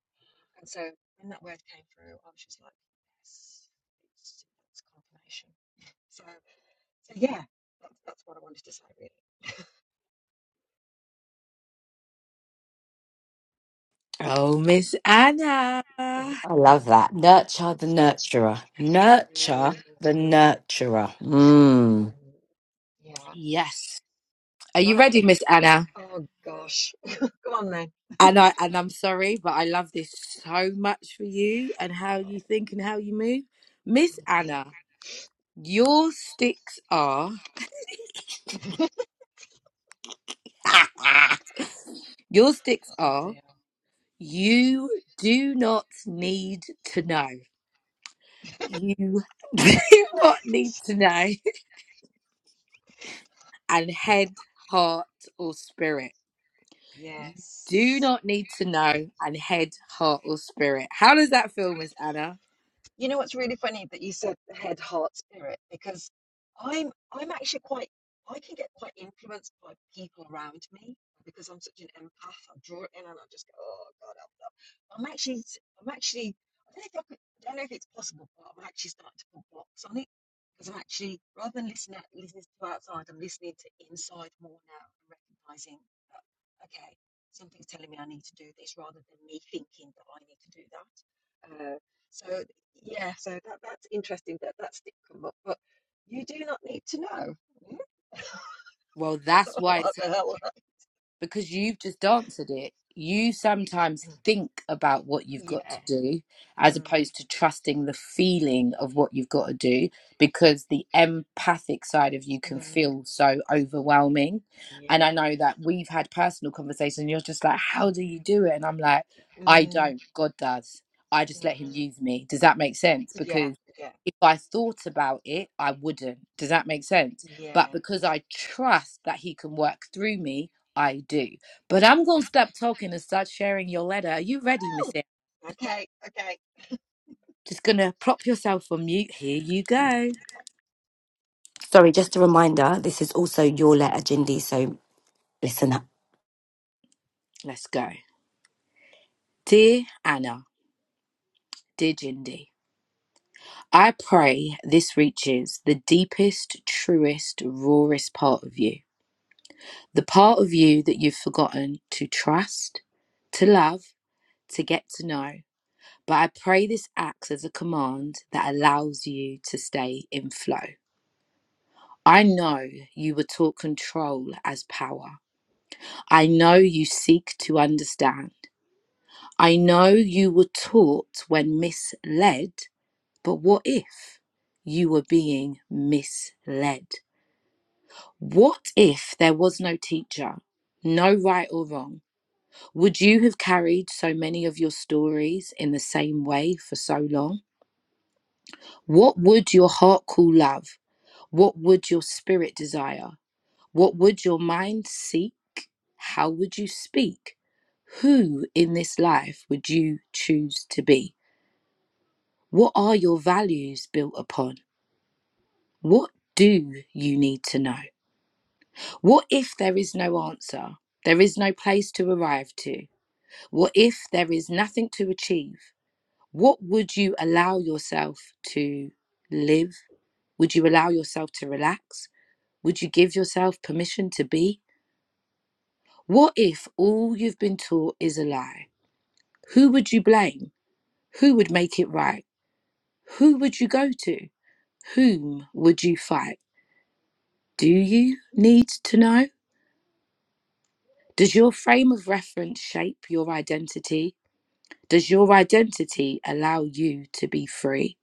Speaker 7: And so when that word came through, I was just like, yes, it's, it's confirmation. So, so yeah,
Speaker 3: Oh, Miss Anna.
Speaker 1: I love that. Nurture the nurturer.
Speaker 7: there we
Speaker 1: Nurture the nurturer. Mm.
Speaker 3: Yes. Are you ready, Miss Anna?
Speaker 7: Go on then.
Speaker 3: And I and I'm sorry, but I love this so much for you and how you think and how you move. Miss Anna, your sticks are your sticks
Speaker 7: Oh
Speaker 3: are
Speaker 7: dear.
Speaker 3: you do not need to know. You do not need to know. and head, heart, or spirit. You do
Speaker 7: Yes.
Speaker 3: not need to know and head, heart, or spirit. How does that feel, Miss Anna?
Speaker 7: You know what's really funny that you said the head, heart, spirit, because I'm I'm actually quite I can get quite influenced by people around me because I'm such an empath. I draw it in and I just go, oh God, help, help. I'm actually i I'm actually I don't know if I, could, I don't know if it's possible, but I'm actually starting to put blocks on it because I'm actually rather than listening out, listening to outside, I'm listening to inside more now and recognizing that okay, something's telling me I need to do this rather than me thinking that I need to do that. Uh, so. Yeah, so that, that's interesting that that's come up, but you do not need to know
Speaker 3: Well, that's why
Speaker 7: what
Speaker 3: it's
Speaker 7: the hell.
Speaker 3: because you've just answered it, you sometimes think about what you've got
Speaker 7: Yeah.
Speaker 3: to do as
Speaker 7: Mm,
Speaker 3: opposed to trusting the feeling of what you've got to do because the empathic side of you can
Speaker 7: mm,
Speaker 3: feel so overwhelming.
Speaker 7: yes.
Speaker 3: And I know that we've had personal conversations, and you're just like,
Speaker 7: Mm,
Speaker 3: How do you do it? And I'm like, I
Speaker 7: mm,
Speaker 3: don't, God does. I just let Him
Speaker 7: mm.
Speaker 3: use me. Does that make sense?
Speaker 7: Yeah,
Speaker 3: Because
Speaker 7: yeah,
Speaker 3: if I thought about it, I wouldn't. Does that make sense?
Speaker 7: yes.
Speaker 3: But because I trust that He can work through me, I do. But I'm going to stop talking and start sharing your letter. Are you ready, Miss
Speaker 7: Ooh,
Speaker 3: Erin?
Speaker 7: okay, okay.
Speaker 3: Just going to prop yourself on mute. Here you go.
Speaker 1: Sorry, just a reminder. This is also your letter, Jindy. So listen up.
Speaker 3: Let's go. Dear Anna, dear Jindy, I pray this reaches the deepest, truest, rawest part of you. The part of you that you've forgotten to trust, to love, to get to know. But I pray this acts as a command that allows you to stay in flow. I know you were taught control as power, I know you seek to understand. I know you were taught when misled, but what if you were being misled? What if there was no teacher, no right or wrong? Would you have carried so many of your stories in the same way for so long? What would your heart call love? What would your spirit desire? What would your mind seek? How would you speak? Who in this life would you choose to be? What are your values built upon? What do you need to know? What if there is no answer? There is no place to arrive to? What if there is nothing to achieve? What would you allow yourself to live? Would you allow yourself to relax? Would you give yourself permission to be? What if all you've been taught is a lie? Who would you blame? Who would make it right? Who would you go to? Whom would you fight? Do you need to know? Does your frame of reference shape your identity? Does your identity allow you to be free?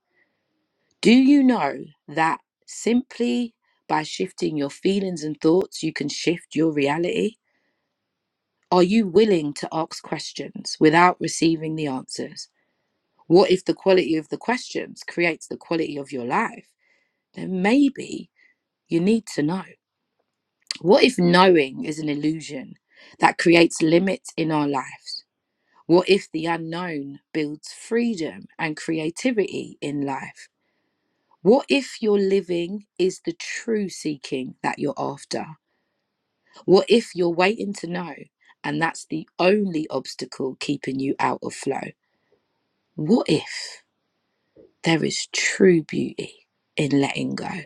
Speaker 3: Do you know that simply by shifting your feelings and thoughts, you can shift your reality? Are you willing to ask questions without receiving the answers? What if the quality of the questions creates the quality of your life? Then maybe you need to know. What if knowing is an illusion that creates limits in our lives? What if the unknown builds freedom and creativity in life? What if your living is the true seeking that you're after? What if you're waiting to know and that's the only obstacle keeping you out of flow? What if there is true beauty in letting go?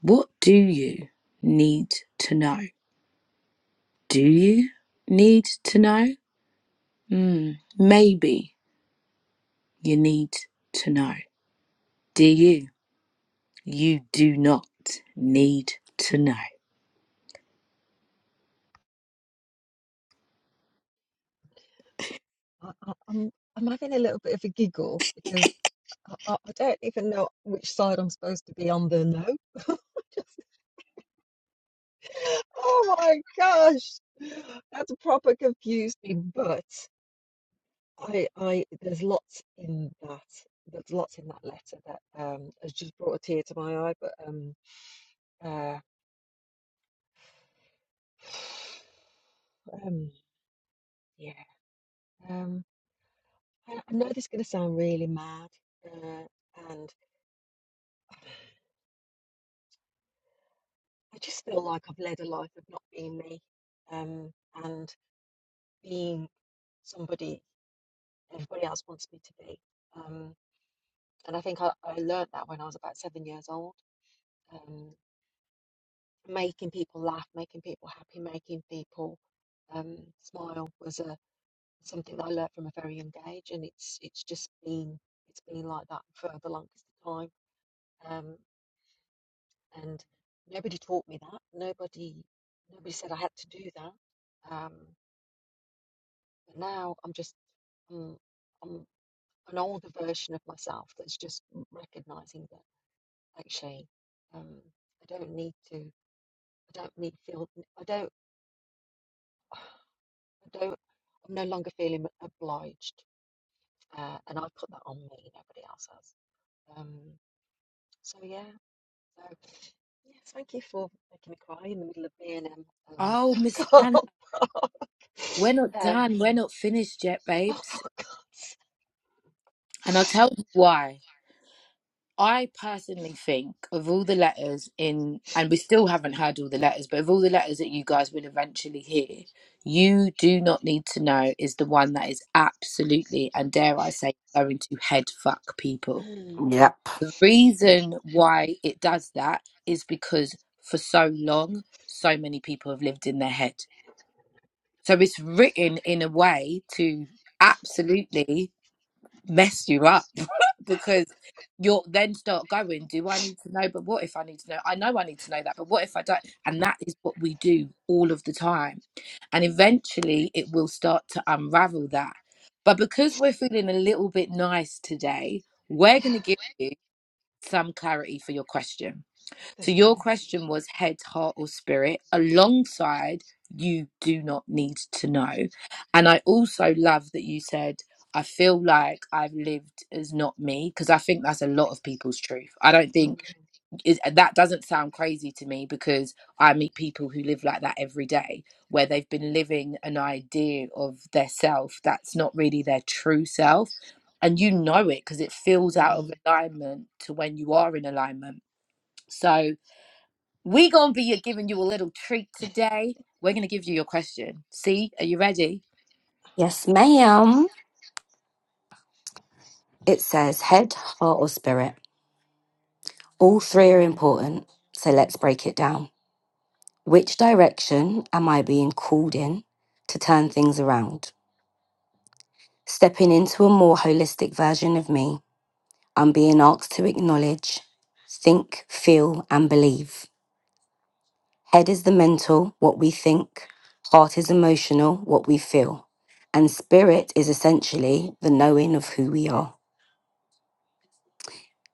Speaker 3: What do you need to know? Do you need to know? Hmm, maybe you need to know. Do you? You do not need to know.
Speaker 7: I, I, I'm I'm having a little bit of a giggle because I, I don't even know which side I'm supposed to be on the no. Oh my gosh, that's proper confused me, but. I, I, there's lots in that. There's lots in that letter that um, has just brought a tear to my eye. But um, uh, um, yeah, um, I, I know this is going to sound really mad, uh, and I just feel like I've led a life of not being me, um, and being somebody everybody else wants me to be. Um, and I think I, I learned that when I was about seven years old. Um, making people laugh, making people happy, making people um, smile was a something that I learned from a very young age, and it's it's just been it's been like that for the longest time. Um, and nobody taught me that. Nobody nobody said I had to do that. Um, but now I'm just um, I'm an older version of myself that's just recognizing that actually um, I don't need to. I don't need feel. I don't. I don't. I'm no longer feeling obliged Uh, and I've put that on me, nobody else has. Um, so yeah, so yeah, thank you for making me cry in the middle of B and M um,
Speaker 3: Oh, Miss
Speaker 7: car
Speaker 3: Anna,
Speaker 7: park.
Speaker 3: we're not
Speaker 7: Um,
Speaker 3: done. We're not finished yet,
Speaker 7: oh my
Speaker 3: babes.
Speaker 7: God.
Speaker 3: And I'll tell you why. I personally think of all the letters in, and we still haven't heard all the letters, but of all the letters that you guys will eventually hear, you do not need to know is the one that is absolutely, and dare I say, going to head fuck people.
Speaker 7: Mm.
Speaker 1: Yep.
Speaker 3: The reason why it does that is because for so long, so many people have lived in their head. So it's written in a way to absolutely mess you up because you'll then start going, Do I need to know? But what if I need to know? I know I need to know that, but what if I don't? And that is what we do all of the time. And eventually it will start to unravel that. But because we're feeling a little bit nice today, we're going to give you some clarity for your question. So
Speaker 7: Thank
Speaker 3: your
Speaker 7: you.
Speaker 3: question was head, heart, or spirit, alongside you do not need to know. And I also love that you said, I feel like I've lived as not me, because I think that's a lot of people's truth. I don't
Speaker 7: Mm,
Speaker 3: think it, that doesn't sound crazy to me because I meet people who live like that every day, where they've been living an idea of their self that's not really their true self. And you know it because it feels out of
Speaker 7: mm.
Speaker 3: alignment to when you are in alignment. So, we're going to be giving you a little treat today. We're going to give you your question. See, are you ready?
Speaker 1: Yes, ma'am. It says head, heart, or spirit. All three are important, so let's break it down. Which direction am I being called in to turn things around? Stepping into a more holistic version of me, I'm being asked to acknowledge, think, feel, and believe. Head is the mental, what we think, heart is emotional, what we feel, and spirit is essentially the knowing of who we are.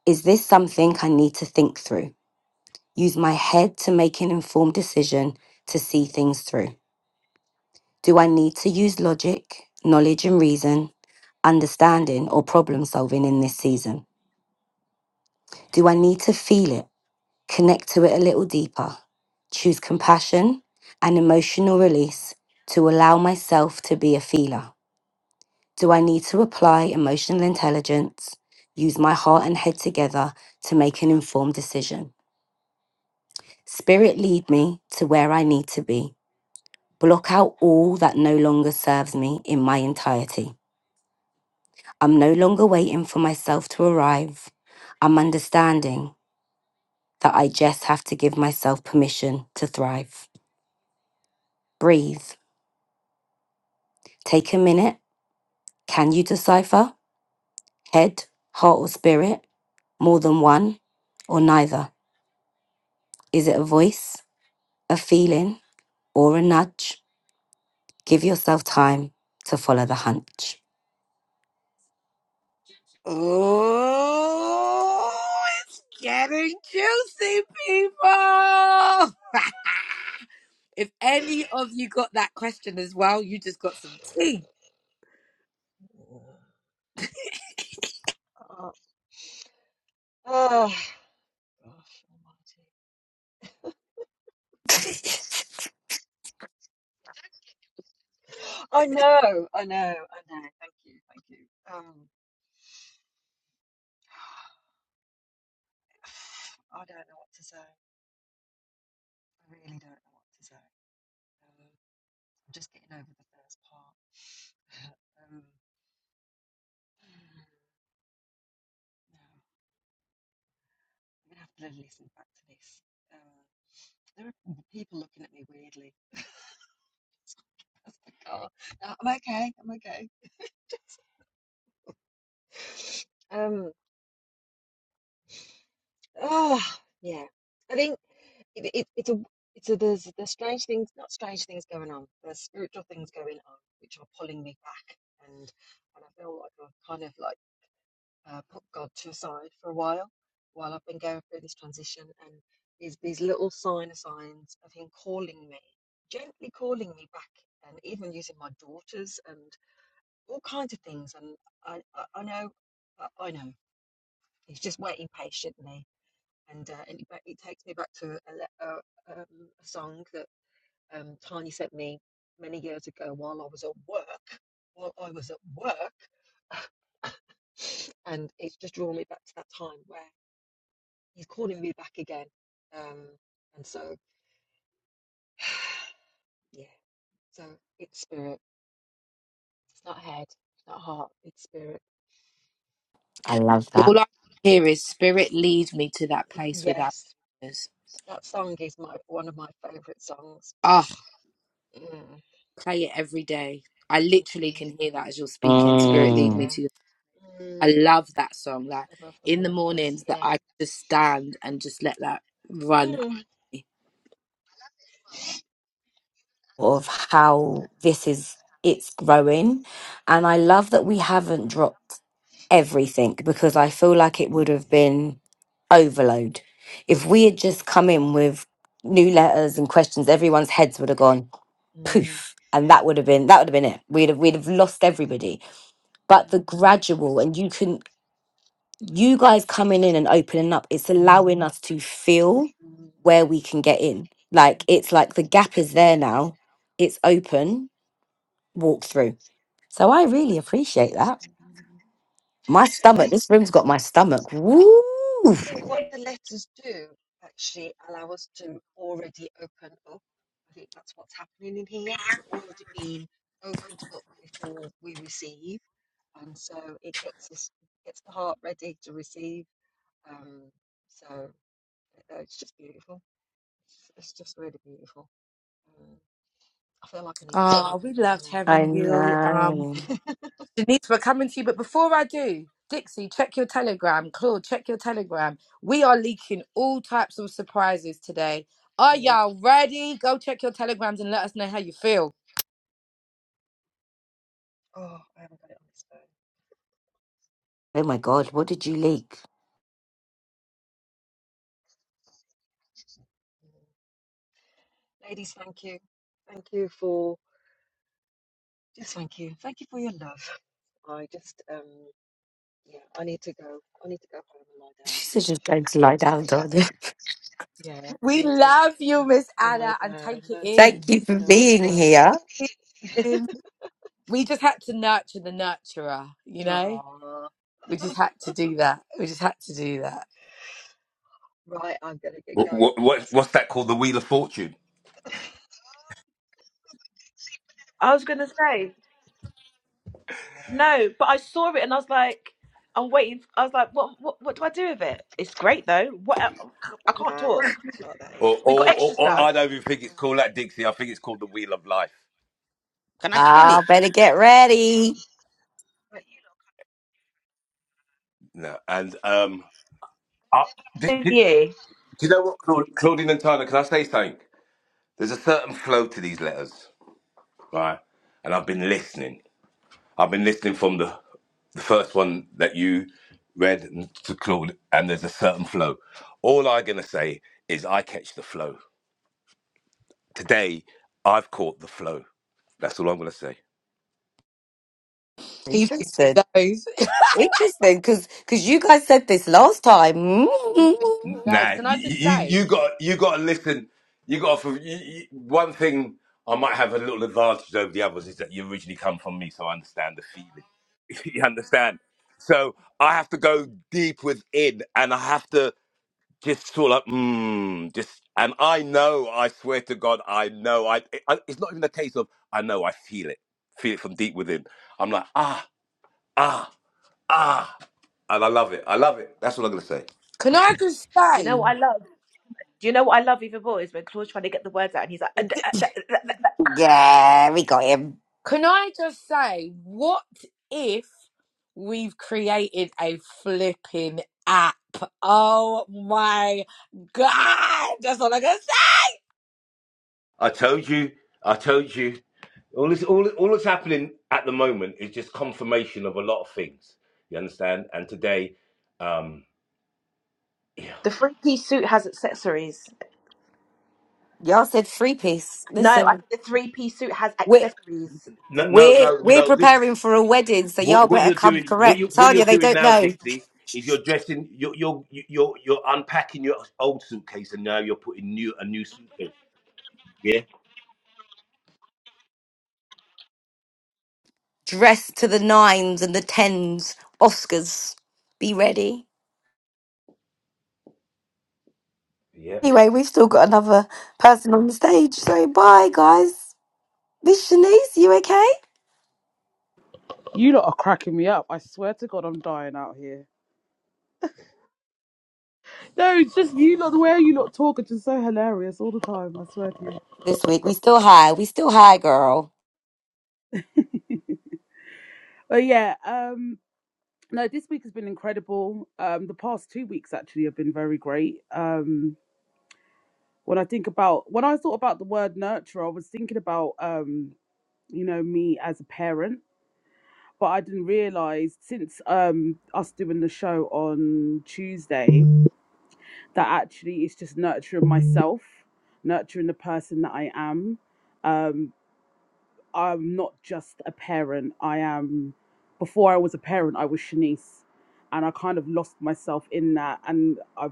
Speaker 1: Is this something I need to think through? Use my head to make an informed decision to see things through. Do I need to use logic, knowledge and reason, understanding or problem solving in this season? Do I need to feel it, connect to it a little deeper, choose compassion and emotional release to allow myself to be a feeler? Do I need to apply emotional intelligence, use my heart and head together to make an informed decision? Spirit lead me to where I need to be. Block out all that no longer serves me in my entirety. I'm no longer waiting for myself to arrive. I'm understanding that I just have to give myself permission to thrive. Breathe. Take a minute. Can you decipher? Head, heart, or spirit? More than one or neither? Is it a voice, a feeling, or a nudge? Give yourself time to follow the hunch.
Speaker 3: Oh, it's getting juicy, people. if any of you got that question as well, you just got some tea.
Speaker 7: Oh, oh, gosh almighty. I know, I know, I know. Thank you, thank you. Um, I don't know what to say. I really don't know what to say. Um, I'm just getting over the first part. Um, no, I'm gonna have to listen back to this. Um, there are people looking at me weirdly. That's the car. No, I'm okay. I'm okay. Um, Oh, yeah. I think it, it, it's a it's a there's there's strange things, not strange things going on. There's spiritual things going on which are pulling me back, and and I feel like I've kind of like uh, put God to a side for a while while I've been going through this transition, and these these little sign of signs of Him calling me, gently calling me back, and even using my daughters and all kinds of things. And I I, I know I I know He's just waiting patiently and uh, and it, ba- it takes me back to a, le- a, um, a song that um, Tiny sent me many years ago while I was at work. While I was at work, and it's just drawn me back to that time where he's calling me back again. Um, and so, yeah, so it's spirit. It's not head. It's not heart. It's spirit.
Speaker 1: I
Speaker 7: Mm.
Speaker 1: love that.
Speaker 3: All I hear is spirit lead me to that place without
Speaker 7: Yes,
Speaker 3: borders.
Speaker 7: that song is my one of my favorite songs.
Speaker 3: Ah,
Speaker 7: Mm,
Speaker 3: play it every day. I
Speaker 7: mm,
Speaker 3: literally
Speaker 7: mm.
Speaker 3: can hear that as you're speaking. Spirit lead
Speaker 1: Mm.
Speaker 3: me
Speaker 7: Yeah,
Speaker 3: to I
Speaker 7: mm,
Speaker 3: love that song. Like
Speaker 7: above the
Speaker 3: in the
Speaker 7: waters.
Speaker 3: mornings that I
Speaker 7: Yeah.
Speaker 3: just stand and just let that run.
Speaker 7: Mm.
Speaker 3: over
Speaker 1: of how this is it's growing and i love that we haven't dropped everything because i feel like it would have been overload if we had just come in with new letters and questions everyone's heads would have gone
Speaker 7: Mm,
Speaker 1: poof and that would have been that would have been it we'd have we'd have lost everybody but the
Speaker 7: mhm,
Speaker 1: gradual and you can you guys coming in and opening up it's allowing us to feel
Speaker 7: mm,
Speaker 1: where we can get in like
Speaker 7: mm.
Speaker 1: it's like the gap is there now it's open walk through. So I really appreciate that. My stomach, this room's got my stomach. Woo!
Speaker 7: I think what the letters do actually allow us to already open up. I think that's what's happening in here. We're already being opened up before we receive, and so it gets us gets the heart ready to receive. Um, so uh, it's just beautiful. It's just really beautiful. Um, I feel like I need to go and
Speaker 3: Oh,
Speaker 7: lie
Speaker 3: we
Speaker 7: down
Speaker 3: loved
Speaker 7: now.
Speaker 1: I
Speaker 3: having you. Um,
Speaker 1: know.
Speaker 3: Denise, we're coming to you. But before I do, Dixie, check your telegram. Claude, check your telegram. We are leaking all types of surprises today. Are y'all ready? Go check your telegrams and let us know how you feel.
Speaker 7: Oh, I haven't got it on this phone.
Speaker 1: Oh my God, what did you leak?
Speaker 7: Mm. Ladies, thank you. Thank you for just thank you. Thank you for your love. I just, um, yeah, I need to go. I need to go home and lie down
Speaker 1: She said just going to lie
Speaker 7: and
Speaker 1: down,
Speaker 7: take that
Speaker 1: Danya.
Speaker 7: in. Yeah, I
Speaker 3: We
Speaker 7: need to
Speaker 3: love you, Miss
Speaker 7: I lie
Speaker 3: Anna, and
Speaker 7: down.
Speaker 3: take it
Speaker 7: No,
Speaker 1: Thank
Speaker 3: in.
Speaker 1: you for
Speaker 7: no,
Speaker 3: This
Speaker 1: being
Speaker 7: I will.
Speaker 1: here.
Speaker 3: is, we just had to nurture the nurturer, you know?
Speaker 7: Oh,
Speaker 3: We just had to do that. We just had to do that.
Speaker 7: right, I'm gonna get going.
Speaker 4: What, what
Speaker 7: Otherwise,
Speaker 4: what's that called? The Wheel of Fortune,
Speaker 2: I was gonna say.
Speaker 7: oh,
Speaker 2: No, but I saw it and I was like, I'm waiting. I was like, what, what, what do I do with it? It's great though. What? el- I can't
Speaker 7: ah,
Speaker 2: talk.
Speaker 7: not that easy.
Speaker 4: or
Speaker 2: We got
Speaker 4: or,
Speaker 2: extra
Speaker 4: or
Speaker 7: Right.
Speaker 4: or
Speaker 2: stuff.
Speaker 4: I don't even think it's called that, Dixie. I think it's called the Wheel of Life.
Speaker 5: Can I spin it?
Speaker 1: Ah, better get ready.
Speaker 4: No, and um, I, did,
Speaker 2: Yeah.
Speaker 4: did, do you know what, Claud- Claudine and Tyler? Can I say something? There's a certain flow to these letters, right? And I've been listening. I've been listening from the the first one that you read and to Claude, and there's a certain flow. All I'm gonna say is I catch the flow today. I've caught the flow. That's all I'm gonna say.
Speaker 3: He's been
Speaker 1: Interesting.
Speaker 3: to those.
Speaker 1: Interesting, because because you guys said this last time.
Speaker 3: Even Girls,
Speaker 4: Nah,
Speaker 3: can I
Speaker 4: you
Speaker 3: just
Speaker 4: you,
Speaker 3: say?
Speaker 4: you got you got to listen. You got to, you, you, one thing. I might have a little advantage over the others is that you originally come from me, so I understand the feeling. you understand? So I have to go deep within, and I have to just sort of like, mm, just. And I know, I swear to God, I know. I, I it's not even a case of I know. I feel it, feel it from deep within. I'm like ah ah ah, and I love it. I love it. That's what I'm gonna say.
Speaker 3: Can I just
Speaker 2: Do you know
Speaker 3: say?
Speaker 2: what I love? Do you know what I love even more is when Claude's trying to get the words out and he's like, "Uh, d- uh, d- uh, d- uh,
Speaker 1: Yeah, we got him.
Speaker 3: Can I just say? What if we've created a flipping app? Oh my god! That's all I can say.
Speaker 4: I told you. I told you. All this, all, all that's happening at the moment is just confirmation of a lot of things. You understand? And today, um, yeah.
Speaker 2: the three piece suit has accessories.
Speaker 1: Y'all said three piece.
Speaker 2: No, I
Speaker 1: Listen,
Speaker 2: think the three piece suit has
Speaker 1: we're
Speaker 2: accessories.
Speaker 4: No, no,
Speaker 1: We're
Speaker 4: no,
Speaker 1: we're
Speaker 4: no. This
Speaker 1: preparing for a wedding, so
Speaker 4: what
Speaker 1: y'all
Speaker 4: what
Speaker 1: better
Speaker 4: you're
Speaker 1: come
Speaker 4: doing. What you
Speaker 1: correct.
Speaker 4: what you're
Speaker 1: Tanya, they
Speaker 4: doing
Speaker 1: don't
Speaker 4: now,
Speaker 1: know.
Speaker 4: Dixie, is you're dressing. You're you're you're you're unpacking your old suitcase, and now you're putting new a new suitcase. Yeah.
Speaker 1: Dress to the nines and the tens. Oscars, be ready.
Speaker 4: Yeah.
Speaker 1: Anyway, we've still got another person on the stage, so bye, guys. Miss Shanice, you okay?
Speaker 8: You lot are cracking me up. I swear to God, I'm dying out here. No, it's just you lot. The way you lot talk are just so hilarious all the time. I swear to you.
Speaker 1: This week we still high. We still high, girl.
Speaker 8: But yeah, um, no, this week has been incredible. Um, the past two weeks actually have been very great. Um, when I think about when I thought about the word nurturer, I was thinking about um, you know, me as a parent, but I didn't realize since um us doing the show on Tuesday that actually it's just nurturing myself, nurturing the person that I am. Um, I'm not just a parent. I am before I was a parent, I was Shanice. And I kind of lost myself in that, and I've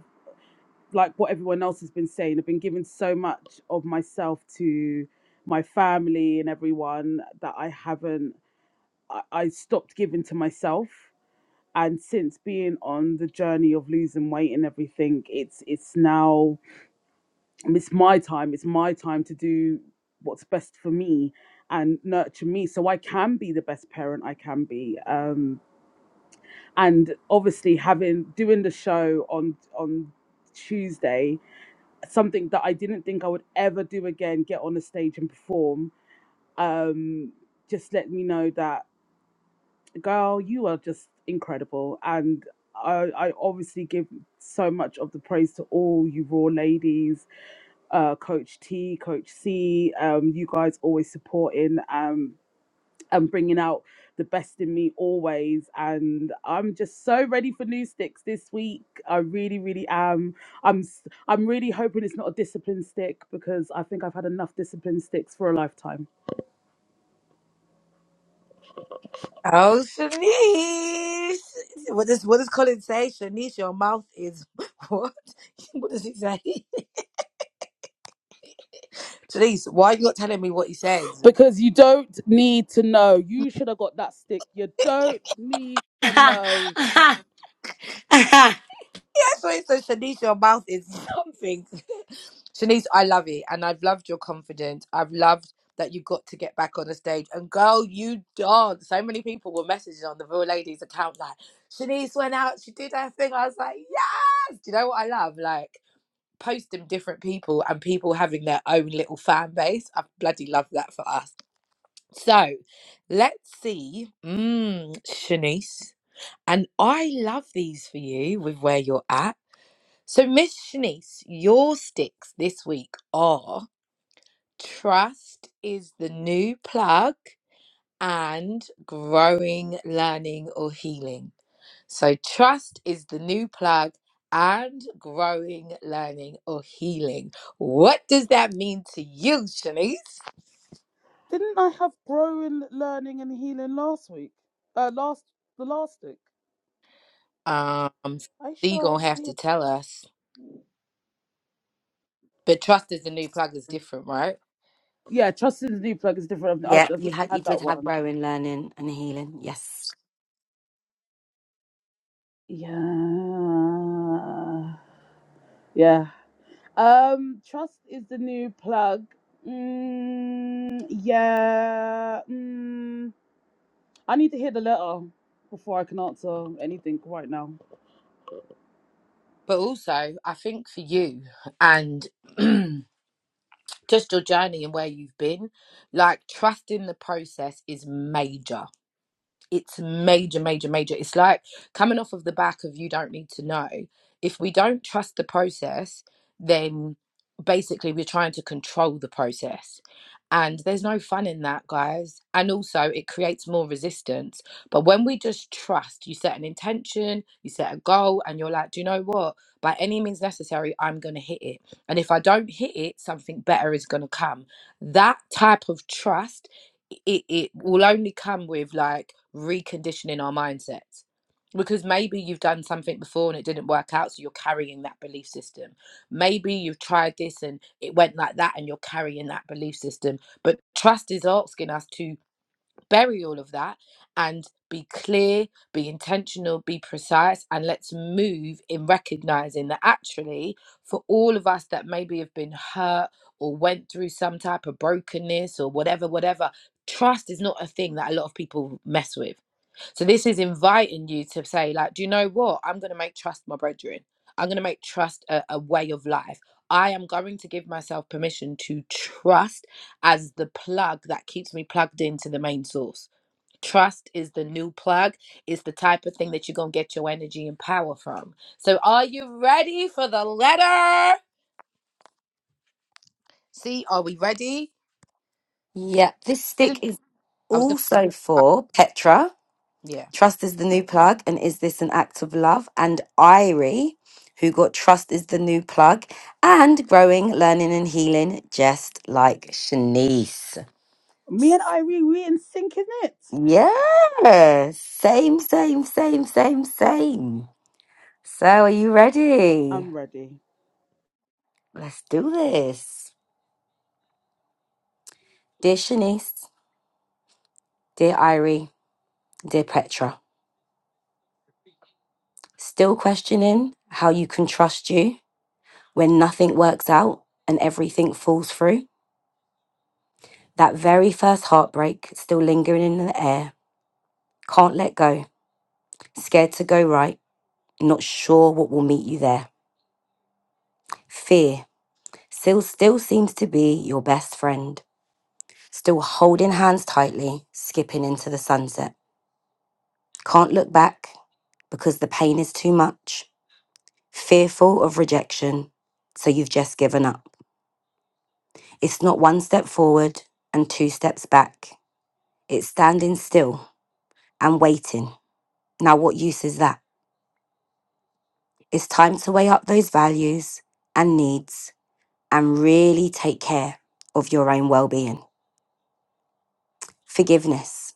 Speaker 8: like what everyone else has been saying, I've been giving so much of myself to my family and everyone that I haven't, I, I stopped giving to myself. And since being on the journey of losing weight and everything, it's it's now it's my time. It's my time to do what's best for me and nurture me, so I can be the best parent I can be. Um, and obviously, having doing the show on on Tuesday, something that I didn't think I would ever do again, get on a stage and perform, um, just let me know that, girl, you are just incredible. And I, I obviously give so much of the praise to all you raw ladies, uh, Coach T, Coach C. Um, you guys always supporting. Um, and bringing out the best in me always. And I'm just so ready for new sticks this week. I really, really am. I'm s- I'm really hoping it's not a discipline stick because I think I've had enough discipline sticks for a lifetime.
Speaker 3: Oh, Shanice. What does what does Colin say? Shanice, your mouth is what? What does he say? Shanice, why are you not telling me what he says?
Speaker 8: Because you don't need to know. You should have got that stick. You don't need to know.
Speaker 3: Sorry, so it says, Shanice, your mouth is something. Shanice, I love it, and I've loved your confidence. I've loved that you got to get back on the stage, and girl, you dance. So many people were messaging on the Real Ladies account like, Shanice went out, she did her thing. I was like, yes. Do you know what I love? Like posting different people and people having their own little fan base. I bloody love that for us. So, let's see, mm, Shanice, and I love these for you with where you're at. So, Miss Shanice, your sticks this week are trust is the new plug and growing, learning, or healing. So, trust is the new plug and growing, learning, or healing. What does that mean to you, Shanice?
Speaker 8: Didn't I have growing, learning, and healing last week? Uh, last the last stick.
Speaker 3: Um, so,
Speaker 8: I
Speaker 3: you are
Speaker 8: sure
Speaker 3: gonna
Speaker 8: I
Speaker 3: have
Speaker 8: did.
Speaker 3: to tell us. But trust is the new plug is different, right?
Speaker 8: Yeah, trust in the new plug is different. I've,
Speaker 1: Yeah,
Speaker 8: I've not
Speaker 1: you had you
Speaker 8: had
Speaker 1: did
Speaker 8: that
Speaker 1: have
Speaker 8: one.
Speaker 1: growing, learning, and healing. Yes.
Speaker 8: Yeah. Yeah. Um, trust is the new plug. Mm, yeah. Mm, I need to hear the letter before I can answer anything right now.
Speaker 3: But also, I think for you and just your journey and where you've been. Like trusting the process is major it's major, major, major. It's like coming off of the back of you don't need to know. If we don't trust the process, then basically we're trying to control the process. And there's no fun in that, guys. And also, it creates more resistance. But when we just trust, you set an intention, you set a goal, and you're like, do you know what? By any means necessary, I'm going to hit it. And if I don't hit it, something better is going to come. That type of trust it, it will only come with like reconditioning our mindsets because maybe you've done something before and it didn't work out so you're carrying that belief system maybe you've tried this and it went like that and you're carrying that belief system but trust is asking us to bury all of that and be clear, be intentional, be precise, and let's move in recognizing that actually, for all of us that maybe have been hurt or went through some type of brokenness or whatever, whatever, trust is not a thing that a lot of people mess with so this is inviting you to say, like, do you know what? I'm going to make trust my brethren. I'm going to make trust a, a way of life. I am going to give myself permission to trust as the plug that keeps me plugged into the main source. Trust is the new plug. It's the type of thing that you're going to get your energy and power from. So are you ready for the letter? See, are we ready?
Speaker 1: Yeah, this stick
Speaker 3: Didn't
Speaker 1: is
Speaker 3: I was going
Speaker 1: also
Speaker 3: to
Speaker 1: for Petra.
Speaker 3: yeah.
Speaker 1: Trust is the new plug, and is this an act of love? And Irie, who got Trust is the new plug, and growing, learning, and healing, just like Shanice.
Speaker 8: Me and Irene, we in sync, isn't it?
Speaker 1: Yeah, same, same, same, same, same. So, are you ready?
Speaker 8: I'm ready.
Speaker 1: Let's do this. Dear Shanice, dear Irie, dear Petra, still questioning how you can trust you when nothing works out and everything falls through? That very first heartbreak still lingering in the air. Can't let go. Scared to go right. Not sure what will meet you there. Fear still still seems to be your best friend. Still holding hands tightly, skipping into the sunset. Can't look back because the pain is too much. Fearful of rejection, so you've just given up. It's not one step forward and two steps back. It's standing still and waiting. Now what use is that? It's time to weigh up those values and needs and really take care of your own well being. Forgiveness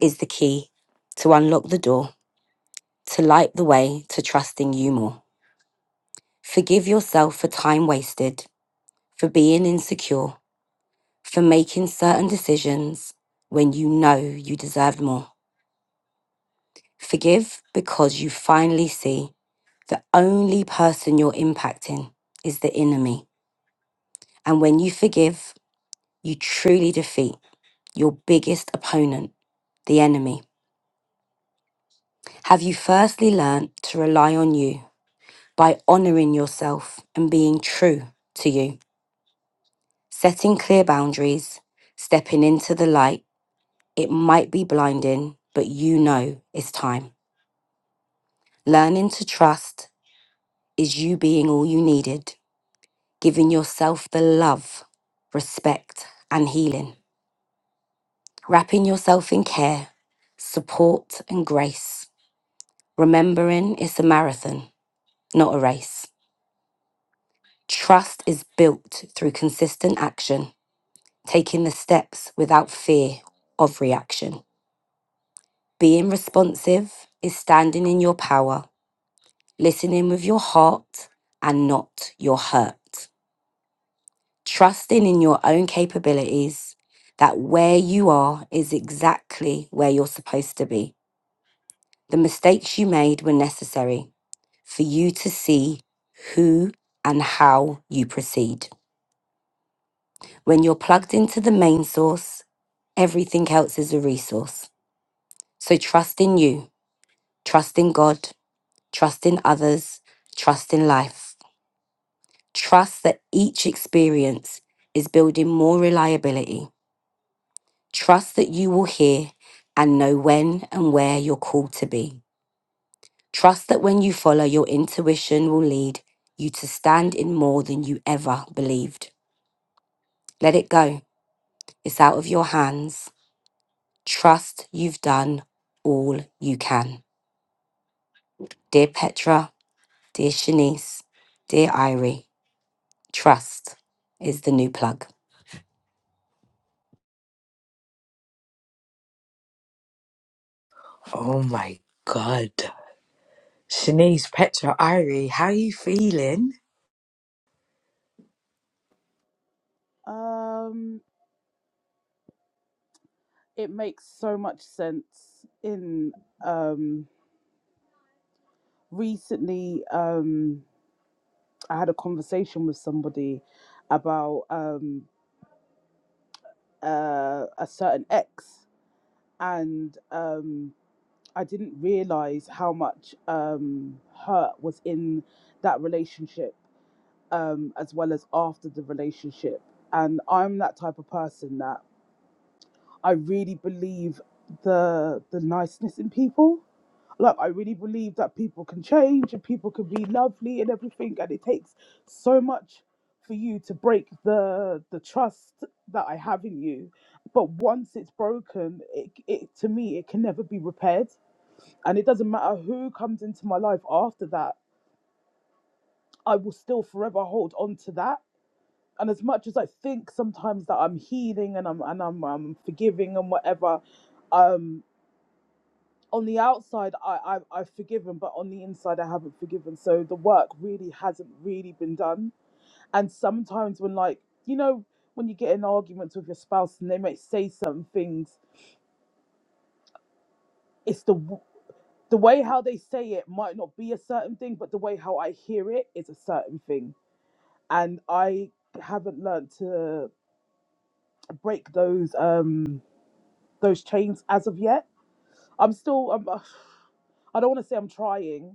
Speaker 1: is the key to unlock the door, to light the way to trusting you more. Forgive yourself for time wasted, for being insecure, for making certain decisions when you know you deserved more. Forgive because you finally see the only person you're impacting is the enemy. And when you forgive, you truly defeat your biggest opponent, the enemy? Have you firstly learned to rely on you by honoring yourself and being true to you, setting clear boundaries, stepping into the light? It might be blinding, but you know it's time. Learning to trust is you being all you needed, giving yourself the love, respect, and healing, wrapping yourself in care, support, and grace, remembering it's a marathon not a race. Trust is built through consistent action, taking the steps without fear of reaction. Being responsive is standing in your power, listening with your heart and not your hurt. Trusting in your own capabilities that where you are is exactly where you're supposed to be. The mistakes you made were necessary for you to see who and how you proceed. When you're plugged into the main source, everything else is a resource. So trust in you, trust in God, trust in others, trust in life. Trust that each experience is building more reliability. Trust that you will hear and know when and where you're called to be. Trust that when you follow, your intuition will lead you to stand in more than you ever believed. Let it go. It's out of your hands. Trust you've done all you can. Dear Petra, dear Shanice, dear Irie, trust is the new plug.
Speaker 3: Oh my god. Shanice, Petra, Irie, how are you feeling?
Speaker 8: Um, it makes so much sense. In um, recently, um, I had a conversation with somebody about um uh, a certain ex. and um, I didn't realize how much um, hurt was in that relationship, um, as well as after the relationship. And I'm that type of person that. I really believe the the niceness in people. Like I really believe that people can change and people can be lovely and everything. And it takes so much for you to break the the trust that I have in you. But once it's broken, it, it to me it can never be repaired. And it doesn't matter who comes into my life after that. I will still forever hold on to that and as much as I think sometimes that I'm healing and I'm and I'm, I'm forgiving and whatever, um, on the outside I, I I've forgiven, but on the inside I haven't forgiven. So the work really hasn't really been done. And sometimes when like you know when you get in arguments with your spouse and they may say certain things, it's the w- the way how they say it might not be a certain thing, but the way how I hear it is a certain thing. And I haven't learned to break those um those chains as of yet. I'm still I'm, I don't want to say I'm trying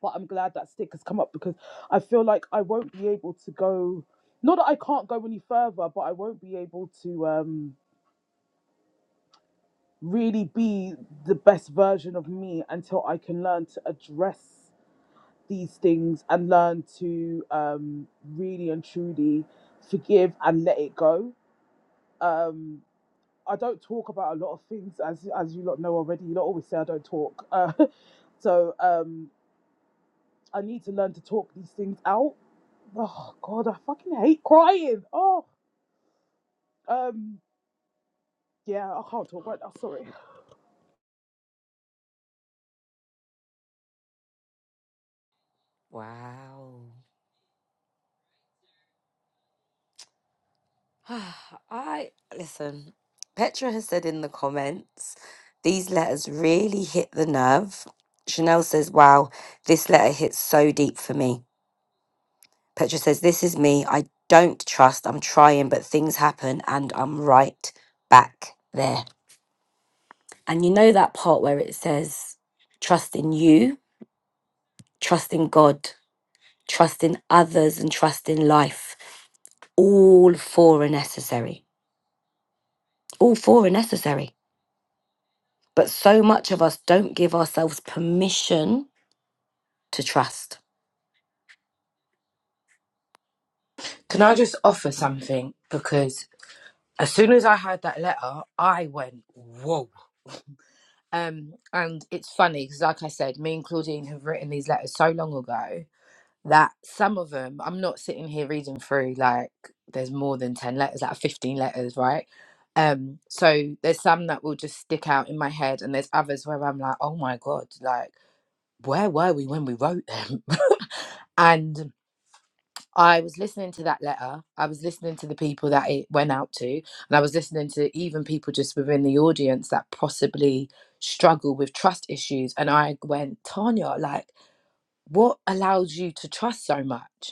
Speaker 8: but I'm glad that stick has come up because I feel like I won't be able to go. Not that I can't go any further, but I won't be able to um, really be the best version of me until I can learn to address these things and learn to um, really and truly forgive and let it go. Um, I don't talk about a lot of things, as as you lot know already. You lot always say I don't talk, uh, so um, I need to learn to talk these things out Oh God, I fucking hate crying. Oh, um, yeah, I can't talk right now. Sorry.
Speaker 1: Wow. I listen, Petra has said in the comments, these letters really hit the nerve. Chanel says, Wow, this letter hits so deep for me. Petra says, This is me. I don't trust. I'm trying, but things happen and I'm right back there. And you know that part where it says, trust in you, trust in God, trust in others, and trust in life. All four are necessary. All four are necessary. But so much of us don't give ourselves permission to trust.
Speaker 3: Can I just offer something? Because as soon as I heard that letter, I went, whoa. Um, and it's funny because, like I said, me and Claudine have written these letters so long ago that some of them, I'm not sitting here reading through like there's more than 10 letters, like 15 letters, right? Um, so there's some that will just stick out in my head, and there's others where I'm like, oh my God, like, where were we when we wrote them? and I was listening to that letter. I was listening to the people that it went out to, and I was listening to even people just within the audience that possibly struggle with trust issues. And I went, Tanya, like, what allows you to trust so much?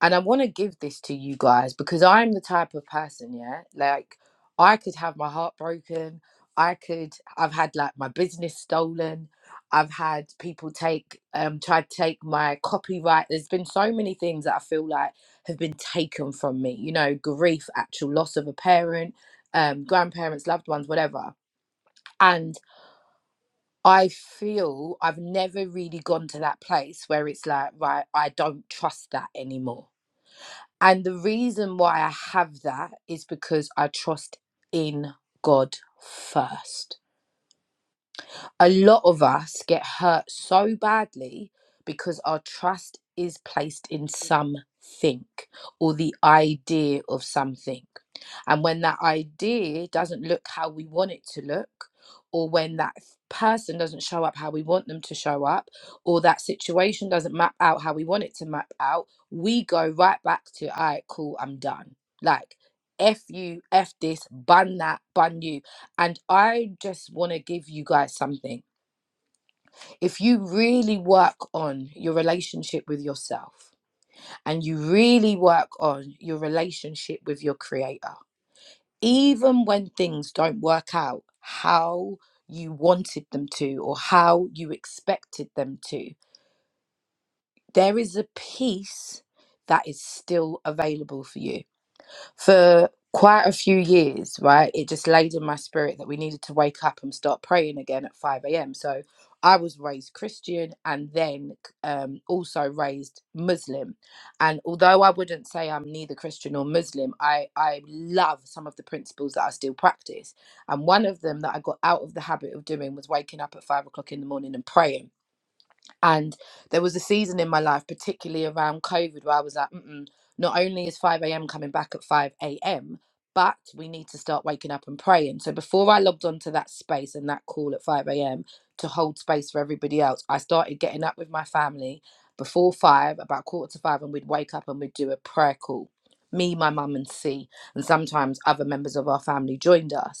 Speaker 3: and I want to give this to you guys because I'm the type of person, yeah, like I could have my heart broken. I could, I've had like my business stolen. I've had people take, um, try to take my copyright. There's been so many things that I feel like have been taken from me, you know, grief, actual loss of a parent, um, grandparents, loved ones, whatever. And I feel I've never really gone to that place where it's like, right, I don't trust that anymore and the reason why I have that is because I trust in God first. A lot of us get hurt so badly because our trust is placed in something or the idea of something. And when that idea doesn't look how we want it to look, or when that person doesn't show up how we want them to show up, or that situation doesn't map out how we want it to map out, we go right back to, all right, cool, I'm done. Like, F you, F this, bun that, bun you. And I just want to give you guys something. If you really work on your relationship with yourself and you really work on your relationship with your creator, even when things don't work out how you wanted them to or how you expected them to, there is a peace that is still available for you for quite a few years, right? It just laid in my spirit that we needed to wake up and start praying again at 5 a.m. So I was raised Christian and then um, also raised Muslim. And although I wouldn't say I'm neither Christian or Muslim, I, I love some of the principles that I still practice. And one of them that I got out of the habit of doing was waking up at five o'clock in the morning and praying and there was a season in my life, particularly around COVID, where I was like, Mm-mm, not only is 5 a.m. coming back at 5 a.m., but we need to start waking up and praying. So before I logged onto that space and that call at 5 a.m. to hold space for everybody else, I started getting up with my family before five, about quarter to five, and we'd wake up and we'd do a prayer call. Me, my mum, and C, and sometimes other members of our family joined us.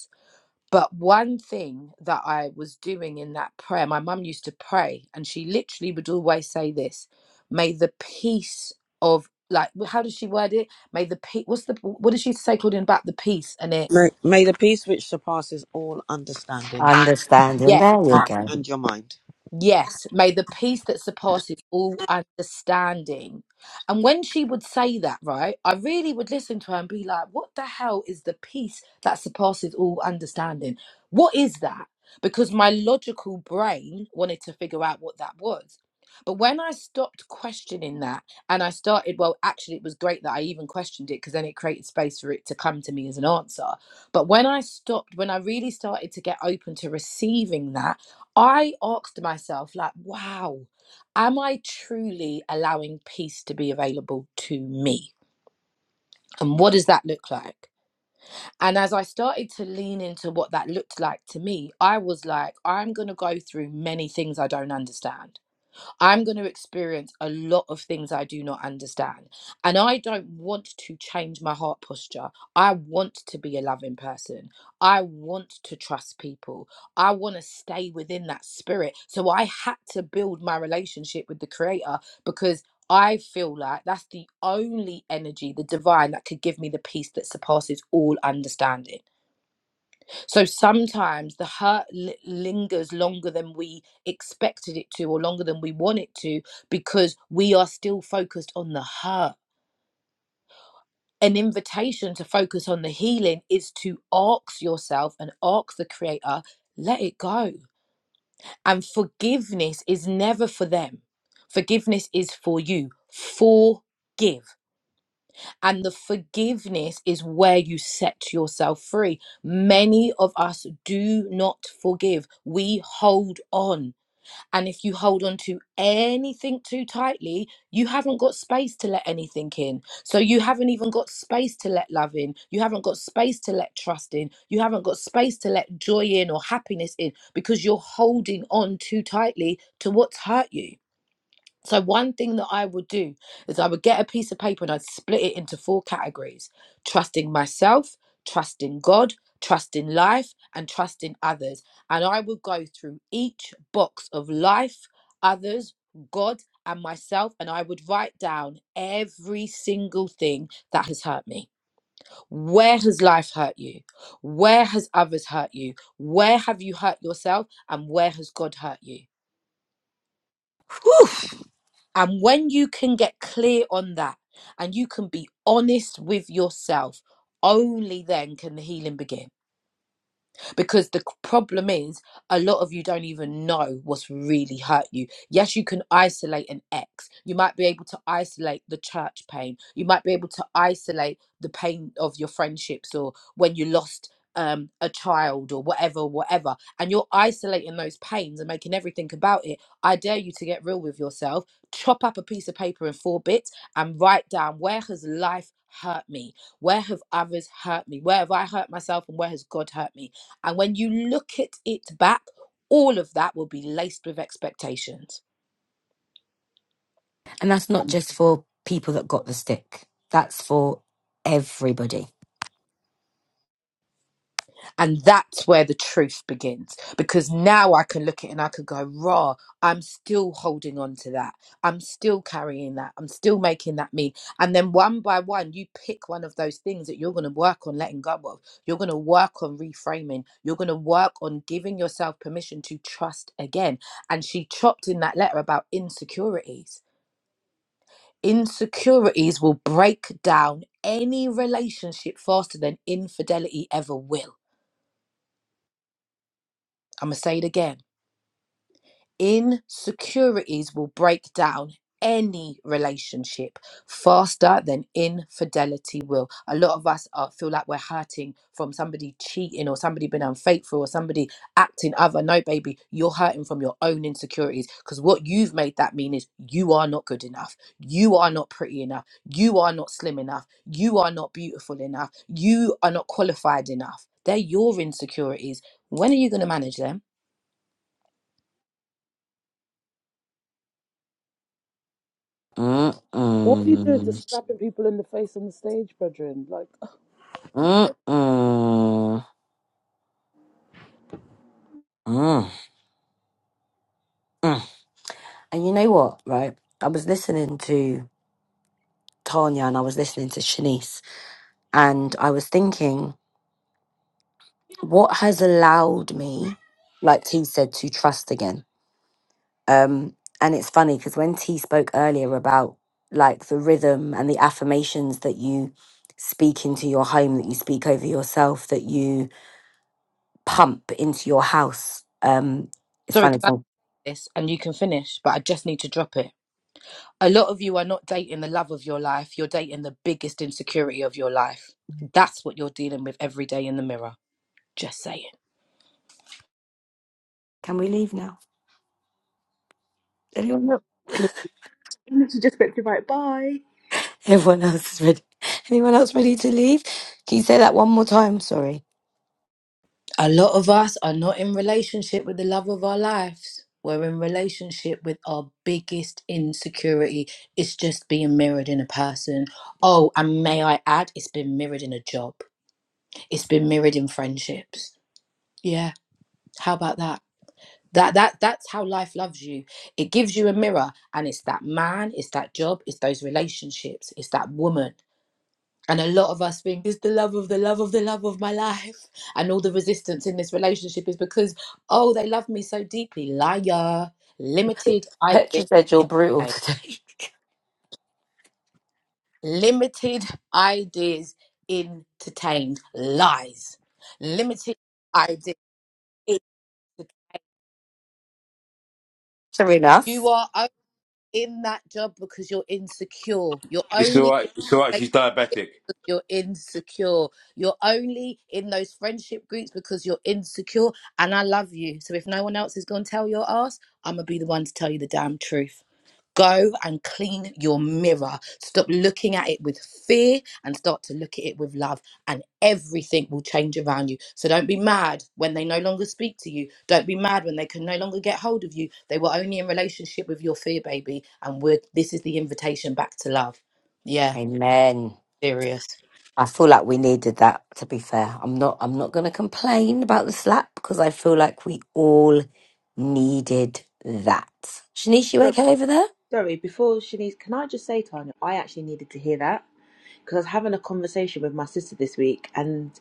Speaker 3: But one thing that I was doing in that prayer, my mum used to pray, and she literally would always say this: "May the peace of like, how does she word it? May the peace. What's the what does she say, Claudine, about the peace and it?
Speaker 5: May, may the peace which surpasses all understanding
Speaker 1: Understanding.
Speaker 3: yeah."
Speaker 1: There you go.
Speaker 5: and your mind.
Speaker 3: Yes, may the peace that surpasses all understanding. And when she would say that, right, I really would listen to her and be like, what the hell is the peace that surpasses all understanding? What is that? Because my logical brain wanted to figure out what that was. But when I stopped questioning that and I started, well, actually, it was great that I even questioned it because then it created space for it to come to me as an answer. But when I stopped, when I really started to get open to receiving that, I asked myself, like, wow, am I truly allowing peace to be available to me? And what does that look like? And as I started to lean into what that looked like to me, I was like, I'm going to go through many things I don't understand. I'm going to experience a lot of things I do not understand. And I don't want to change my heart posture. I want to be a loving person. I want to trust people. I want to stay within that spirit. So I had to build my relationship with the Creator because. I feel like that's the only energy, the divine, that could give me the peace that surpasses all understanding. So sometimes the hurt li- lingers longer than we expected it to, or longer than we want it to, because we are still focused on the hurt. An invitation to focus on the healing is to ask yourself and ask the Creator, let it go. And forgiveness is never for them, forgiveness is for you. Forgive. And the forgiveness is where you set yourself free. Many of us do not forgive. We hold on. And if you hold on to anything too tightly, you haven't got space to let anything in. So you haven't even got space to let love in. You haven't got space to let trust in. You haven't got space to let joy in or happiness in because you're holding on too tightly to what's hurt you. So one thing that I would do is I would get a piece of paper and I'd split it into four categories: trusting myself, trusting God, trusting life, and trusting others. And I would go through each box of life, others, God, and myself, and I would write down every single thing that has hurt me. Where has life hurt you? Where has others hurt you? Where have you hurt yourself? And where has God hurt you?
Speaker 1: Whew!
Speaker 3: And when you can get clear on that and you can be honest with yourself, only then can the healing begin. Because the problem is, a lot of you don't even know what's really hurt you. Yes, you can isolate an ex. You might be able to isolate the church pain. You might be able to isolate the pain of your friendships or when you lost um a child or whatever whatever and you're isolating those pains and making everything about it i dare you to get real with yourself chop up a piece of paper in four bits and write down where has life hurt me where have others hurt me where have i hurt myself and where has god hurt me and when you look at it back, all of that will be laced with expectations.
Speaker 1: And that's not just for people that got the stick, that's for everybody.
Speaker 3: And that's where the truth begins. Because now I can look at it and I can go, raw, I'm still holding on to that. I'm still carrying that. I'm still making that mean. And then one by one, you pick one of those things that you're going to work on letting go of. You're going to work on reframing. You're going to work on giving yourself permission to trust again. And she chopped in that letter about insecurities Insecurities will break down any relationship faster than infidelity ever will. I'm going to say it again. Insecurities will break down any relationship faster than infidelity will. A lot of us uh, feel like we're hurting from somebody cheating or somebody being unfaithful or somebody acting other. No, baby, you're hurting from your own insecurities because what you've made that mean is you are not good enough. You are not pretty enough. You are not slim enough. You are not beautiful enough. You are not qualified enough. They're your insecurities. When are you going to manage them?
Speaker 1: Mm-mm.
Speaker 8: What are you doing? Just
Speaker 1: Mm-mm.
Speaker 8: slapping people in the face on the stage, brethren? Like,
Speaker 1: Mm-mm. And you know what, right? I was listening to Tanya and I was listening to Shanice, and I was thinking, what has allowed me, like T said, to trust again? Um, and it's funny because when T spoke earlier about like the rhythm and the affirmations that you speak into your home, that you speak over yourself, that you pump into your house, um, it's
Speaker 3: Sorry,
Speaker 1: funny.
Speaker 3: can
Speaker 1: So
Speaker 3: this and you can finish, but I just need to drop it. A lot of you are not dating the love of your life, you're dating the biggest insecurity of your life. That's what you're dealing with every day in the mirror. Just saying.
Speaker 1: can we leave now? Anyone else?
Speaker 2: she just went through right. Bye.
Speaker 1: Everyone else is ready. Anyone else ready to leave? Can you say that one more time? Sorry.
Speaker 3: A lot of us are not in relationship with the love of our lives. We're in relationship with our biggest insecurity. It's just being mirrored in a person. Oh, and may I add, it's been mirrored in a job. It's been mirrored in friendships. Yeah. How about that? that that that's how life loves you it gives you a mirror and it's that man it's that job it's those relationships it's that woman and a lot of us think it's the love of the love of the love of my life and all the resistance in this relationship is because oh they love me so deeply liar limited ideas
Speaker 1: Petra said you're brutal
Speaker 3: entertained.
Speaker 1: today.
Speaker 3: limited ideas entertained lies limited ideas
Speaker 1: Serena.
Speaker 3: you are in that job because you're insecure. You're
Speaker 4: It's all
Speaker 3: only in
Speaker 4: right. It's all right.
Speaker 3: that
Speaker 4: She's
Speaker 3: relationship
Speaker 4: diabetic.
Speaker 3: because you're insecure. You're only in those friendship groups because you're insecure. And I love you. So if no one else is going to tell your ass, I'm going to be the one to tell you the damn truth. Go and clean your mirror. Stop looking at it with fear and start to look at it with love, and everything will change around you. So don't be mad when they no longer speak to you. Don't be mad when they can no longer get hold of you. They were only in relationship with your fear, baby. And we're, this is the invitation back to love. Yeah,
Speaker 1: Amen.
Speaker 3: serious.
Speaker 1: I feel like we needed that. To be fair, I'm not. I'm not going to complain about the slap because I feel like we all needed that. Shanice, you
Speaker 2: Oh,
Speaker 1: okay over there?
Speaker 2: Sorry. Before Shanice, can I just say, Tanya, I actually needed to hear that. because I was having a conversation with my sister this week, and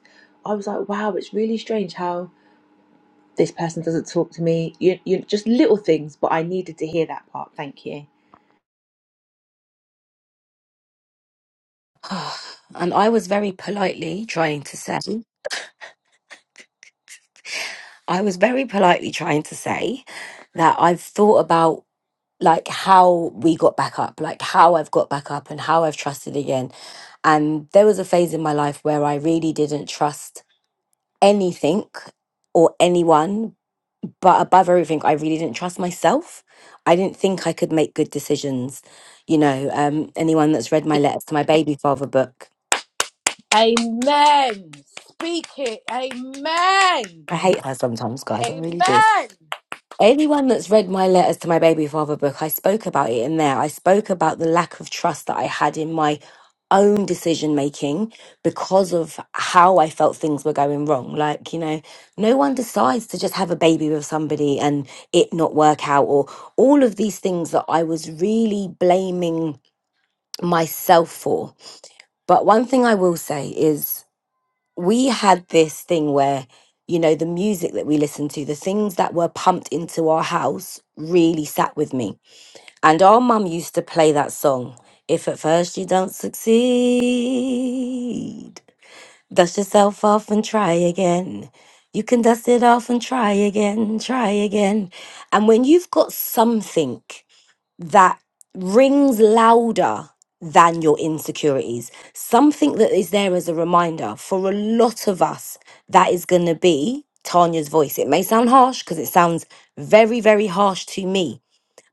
Speaker 2: I was like, "Wow, it's really strange how this person doesn't talk to me." You, you just little things, but I needed to hear that part. Thank you.
Speaker 1: and I was very politely trying to say, I was very politely trying to say that I've thought about like how we got back up, like how I've got back up and how I've trusted again. And there was a phase in my life where I really didn't trust anything or anyone but above everything i really didn't trust myself i didn't think i could make good decisions you know um anyone that's read my letters to my baby father book
Speaker 3: Amen. Speak it. Amen.
Speaker 1: i hate her sometimes guys i really do
Speaker 3: Amen.
Speaker 1: Anyone that's read my letters to my baby father book, I spoke about it in there. I spoke about the lack of trust that I had in my own decision making because of how I felt things were going wrong. Like, you know, no one decides to just have a baby with somebody and it not work out, or all of these things that I was really blaming myself for. But one thing I will say is we had this thing where you know the music that we listened to the things that were pumped into our house really sat with me and our mum used to play that song if at first you don't succeed dust yourself off and try again you can dust it off and try again try again and when you've got something that rings louder than your insecurities. Something that is there as a reminder for a lot of us, that is going to be Tanya's voice. It may sound harsh because it sounds very, very harsh to me.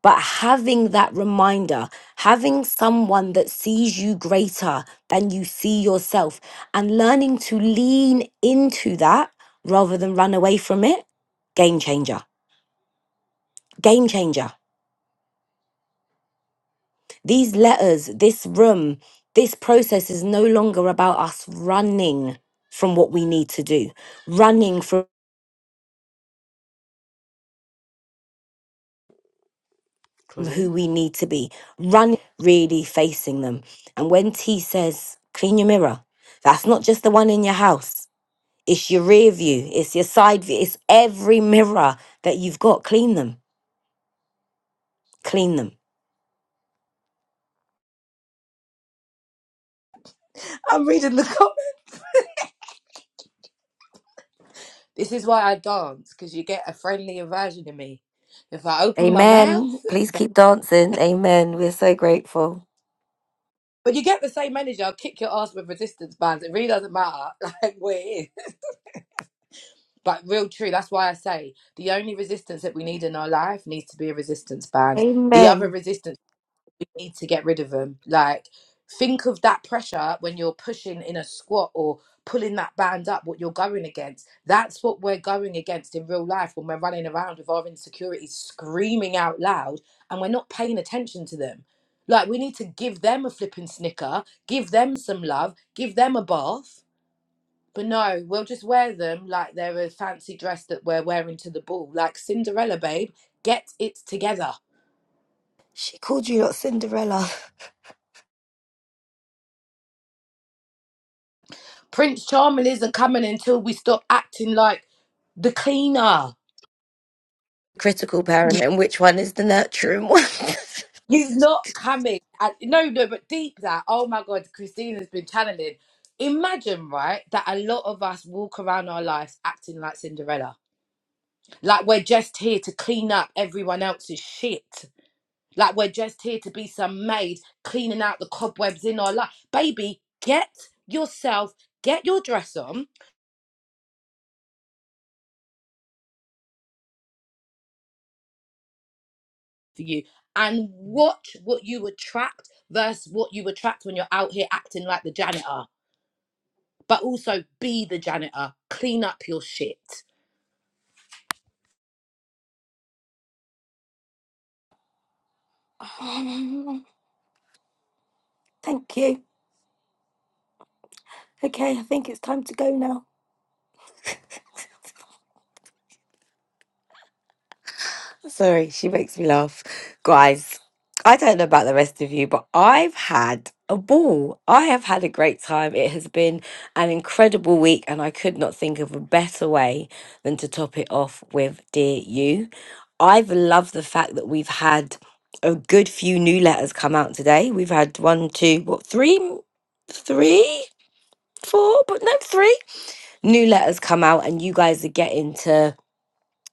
Speaker 1: But having that reminder, having someone that sees you greater than you see yourself, and learning to lean into that rather than run away from it, game changer. Game changer. These letters, this room, this process is no longer about us running from what we need to do, running from
Speaker 3: Claudine?
Speaker 1: who we need to be, run really facing them. And when T says, clean your mirror, that's not just the one in your house. It's your rear view, it's your side view, it's every mirror that you've got. Clean them, clean them.
Speaker 3: I'm reading the comments. This is why I dance, because you get a friendlier version of me. If I open my mouth,
Speaker 1: Amen. Please keep dancing. Amen. We're so grateful.
Speaker 3: but you get the same energy. I'll kick your ass with resistance bands. It really doesn't matter, like where it is. But real true, that's why I say the only resistance that we need in our life needs to be a resistance band. The other
Speaker 1: Amen.
Speaker 3: resistance. need to get rid of them. Like, think of that pressure when you're pushing in a squat or pulling that band up, what you're going against. That's what we're going against in real life when we're running around with our insecurities screaming out loud and we're not paying attention to them. Like, we need to give them a flipping snicker, give them some love, give them a bath. But no, we'll just wear them like they're a fancy dress that we're wearing to the ball. Like Cinderella, babe, get it together
Speaker 1: She called you not Cinderella.
Speaker 3: Prince Charming isn't coming until we stop acting like the cleaner.
Speaker 1: Critical parent, and which one is the nurturing one?
Speaker 3: He's not coming. And- no, no, but deep that. Oh my God, Christina's been channeling. Imagine, right, that a lot of us walk around our lives acting like Cinderella. Like we're just here to clean up everyone else's shit. Like we're just here to be some maid cleaning out the cobwebs in our life. Baby, get yourself, get your dress on for you and watch what you attract versus what you attract when you're out here acting like the janitor. But also be the janitor. Clean up your shit.
Speaker 1: Thank you. Okay, I think it's time to go now. Sorry, she makes me laugh. Guys, I don't know about the rest of you, but I've had a ball. I have had a great time. It has been an incredible week, and I could not think of a better way than to top it off with Dear You. I've loved the fact that we've had a good few new letters come out today. We've had one, two, what, three, three, four, but no, three new letters come out, and you guys are getting to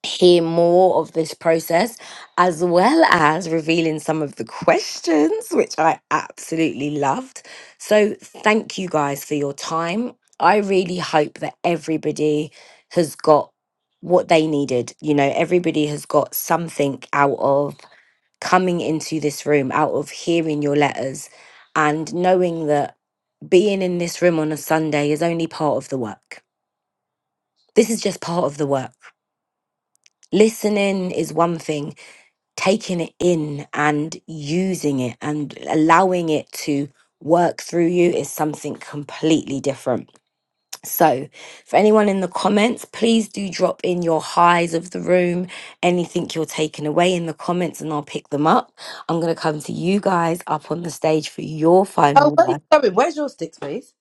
Speaker 1: hear more of this process, as well as revealing some of the questions, which I absolutely loved. So, thank you guys for your time. I really hope that everybody has got what they needed. You know, everybody has got something out of coming into this room, out of hearing your letters, and knowing that being in this room on a Sunday is only part of the work. This is just part of the work. Listening is one thing taking it in and using it and allowing it to work through you is something completely different. So, for anyone in the comments, please do drop in your highs of the room, anything you're taking away in the comments, and I'll pick them up. I'm going to come to you guys up on the stage for your
Speaker 3: Oh,
Speaker 1: final
Speaker 3: where are you
Speaker 1: one.
Speaker 3: going? Where's your sticks, please?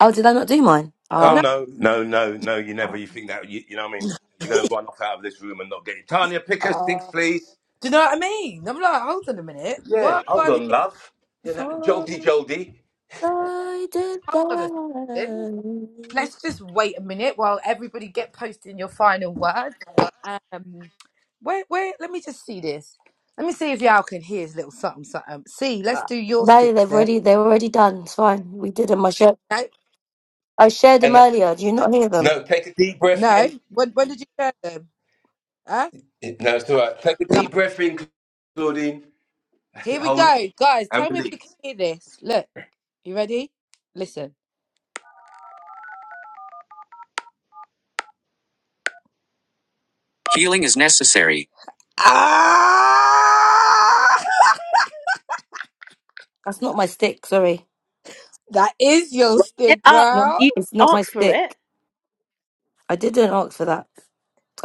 Speaker 1: Oh, did I not do mine?
Speaker 4: Oh
Speaker 3: No,
Speaker 1: Ah.
Speaker 4: no, no, no, no! You never. You think that you, you know? what I mean,
Speaker 3: do
Speaker 4: you're gonna
Speaker 1: Oh.
Speaker 4: run off out of this room and not get it. Tanya, pick her sticks, please.
Speaker 3: you know what I mean? I'm like, hold on a minute.
Speaker 4: Yeah,
Speaker 3: What?
Speaker 4: hold
Speaker 3: Hold
Speaker 4: on, love. You know, jolty,
Speaker 1: Oh.
Speaker 4: jolty.
Speaker 1: I did
Speaker 3: on a second.
Speaker 1: that.
Speaker 3: Let's just wait a minute while everybody get posting your final words. Um, wait, wait. Let me just see this. Let me see if y'all can hear his little something, something. See, let's
Speaker 1: Uh,
Speaker 3: do your
Speaker 1: no,
Speaker 3: sticks
Speaker 1: they've
Speaker 3: then.
Speaker 1: already they're already done. It's fine. We did them. I shared
Speaker 3: No,
Speaker 1: I shared them
Speaker 4: And
Speaker 1: earlier. Do you not hear them?
Speaker 4: no, take a deep breath
Speaker 3: No.
Speaker 4: in.
Speaker 3: When when did you show them? Huh?
Speaker 4: No, it's all right. Take a
Speaker 3: Live.
Speaker 4: deep breath in, Claudine. That's
Speaker 3: Here
Speaker 4: it.
Speaker 3: we
Speaker 4: Hold it
Speaker 3: go, guys.
Speaker 4: and
Speaker 3: Tell me if you can
Speaker 4: release.
Speaker 3: hear this. Look, you ready? Listen. Healing is necessary. Ah!
Speaker 1: That's not my stick. Sorry,
Speaker 3: That is your
Speaker 2: Well, you did
Speaker 3: stick,
Speaker 1: it's
Speaker 2: ask.
Speaker 1: not.
Speaker 3: girl.
Speaker 2: You did
Speaker 1: It's not my
Speaker 2: ask for it.
Speaker 1: stick. I didn't ask for that.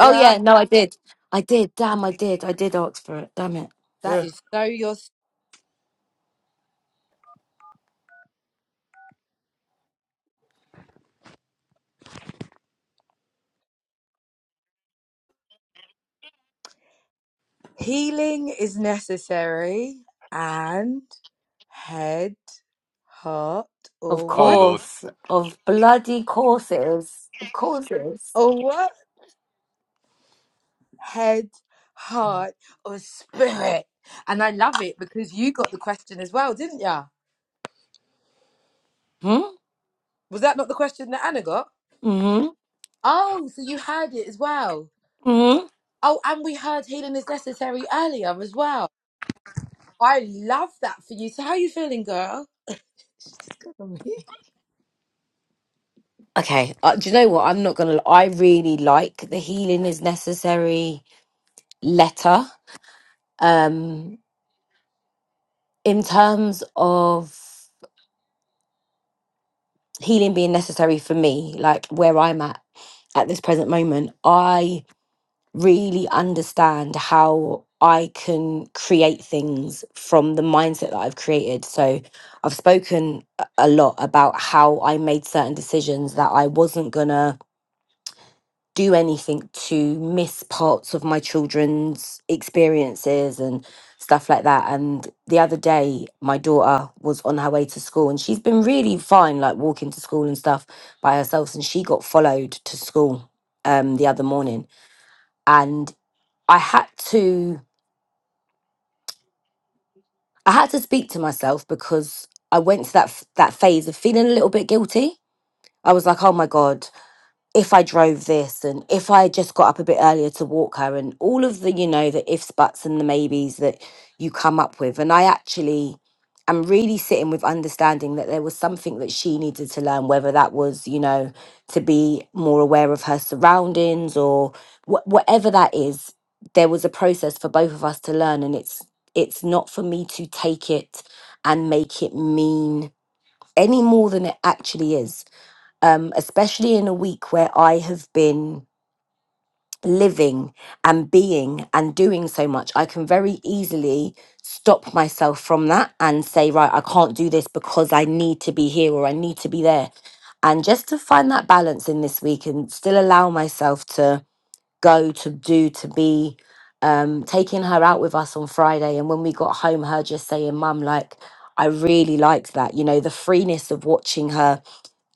Speaker 1: Oh yeah, no, I did. I did. Damn, I did. I did ask for it. Damn it.
Speaker 3: that
Speaker 4: Yeah.
Speaker 3: is so your st- healing is necessary and head, heart,
Speaker 1: Of
Speaker 3: or
Speaker 4: Oh
Speaker 3: what?
Speaker 4: Lord.
Speaker 1: course. Of bloody courses. Of courses. it is.
Speaker 3: Or what? Head, heart, or spirit. And I love it because you got the question as well, didn't you? Was that not the question that Anna got?
Speaker 1: Hmm.
Speaker 3: Oh, so you heard it as well.
Speaker 1: Hmm.
Speaker 3: Oh, and we heard healing is necessary earlier as well. I love that for you. So how are you feeling, girl? She's just got on me.
Speaker 1: Okay. Uh, do you know what? I'm not gonna. I really like the healing is necessary letter. Um, in terms of healing being necessary for me, like where I'm at at this present moment, I really understand how I can create things from the mindset that I've created. So I've spoken a a lot about how I made certain decisions that I wasn't gonna do anything to miss parts of my children's experiences and stuff like that. And the other day, my daughter was on her way to school and she's been really fine, like walking to school and stuff by herself. And she got followed to school um, the other morning. And I had to. I had to speak to myself because I went to that f- that phase of feeling a little bit guilty. I was like, "Oh my god, if I drove this and if I just got up a bit earlier to walk her and all of the, you know, the ifs, buts and the maybes that you come up with. And I actually am really sitting with understanding that there was something that she needed to learn, whether that was, you know, to be more aware of her surroundings or wh- whatever that is, there was a process for both of us to learn. And it's, it's not for me to take it and make it mean any more than it actually is um, especially in a week where I have been living and being and doing so much, I can very easily stop myself from that and say, right, I can't do this because I need to be here or I need to be there. And just to find that balance in this week and still allow myself to go, to do, to be. Um, taking her out with us on Friday, and when we got home, her just saying, Mum, like, I really liked that. You know, the freeness of watching her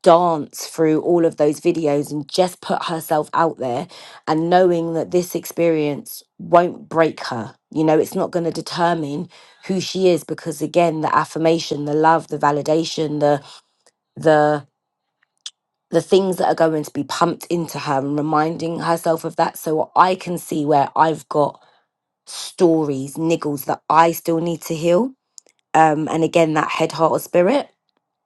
Speaker 1: dance through all of those videos and just put herself out there and knowing that this experience won't break her. You know, it's not going to determine who she is because again, the affirmation, the love, the validation, the the the things that are going to be pumped into her and reminding herself of that so I can see where I've got stories, niggles that I still need to heal. Um, and again, that head, heart, or spirit.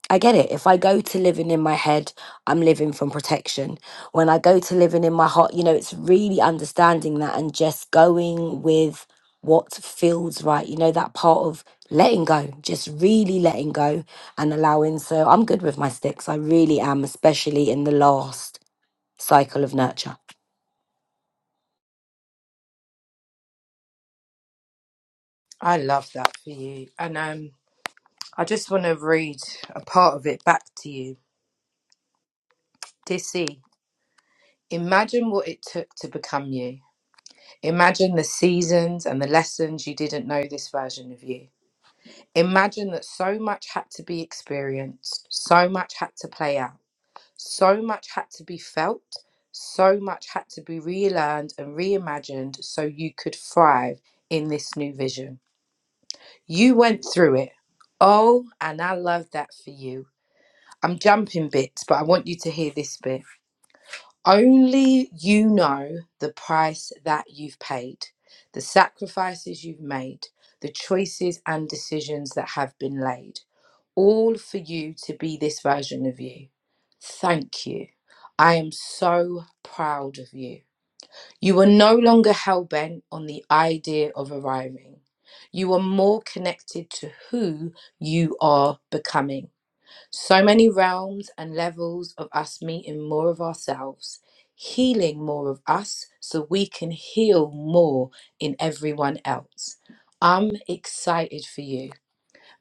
Speaker 1: I get it. If I go to living in my head, I'm living from protection. When I go to living in my heart, you know, it's really understanding that and just going with what feels right. You know, that part of letting go, just really letting go and allowing. So I'm good with my sticks. I really am, especially in the last cycle of nurture.
Speaker 3: I love that for you. And um, I just want to read a part of it back to you. Dissy, imagine what it took to become you. Imagine the seasons and the lessons you didn't know this version of you. Imagine that so much had to be experienced, so much had to play out So much had to be felt, so much had to be relearned and reimagined so you could thrive in this new vision. You went through it. Oh, and I love that for you. I'm jumping bits, but I want you to hear this bit. Only you know the price that you've paid, the sacrifices you've made, the choices and decisions that have been laid, all for you to be this version of you. Thank you. I am so proud of you. You are no longer hell bent on the idea of arriving. You are more connected to who you are becoming. So many realms and levels of us meeting more of ourselves, healing more of us so we can heal more in everyone else. I'm excited for you.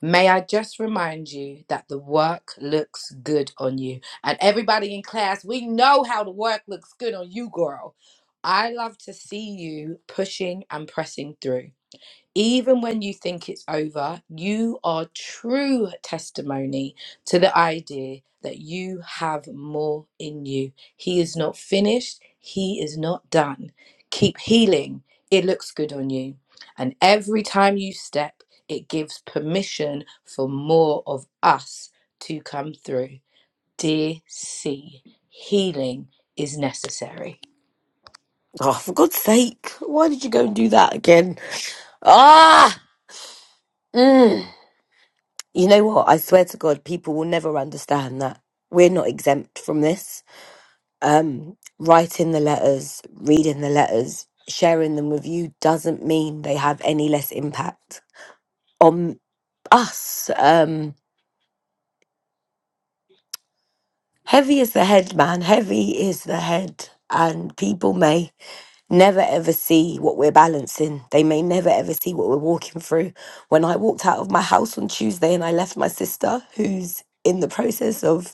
Speaker 3: May I just remind you that the work looks good on you. And everybody in class, we know how the work looks good on you, girl. I love to see you pushing and pressing through even when you think it's over, you are true testimony to the idea that you have more in you. He is not finished, He is not done. Keep healing, it looks good on you. And every time you step, it gives permission for more of us to come through. Dear C, healing is necessary.
Speaker 1: Oh, for God's sake, why did you go and do that again? Ah! Mm. You know what? I swear to God, people will never understand that. We're not exempt from this. Um, writing the letters, reading the letters, sharing them with you doesn't mean they have any less impact on us. Um, heavy is the head, man. Heavy is the head. And people may never ever see what we're balancing. They may never ever see what we're walking through. When I walked out of my house on Tuesday and I left my sister, who's in the process of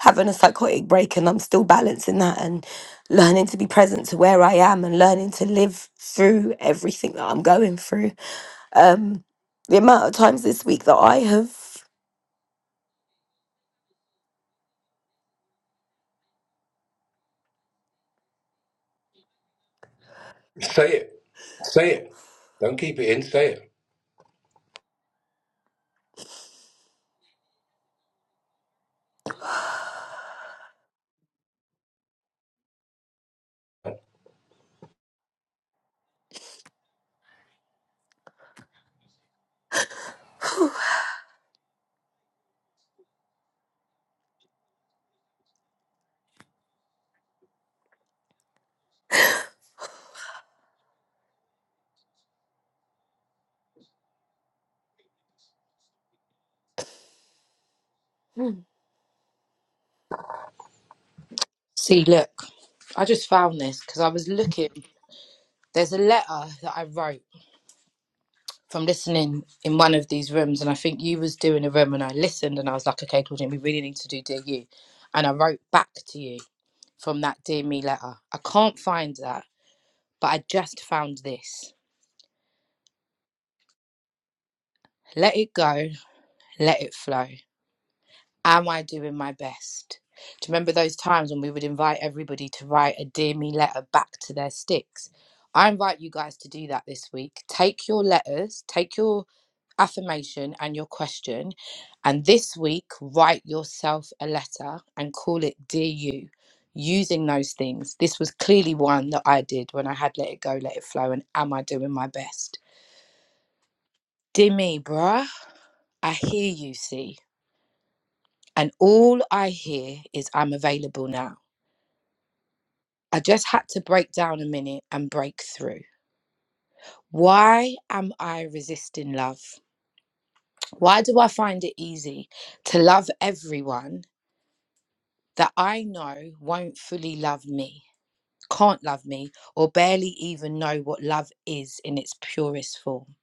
Speaker 1: having a psychotic break, and I'm still balancing that and learning to be present to where I am and learning to live through everything that I'm going through. Um, the amount of times this week that I have,
Speaker 4: Say it. Say it. Don't keep it in. Say it.
Speaker 1: Hmm.
Speaker 3: See, look, I just found this because I was looking. There's a letter that I wrote from listening in one of these rooms, and I think you was doing a room, and I listened, and I was like, okay, Claudine, we really need to do dear you, and I wrote back to you from that dear me letter. I can't find that, but I just found this. Let it go, let it flow. Am I doing my best? Do you remember those times when we would invite everybody to write a dear me letter back to their sticks? I invite you guys to do that this week. Take your letters, take your affirmation and your question. And this week, write yourself a letter and call it Dear You using those things. This was clearly one that I did when I had Let It Go, Let It Flow, and Am I Doing My Best? Dear me, bruh, I hear you, see. And all I hear is I'm available now. I just had to break down a minute and break through. Why am I resisting love? Why do I find it easy to love everyone that I know won't fully love me, can't love me, or barely even know what love is in its purest form.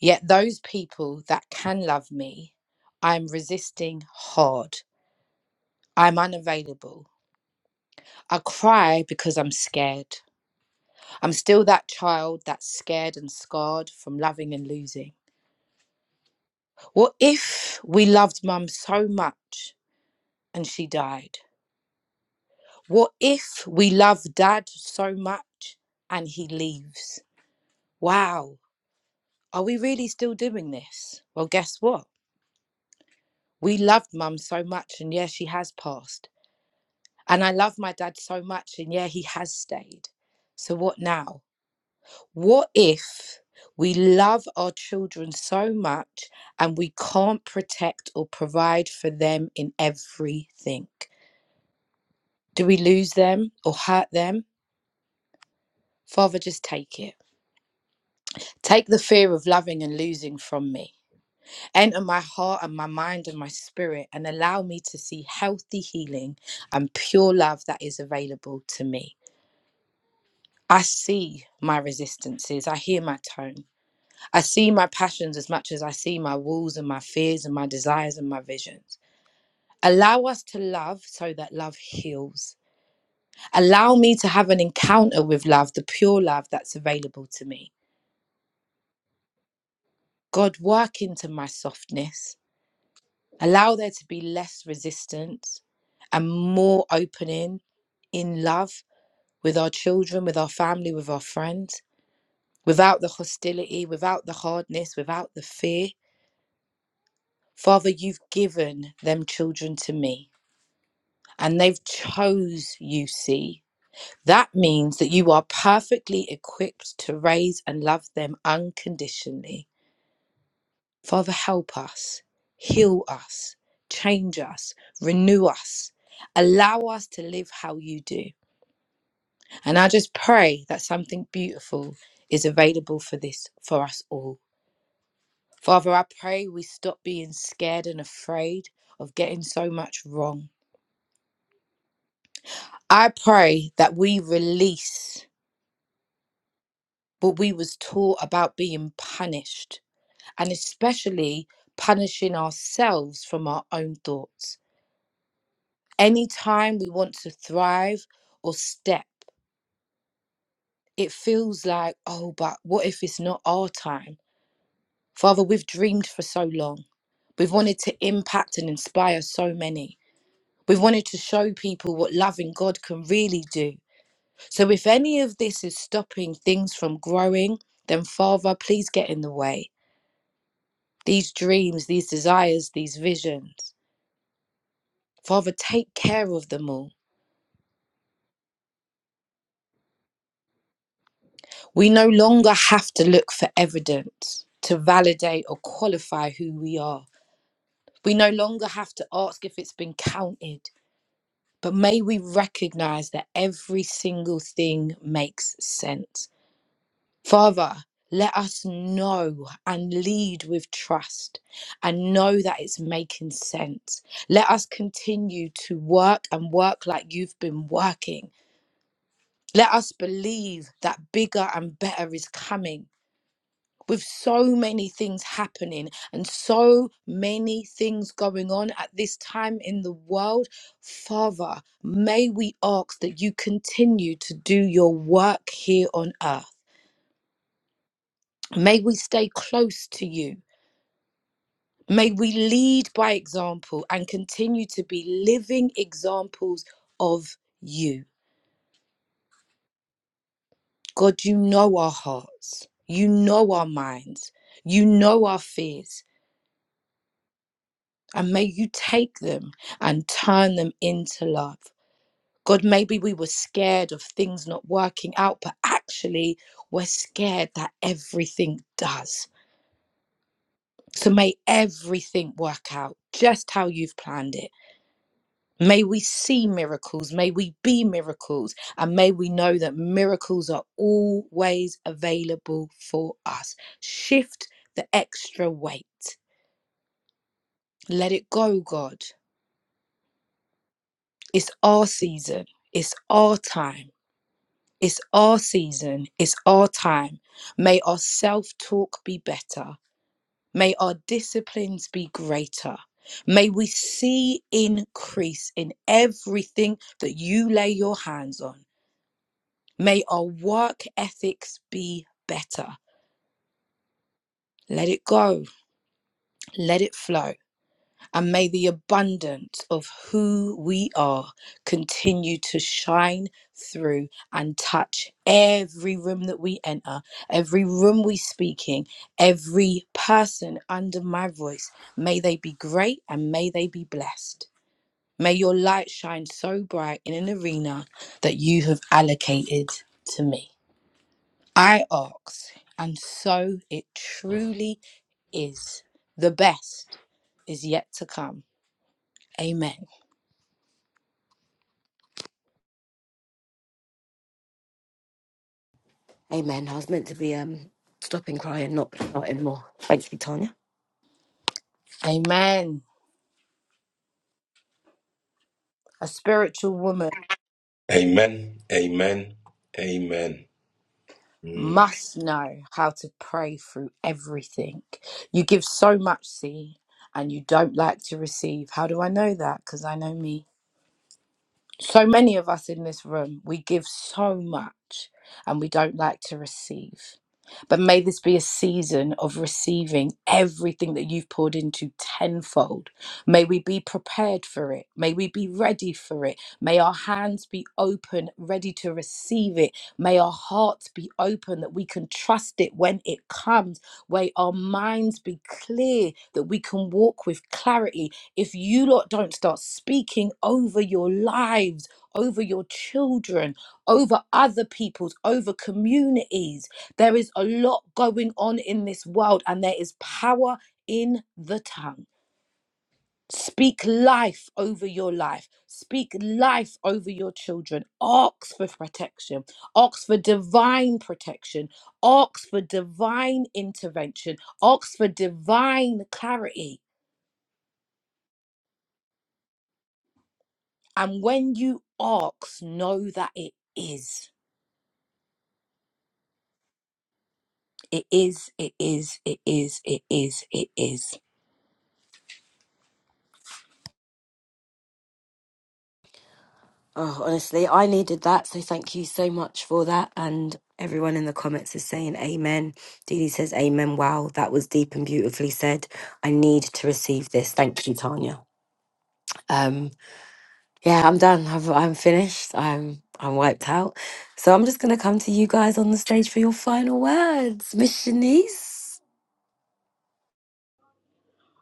Speaker 3: Yet those people that can love me, I'm resisting hard. I'm unavailable. I cry because I'm scared. I'm still that child that's scared and scarred from loving and losing. What if we loved mum so much and she died? What if we love dad so much and he leaves? Wow, are we really still doing this? Well, guess what? We loved mum so much, and yeah, she has passed. And I love my dad so much, and yeah, he has stayed. So, what now? What if we love our children so much and we can't protect or provide for them in everything? Do we lose them or hurt them? Father, just take it. Take the fear of loving and losing from me. Enter my heart and my mind and my spirit and allow me to see healthy healing and pure love that is available to me. I see my resistances. I hear my tone. I see my passions as much as I see my walls and my fears and my desires and my visions. Allow us to love so that love heals. Allow me to have an encounter with love, the pure love that's available to me. God, work into my softness. Allow there to be less resistance and more opening in love with our children, with our family, with our friends, without the hostility, without the hardness, without the fear. Father, you've given them children to me and they've chose you see that means that you are perfectly equipped to raise and love them unconditionally Father, help us, heal us, change us, renew us, allow us to live how you do. And I just pray that something beautiful is available for this, for us all. Father, I pray we stop being scared and afraid of getting so much wrong. I pray that we release what we was taught about being punished and especially punishing ourselves from our own thoughts. anytime we want to thrive or step, it feels like, oh, but what if it's not our time? Father, we've dreamed for so long. We've wanted to impact and inspire so many. We've wanted to show people what loving God can really do. So if any of this is stopping things from growing, then Father, please get in the way. These dreams, these desires, these visions. Father, take care of them all. We no longer have to look for evidence to validate or qualify who we are. We no longer have to ask if it's been counted, but may we recognize that every single thing makes sense. Father, let us know and lead with trust and know that it's making sense. Let us continue to work and work like you've been working. Let us believe that bigger and better is coming with so many things happening and so many things going on at this time in the world, Father, may we ask that you continue to do your work here on earth. May we stay close to you. May we lead by example and continue to be living examples of you. God, you know our hearts, you know our minds, you know our fears. and may you take them and turn them into love. God, maybe we were scared of things not working out, but actually we're scared that everything does. So may everything work out just how you've planned it. May we see miracles, may we be miracles, and may we know that miracles are always available for us. Shift the extra weight. Let it go, God. It's our season, it's our time. It's our season, it's our time. May our self talk be better. May our disciplines be greater. May we see increase in everything that you lay your hands on. May our work ethics be better. Let it go, let it flow. And may the abundance of who we are continue to shine through and touch every room that we enter, every room we speak in, every person under my voice. May they be great and may they be blessed. May your light shine so bright in an arena that you have allocated to me. I ask, and so it truly is. The best is yet to come. Amen.
Speaker 1: amen, I was meant to be um, stopping crying, not, not anymore. Thank you, Tanya
Speaker 3: Amen. A spiritual woman
Speaker 4: Amen. Amen. Amen. Mm.
Speaker 3: must know how to pray through everything. You give so much, see, and you don't like to receive. How do I know that? Because I know me. So many of us in this room, we give so much and we don't like to receive. But may this be a season of receiving everything that you've poured into tenfold. May we be prepared for it. May we be ready for it. May our hands be open, ready to receive it. May our hearts be open that we can trust it when it comes. May our minds be clear that we can walk with clarity if you lot don't start speaking over your lives, over your children, over other people's, over communities, there is a lot going on in this world and there is power in the tongue. Speak life over your life. Speak life over your children. Ask for protection. Ask for divine protection. Ask for divine intervention. Ask for divine clarity And when you ask, know that it is. It is, it is, it is, it is, it is.
Speaker 1: Oh, honestly, I needed that. So thank you so much for that. And everyone in the comments is saying amen. Dee Dee says amen. Wow, that was deep and beautifully said. I need to receive this. Thank you, Tanya. Um, yeah, I'm done. I've, I'm finished. I'm I'm wiped out. So I'm just gonna come to you guys on the stage for your final words, Miss Shanice.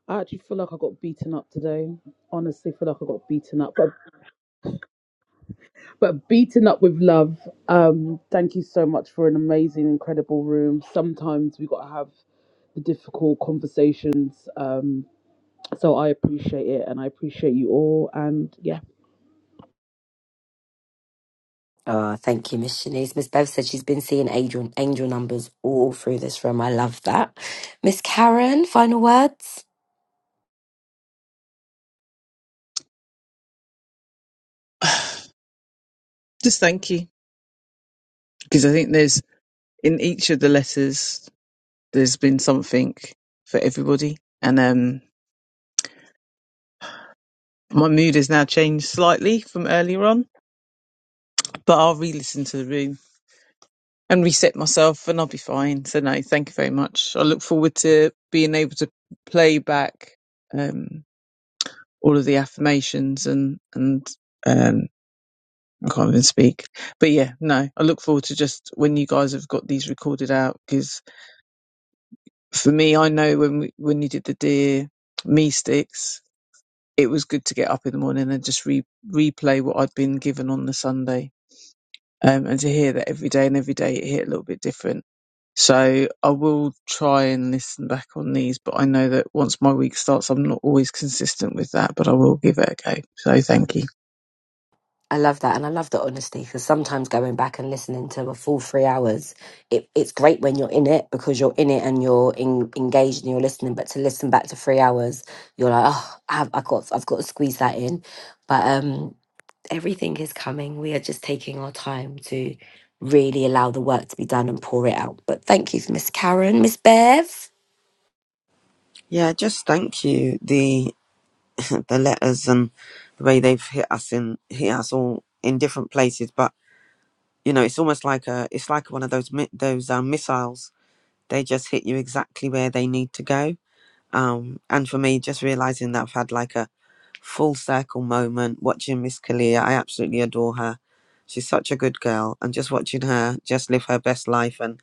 Speaker 8: I actually feel like I got beaten up today. Honestly, feel like I got beaten up, but but beaten up with love. Um, thank you so much for an amazing, incredible room. Sometimes we got to have the difficult conversations. Um, so I appreciate it, and I appreciate you all. And yeah.
Speaker 1: Oh, thank you, Miss Shanice. Miss Bev said she's been seeing angel, angel numbers all through this room. I love that. Miss Karen, final words?
Speaker 6: Just thank you. Because I think there's in each of the letters there's been something for everybody. And um my mood has now changed slightly from earlier on, but I'll re listen to the room and reset myself and I'll be fine. So no, thank you very much. I look forward to being able to play back um all of the affirmations and and um I can't even speak. But yeah, no, I look forward to just when you guys have got these recorded out, because. for me, I know when we, when you did the dear me sticks, it was good to get up in the morning and just re- replay what I'd been given on the Sunday, um, and to hear that every day and every day it hit a little bit different. So I will try and listen back on these, but I know that once my week starts, I'm not always consistent with that, but I will give it a go. So thank you.
Speaker 1: I love that. And I love the honesty because sometimes going back and listening to a full three hours, it, it's great when you're in it because you're in it and you're in, engaged and you're listening. But to listen back to three hours, you're like, oh, I've, I've, got, I've got to squeeze that in. But um, everything is coming. We are just taking our time to really allow the work to be done and pour it out. But thank you for Miss Karen, Miss Bev.
Speaker 5: Yeah, just thank you. The the letters and the way they've hit us in hit us all in different places. But you know, it's almost like a it's like one of those mi- those um, missiles. They just hit you exactly where they need to go. Um, and for me, just realizing that I've had like a full circle moment watching Miss Kalia. I absolutely adore her. She's such a good girl, and just watching her just live her best life, and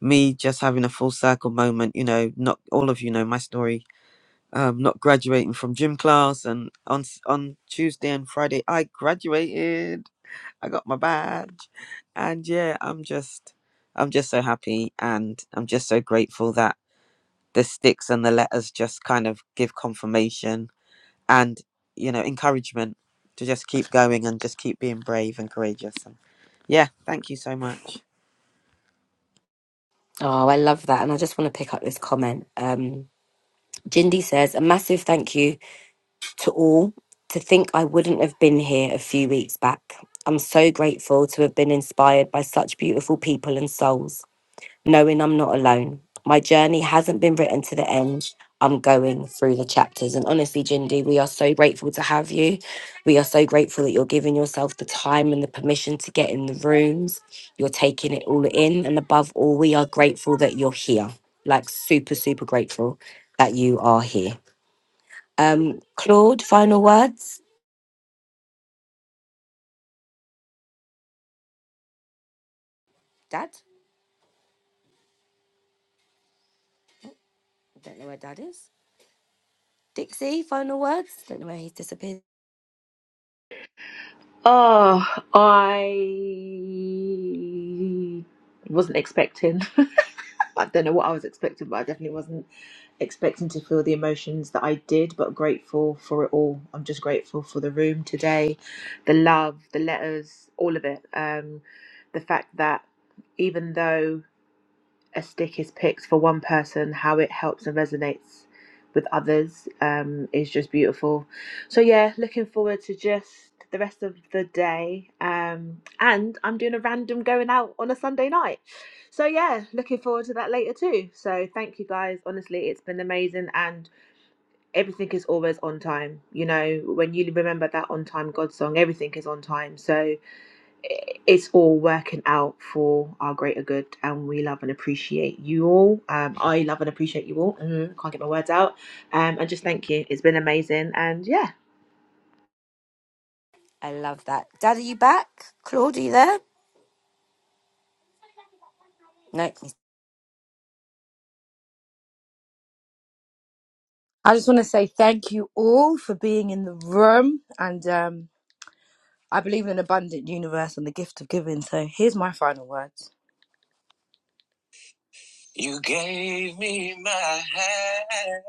Speaker 5: me just having a full circle moment. You know, not all of you know my story um, not graduating from gym class. And on s- on Tuesday and Friday, I graduated. I got my badge, and yeah, I'm just I'm just so happy, and I'm just so grateful that the sticks and the letters just kind of give confirmation and you know encouragement to just keep going and just keep being brave and courageous. And yeah, thank you so much.
Speaker 1: Oh, I love that. And I just want to pick up this comment. Um, Jindy says, a massive thank you to all. To think I wouldn't have been here a few weeks back. I'm so grateful to have been inspired by such beautiful people and souls. knowing I'm not alone. My journey hasn't been written to the end. I'm going through the chapters. And honestly, Jindy, we are so grateful to have you. We are so grateful that you're giving yourself the time and the permission to get in the rooms. You're taking it all in. And above all, we are grateful that you're here. Like, super, super grateful that you are here. Um, Claude, final words. Dad? I don't know where Dad is. Dixie, final words. Don't know where he's disappeared.
Speaker 2: Oh, I wasn't expecting. I don't know what I was expecting, but I definitely wasn't expecting to feel the emotions that I did, but grateful for it all. I'm just grateful for the room today, the love, the letters, all of it. Um, the fact that even though a stick is picked for one person, how it helps and resonates with others um, is just beautiful. So yeah, looking forward to just the rest of the day. Um, and I'm doing a random going out on a Sunday night. So yeah, looking forward to that later too. So thank you guys. Honestly, it's been amazing and everything is always on time. You know, when you remember that on time God song, everything is on time. So it's all working out for our greater good and we love and appreciate you all um i love and appreciate you all mm, can't get my words out um and just thank you it's been amazing and yeah
Speaker 1: I love that. Dad, are you back? Claude, are you there? No,
Speaker 3: I just want to say thank you all for being in the room. And um, I believe in an abundant universe and the gift of giving. So here's my final words. You gave me my hand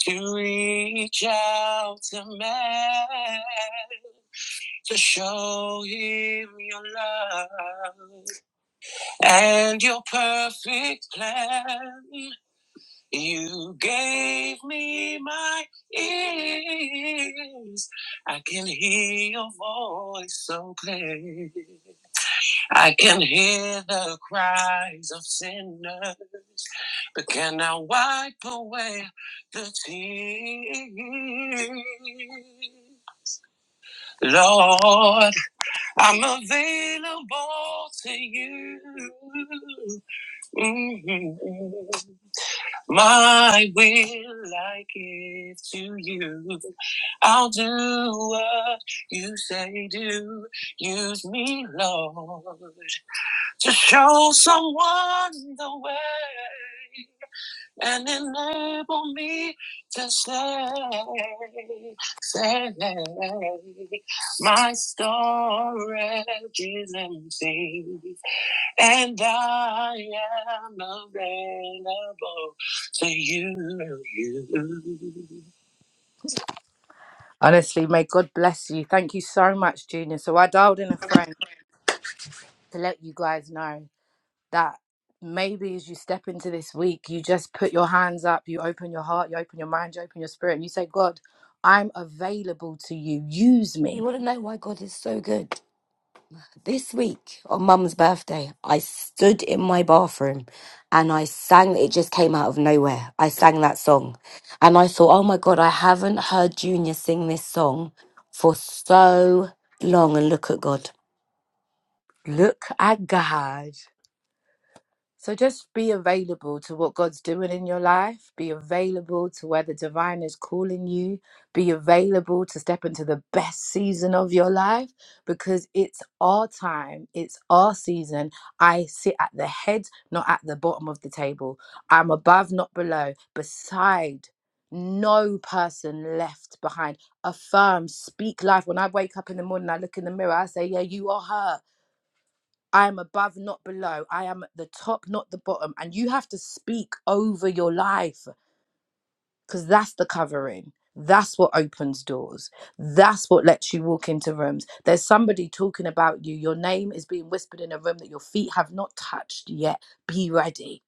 Speaker 3: to reach out to man, to show him your love. And your perfect plan, you gave me my ears. I can hear your voice so clear. I can hear the cries of sinners, but can I wipe away the tears? Lord, I'm available to you. Mhm. My will I give to you. I'll do what you say do. Use me, Lord, to show someone the way and enable me to say, say, my storage is empty. And I am available to you. you. Honestly, may God bless you. Thank you so much, Junior. So I dialed in a friend to let you guys know that maybe as you step into this week, you just put your hands up, you open your heart, you open your mind, you open your spirit, and you say, God, I'm available to you. Use
Speaker 1: You
Speaker 3: me.
Speaker 1: want to know why God is so good? This week on Mum's birthday, I stood in my bathroom and I sang, it just came out of nowhere. I sang that song and I thought, oh my God, I haven't heard Junior sing this song for so long. And look at God.
Speaker 3: Look at God. So just be available to what God's doing in your life. Be available to where the divine is calling you. Be available to step into the best season of your life because it's our time, it's our season. I sit at the head, not at the bottom of the table. I'm above, not below, beside. No person left behind. Affirm, speak life. When I wake up in the morning, I look in the mirror, I say, Yeah, you are her I am above, not below. I am at the top, not the bottom. And you have to speak over your life because that's the covering. That's what opens doors. That's what lets you walk into rooms. There's somebody talking about you. Your name is being whispered in a room that your feet have not touched yet. Be ready.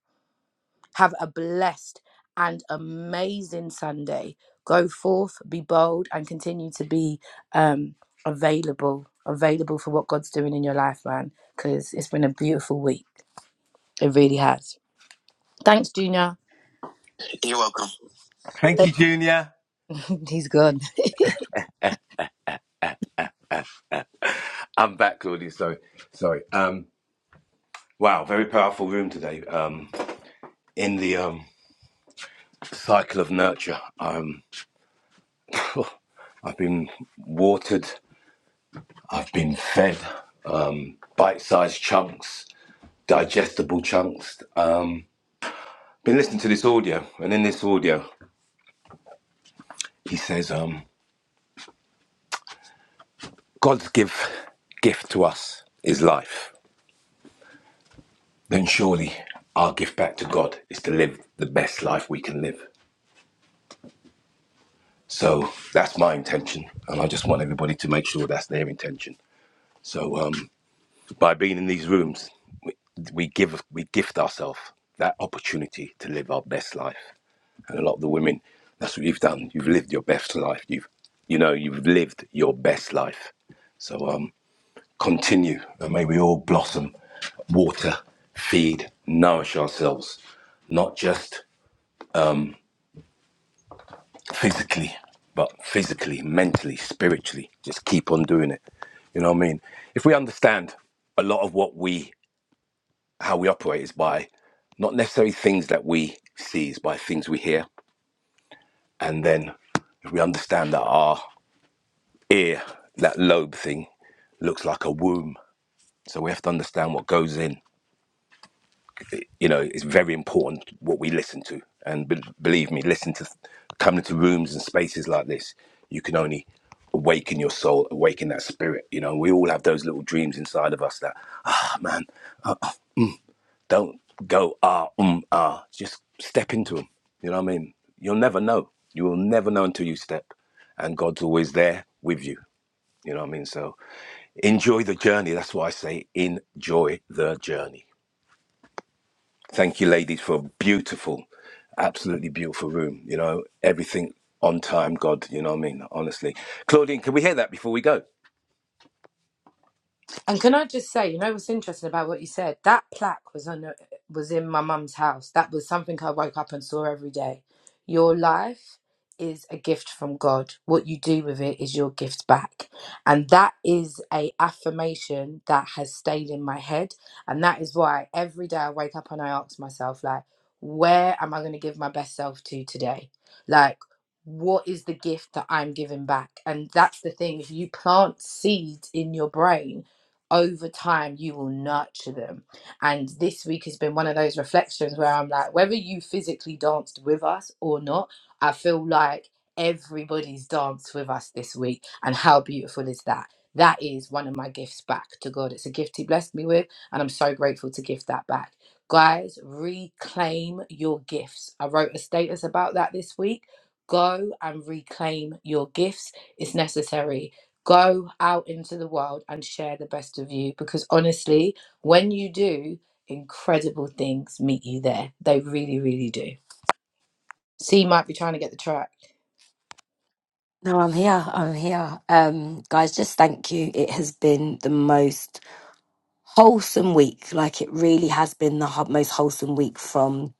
Speaker 3: Have a blessed and amazing Sunday. Go forth, be bold, and continue to be um, available, available for what God's doing in your life, man, because it's been a beautiful week. It really has. Thanks, Junior. You're welcome.
Speaker 4: Thank you, Junior.
Speaker 3: He's gone.
Speaker 4: I'm back, Claudia. Sorry. Sorry. Um, wow, very powerful room today. Um, in the um, cycle of nurture. Um. Cool. I've been watered, I've been fed um, bite sized chunks, digestible chunks. Um, been listening to this audio, and in this audio, he says, um, God's give, gift to us is life. Then surely our gift back to God is to live the best life we can live. So that's my intention, and I just want everybody to make sure that's their intention. So um, by being in these rooms, we, we give we gift ourselves that opportunity to live our best life. And a lot of the women, that's what you've done. You've lived your best life. You've you know you've lived your best life. So um, continue, and may we all blossom, water, feed, nourish ourselves, not just physically, but physically, mentally, spiritually. Just keep on doing it. You know what I mean? If we understand a lot of what we how we operate is by not necessarily things that we see, is by things we hear. And then if we understand that our ear, that lobe thing, looks like a womb. So we have to understand what goes in. It- you know, it's very important what we listen to. And be- believe me, listen to coming to rooms and spaces like this, you can only awaken your soul, awaken that spirit. You know, we all have those little dreams inside of us that, ah, man. Don't go ah um ah. Just step into them. You know what I mean? You'll never know. You will never know until you step, and God's always there with you. You know what I mean? So enjoy the journey. That's why I say enjoy the journey. Thank you, ladies, for a beautiful, absolutely beautiful room. You know everything on time, God. You know what I mean? Honestly, Claudine, can we hear that before we go?
Speaker 3: And can I just say, you know what's interesting about what you said? That plaque was on uh, was in my mum's house. That was something I woke up and saw every day. Your life is a gift from God. What you do with it is your gift back. And that is a affirmation that has stayed in my head. And that is why every day I wake up and I ask myself, like, where am I going to give my best self to today? Like, what is the gift that I'm giving back? And that's the thing. If you plant seeds in your brain over time you will nurture them and this week has been one of those reflections where i'm like whether you physically danced with us or not i feel like everybody's danced with us this week and how beautiful is that that is one of my gifts back to god it's a gift he blessed me with and i'm so grateful to give that back guys reclaim your gifts i wrote a status about that this week go and reclaim your gifts it's necessary go out into the world and share the best of you because honestly, when you do, incredible things meet you there. They really, really do. C might be trying to get the track.
Speaker 1: Now I'm here. I'm here. Um, guys, just thank you. It has been the most wholesome week. Like it really has been the ho- most wholesome week from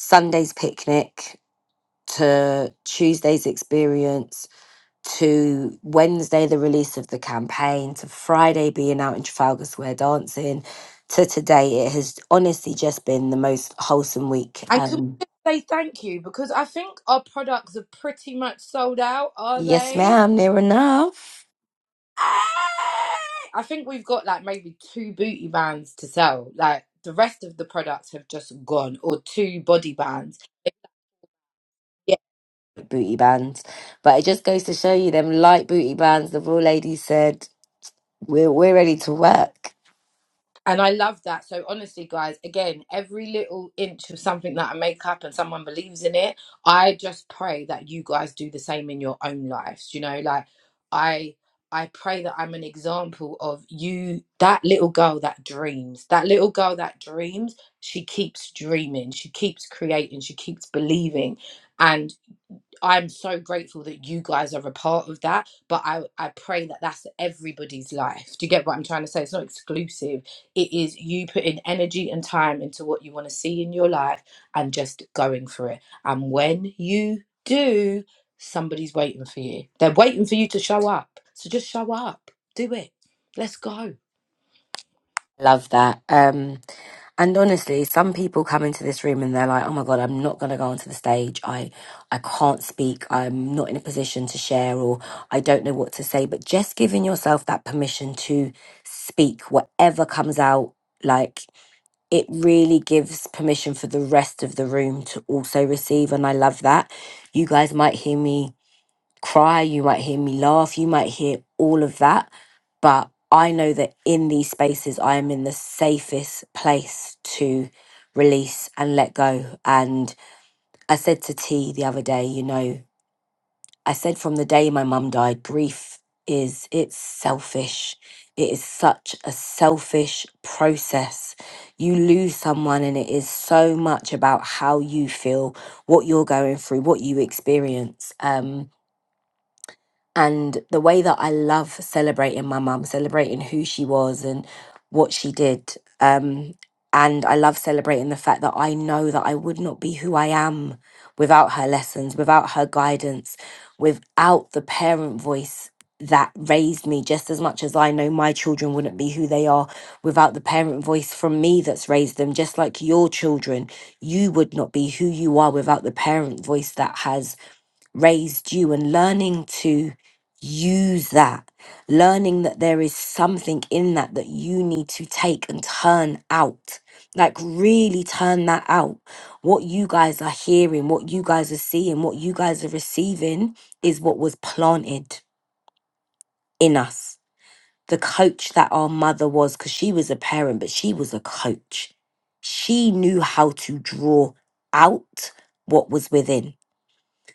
Speaker 1: Sunday's picnic to Tuesday's experience, to Wednesday, the release of the campaign, to Friday being out in Trafalgar Square dancing, to today, it has honestly just been the most wholesome week.
Speaker 3: And can we
Speaker 1: Um,
Speaker 3: just say thank you because I think our products are pretty much sold out, are
Speaker 1: yes,
Speaker 3: they?
Speaker 1: ma'am, near enough.
Speaker 3: Ah! I think we've got like maybe two booty bands to sell. Like the rest of the products have just gone, or two body bands.
Speaker 1: Booty bands. But it just goes to show you them light booty bands, the raw lady said, we're, we're ready to work.
Speaker 3: And I love that. So honestly, guys, again, every little inch of something that I make up and someone believes in it, I just pray that you guys do the same in your own lives. You know, like I I pray that I'm an example of you, that little girl that dreams, that little girl that dreams, she keeps dreaming, she keeps creating, she keeps believing. And. I'm so grateful that you guys are a part of that, but I, I pray that that's everybody's life. Do you get what I'm trying to say? It's not exclusive. It is you putting energy and time into what you want to see in your life and just going for it. And when you do, somebody's waiting for you. They're waiting for you to show up. So just show up. Do it. Let's go.
Speaker 1: Love that. Um, and honestly, some people come into this room and they're like, "Oh my god, I'm not going to go onto the stage. I, I can't speak. I'm not in a position to share, or I don't know what to say." But just giving yourself that permission to speak, whatever comes out, like it really gives permission for the rest of the room to also receive. And I love that. You guys might hear me cry, you might hear me laugh, you might hear all of that. But I know that in these spaces, I am in the safest place to release and let go. And I said to T the other day, you know, I said from the day my mum died, grief is, it's selfish. It is such a selfish process. You lose someone, and it is so much about how you feel, what you're going through, what you experience. Um, and the way that I love celebrating my mum, celebrating who she was and what she did. Um, and I love celebrating the fact that I know that I would not be who I am without her lessons, without her guidance, without the parent voice that raised me, just as much as I know my children wouldn't be who they are without the parent voice from me that's raised them, just like your children, you would not be who you are without the parent voice that has raised you and learning to use that, learning that there is something in that that you need to take and turn out. Like, really turn that out. What you guys are hearing, what you guys are seeing, what you guys are receiving is what was planted in us. The coach that our mother was, because she was a parent, but she was a coach. She knew how to draw out what was within.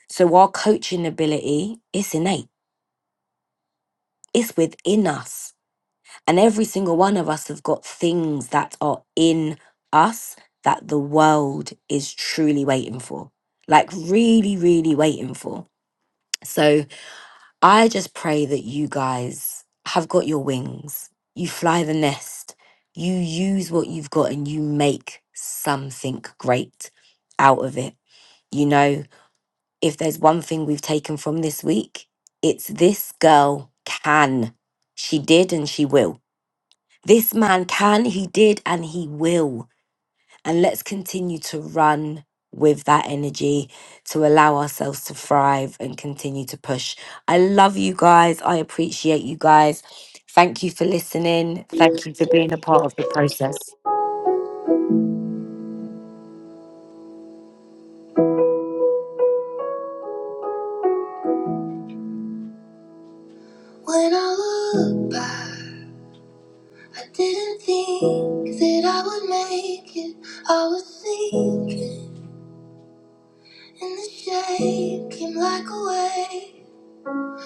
Speaker 1: So, our coaching ability is innate It's within us. And every single one of us have got things that are in us that the world is truly waiting for. Like, really, really waiting for. So I just pray that you guys have got your wings. You fly the nest. You use what you've got and you make something great out of it. You know, if there's one thing we've taken from this week, it's this girl can. She did and she will. This man can, he did, and he will. And let's continue to run with that energy to allow ourselves to thrive and continue to push. I love you guys. I appreciate you guys. Thank you for listening. Thank you for being a part of the process.
Speaker 4: When I look back, I didn't think that I would make it. I was sinking. And the shade, came like a wave.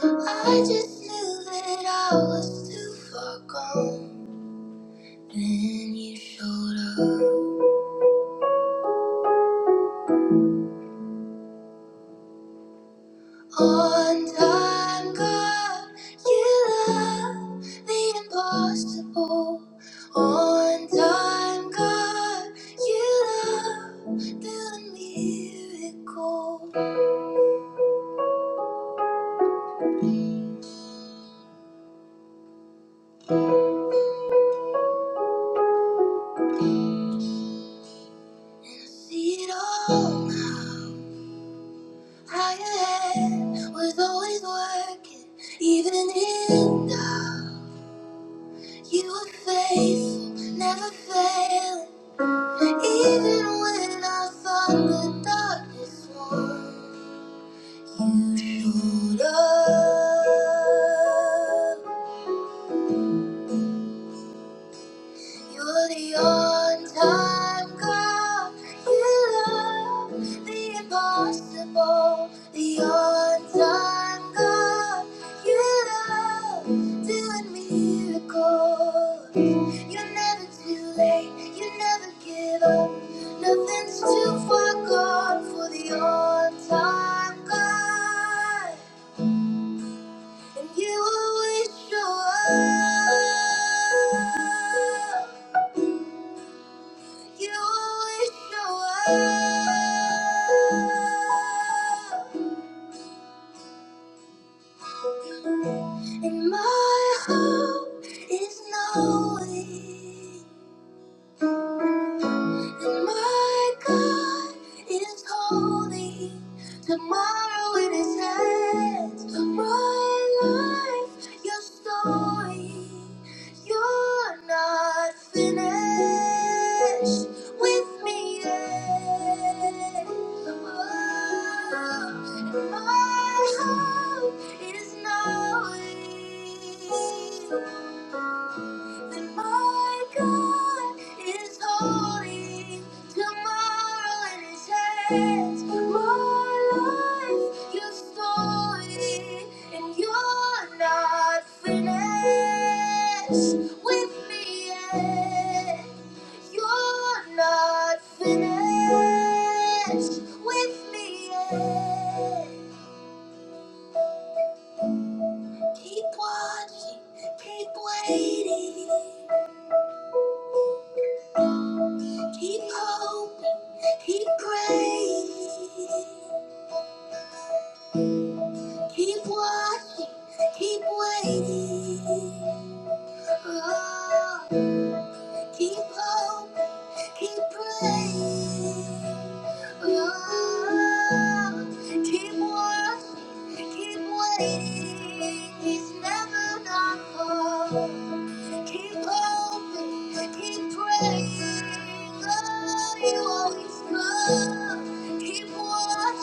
Speaker 4: I just knew that I was too far gone. Then you showed up on time, God. You love the impossible. On time, God. You love the miracle. I see it all now. Higher head was always working, even in doubt. You were faithful, never failing, even when I thought the darkness won. You showed up. You're the on-time God. You love the impossible. The on-time God. You love doing miracles. You're never too late. You never give up. Nothing's too far gone for the on-time God. And you always show up. You will show up, and my hope is knowing. And my God is holy. Tomorrow in his hands. My life, your story. You're not finished with me yet. Oh, and my hope is knowing that my God is holy. Tomorrow in His hands, my life, your story, and you're not finished with me yet. You're not finished with me yet. Keep watching, keep waiting. Keep hoping, keep praying, keep watching, keep waiting. Oh. Keep hoping, keep praying. Oh, keep watching, keep waiting. He's never not home. Keep hoping, keep praying. Oh, you always come. Keep watching. Keep keep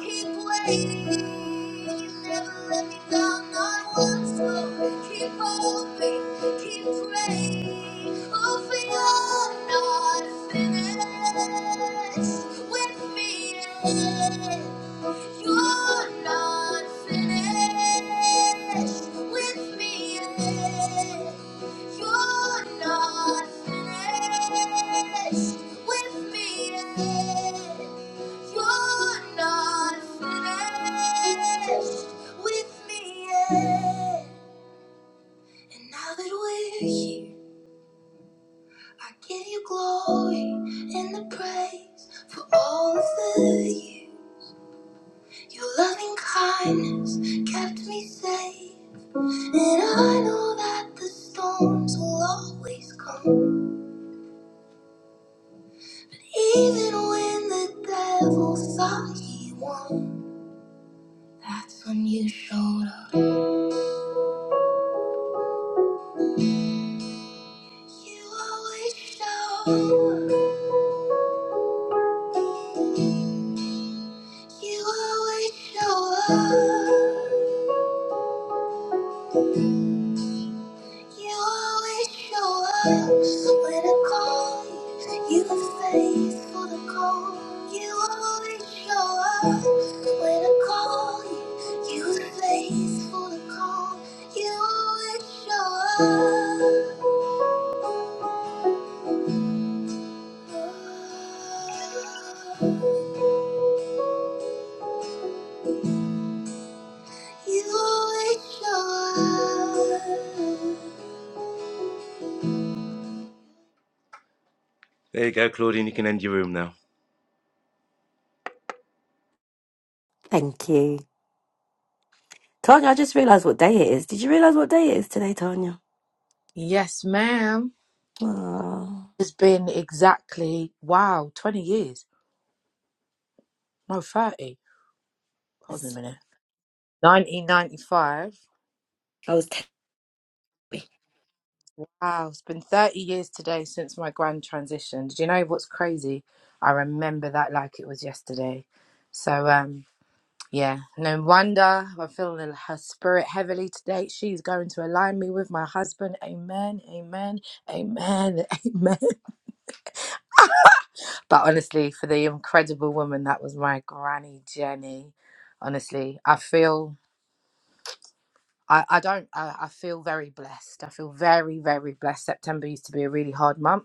Speaker 4: keep waiting. You you're never let me me down. Not not once. more. Keep hoping, keep praying. Oh, for you're not finished with me yet. You're not finished with me yet. You're not finished with me yet. You're not finished with me yet. And now that we're here, I give you glory and the praise for all of the you. Your loving kindness kept me safe. And I know that the storms will always come. Even when the devil thought he won, that's when you showed up. You always show up. You always show up. You always show up when I call you. You are faithful to call. You always show up when I call you. You are faithful to call. You always show up. There you go, Claudine. You can end your room now.
Speaker 1: Thank you. Tanya, I just realised what day it is. Did you realise what day it is today, Tanya?
Speaker 3: Yes, ma'am.
Speaker 1: Oh,
Speaker 3: It's been exactly, wow, 20 years. No, 30. Hold on a
Speaker 1: Yes.
Speaker 3: minute. 1995.
Speaker 1: I was, T-
Speaker 3: Wow, it's been 30 years today since my grand transition. Did you know what's crazy? I remember that like it was yesterday. So, um, yeah, no wonder I'm feeling her spirit heavily today. She's going to align me with my husband. Amen, amen, amen, amen. But honestly, for the incredible woman that was my granny Jenny, honestly, I feel I, I don't I, I feel very blessed. I feel very, very blessed. September used to be a really hard month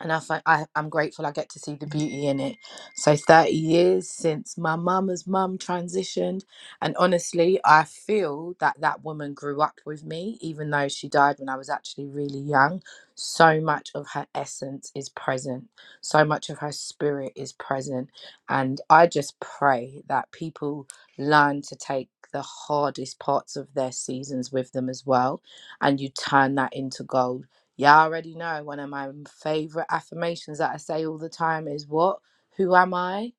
Speaker 3: and I, find, I I'm grateful I get to see the beauty in it. So 30 years since my mama's mum transitioned, and honestly, I feel that that woman grew up with me, even though she died when I was actually really young. So much of her essence is present. So much of her spirit is present, and I just pray that people learn to take the hardest parts of their seasons with them as well, and you turn that into gold Y'all already know one of my favorite affirmations that I say all the time is what? Who am I?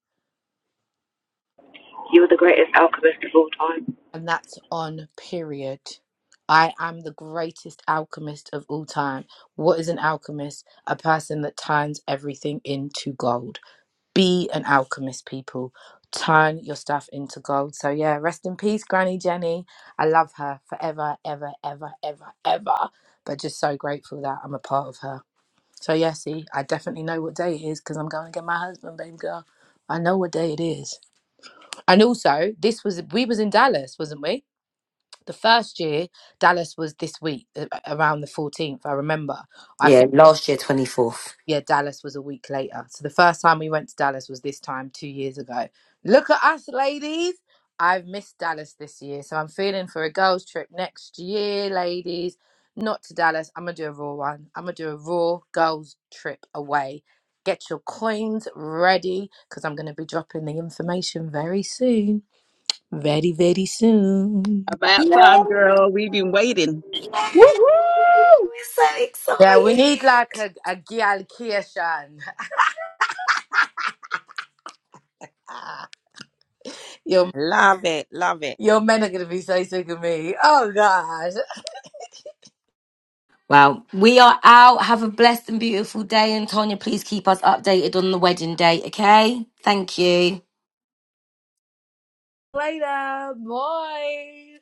Speaker 2: You're the greatest alchemist of all time.
Speaker 3: And that's on period. I am the greatest alchemist of all time. What is an alchemist? A person that turns everything into gold. Be an alchemist, people. Turn your stuff into gold. So, yeah, rest in peace, Granny Jenny. I love her forever, ever, ever, ever, ever. But just so grateful that I'm a part of her. So yeah, see, I definitely know what day it is because I'm going to get my husband, baby girl. I know what day it is. And also, this was we was in Dallas, wasn't we? The first year, Dallas was this week a- around the 14th. I remember. I think
Speaker 1: yeah, last year, 24th.
Speaker 3: yeah, Dallas was a week later. So the first time we went to Dallas was this time two years ago. Look at us, ladies. I've missed Dallas this year. So I'm feeling for a girls' trip next year, ladies. Not to Dallas. I'm going to do a raw one. I'm going to do a raw girls' trip away. Get your coins ready because I'm going to be dropping the information very soon. Very, very soon.
Speaker 1: Yeah,
Speaker 6: About time, girl. We've been waiting.
Speaker 1: yeah, we're so
Speaker 3: Yeah, we need like
Speaker 1: excited.
Speaker 3: a, a Gyal Kiashan. Your
Speaker 5: Love it, love it.
Speaker 3: Your men are going to be so sick of me. Oh, God.
Speaker 1: Well, we are out. Have a blessed and beautiful day. And Tonya, please keep us updated on the wedding date, okay? Thank you.
Speaker 3: Later. boys.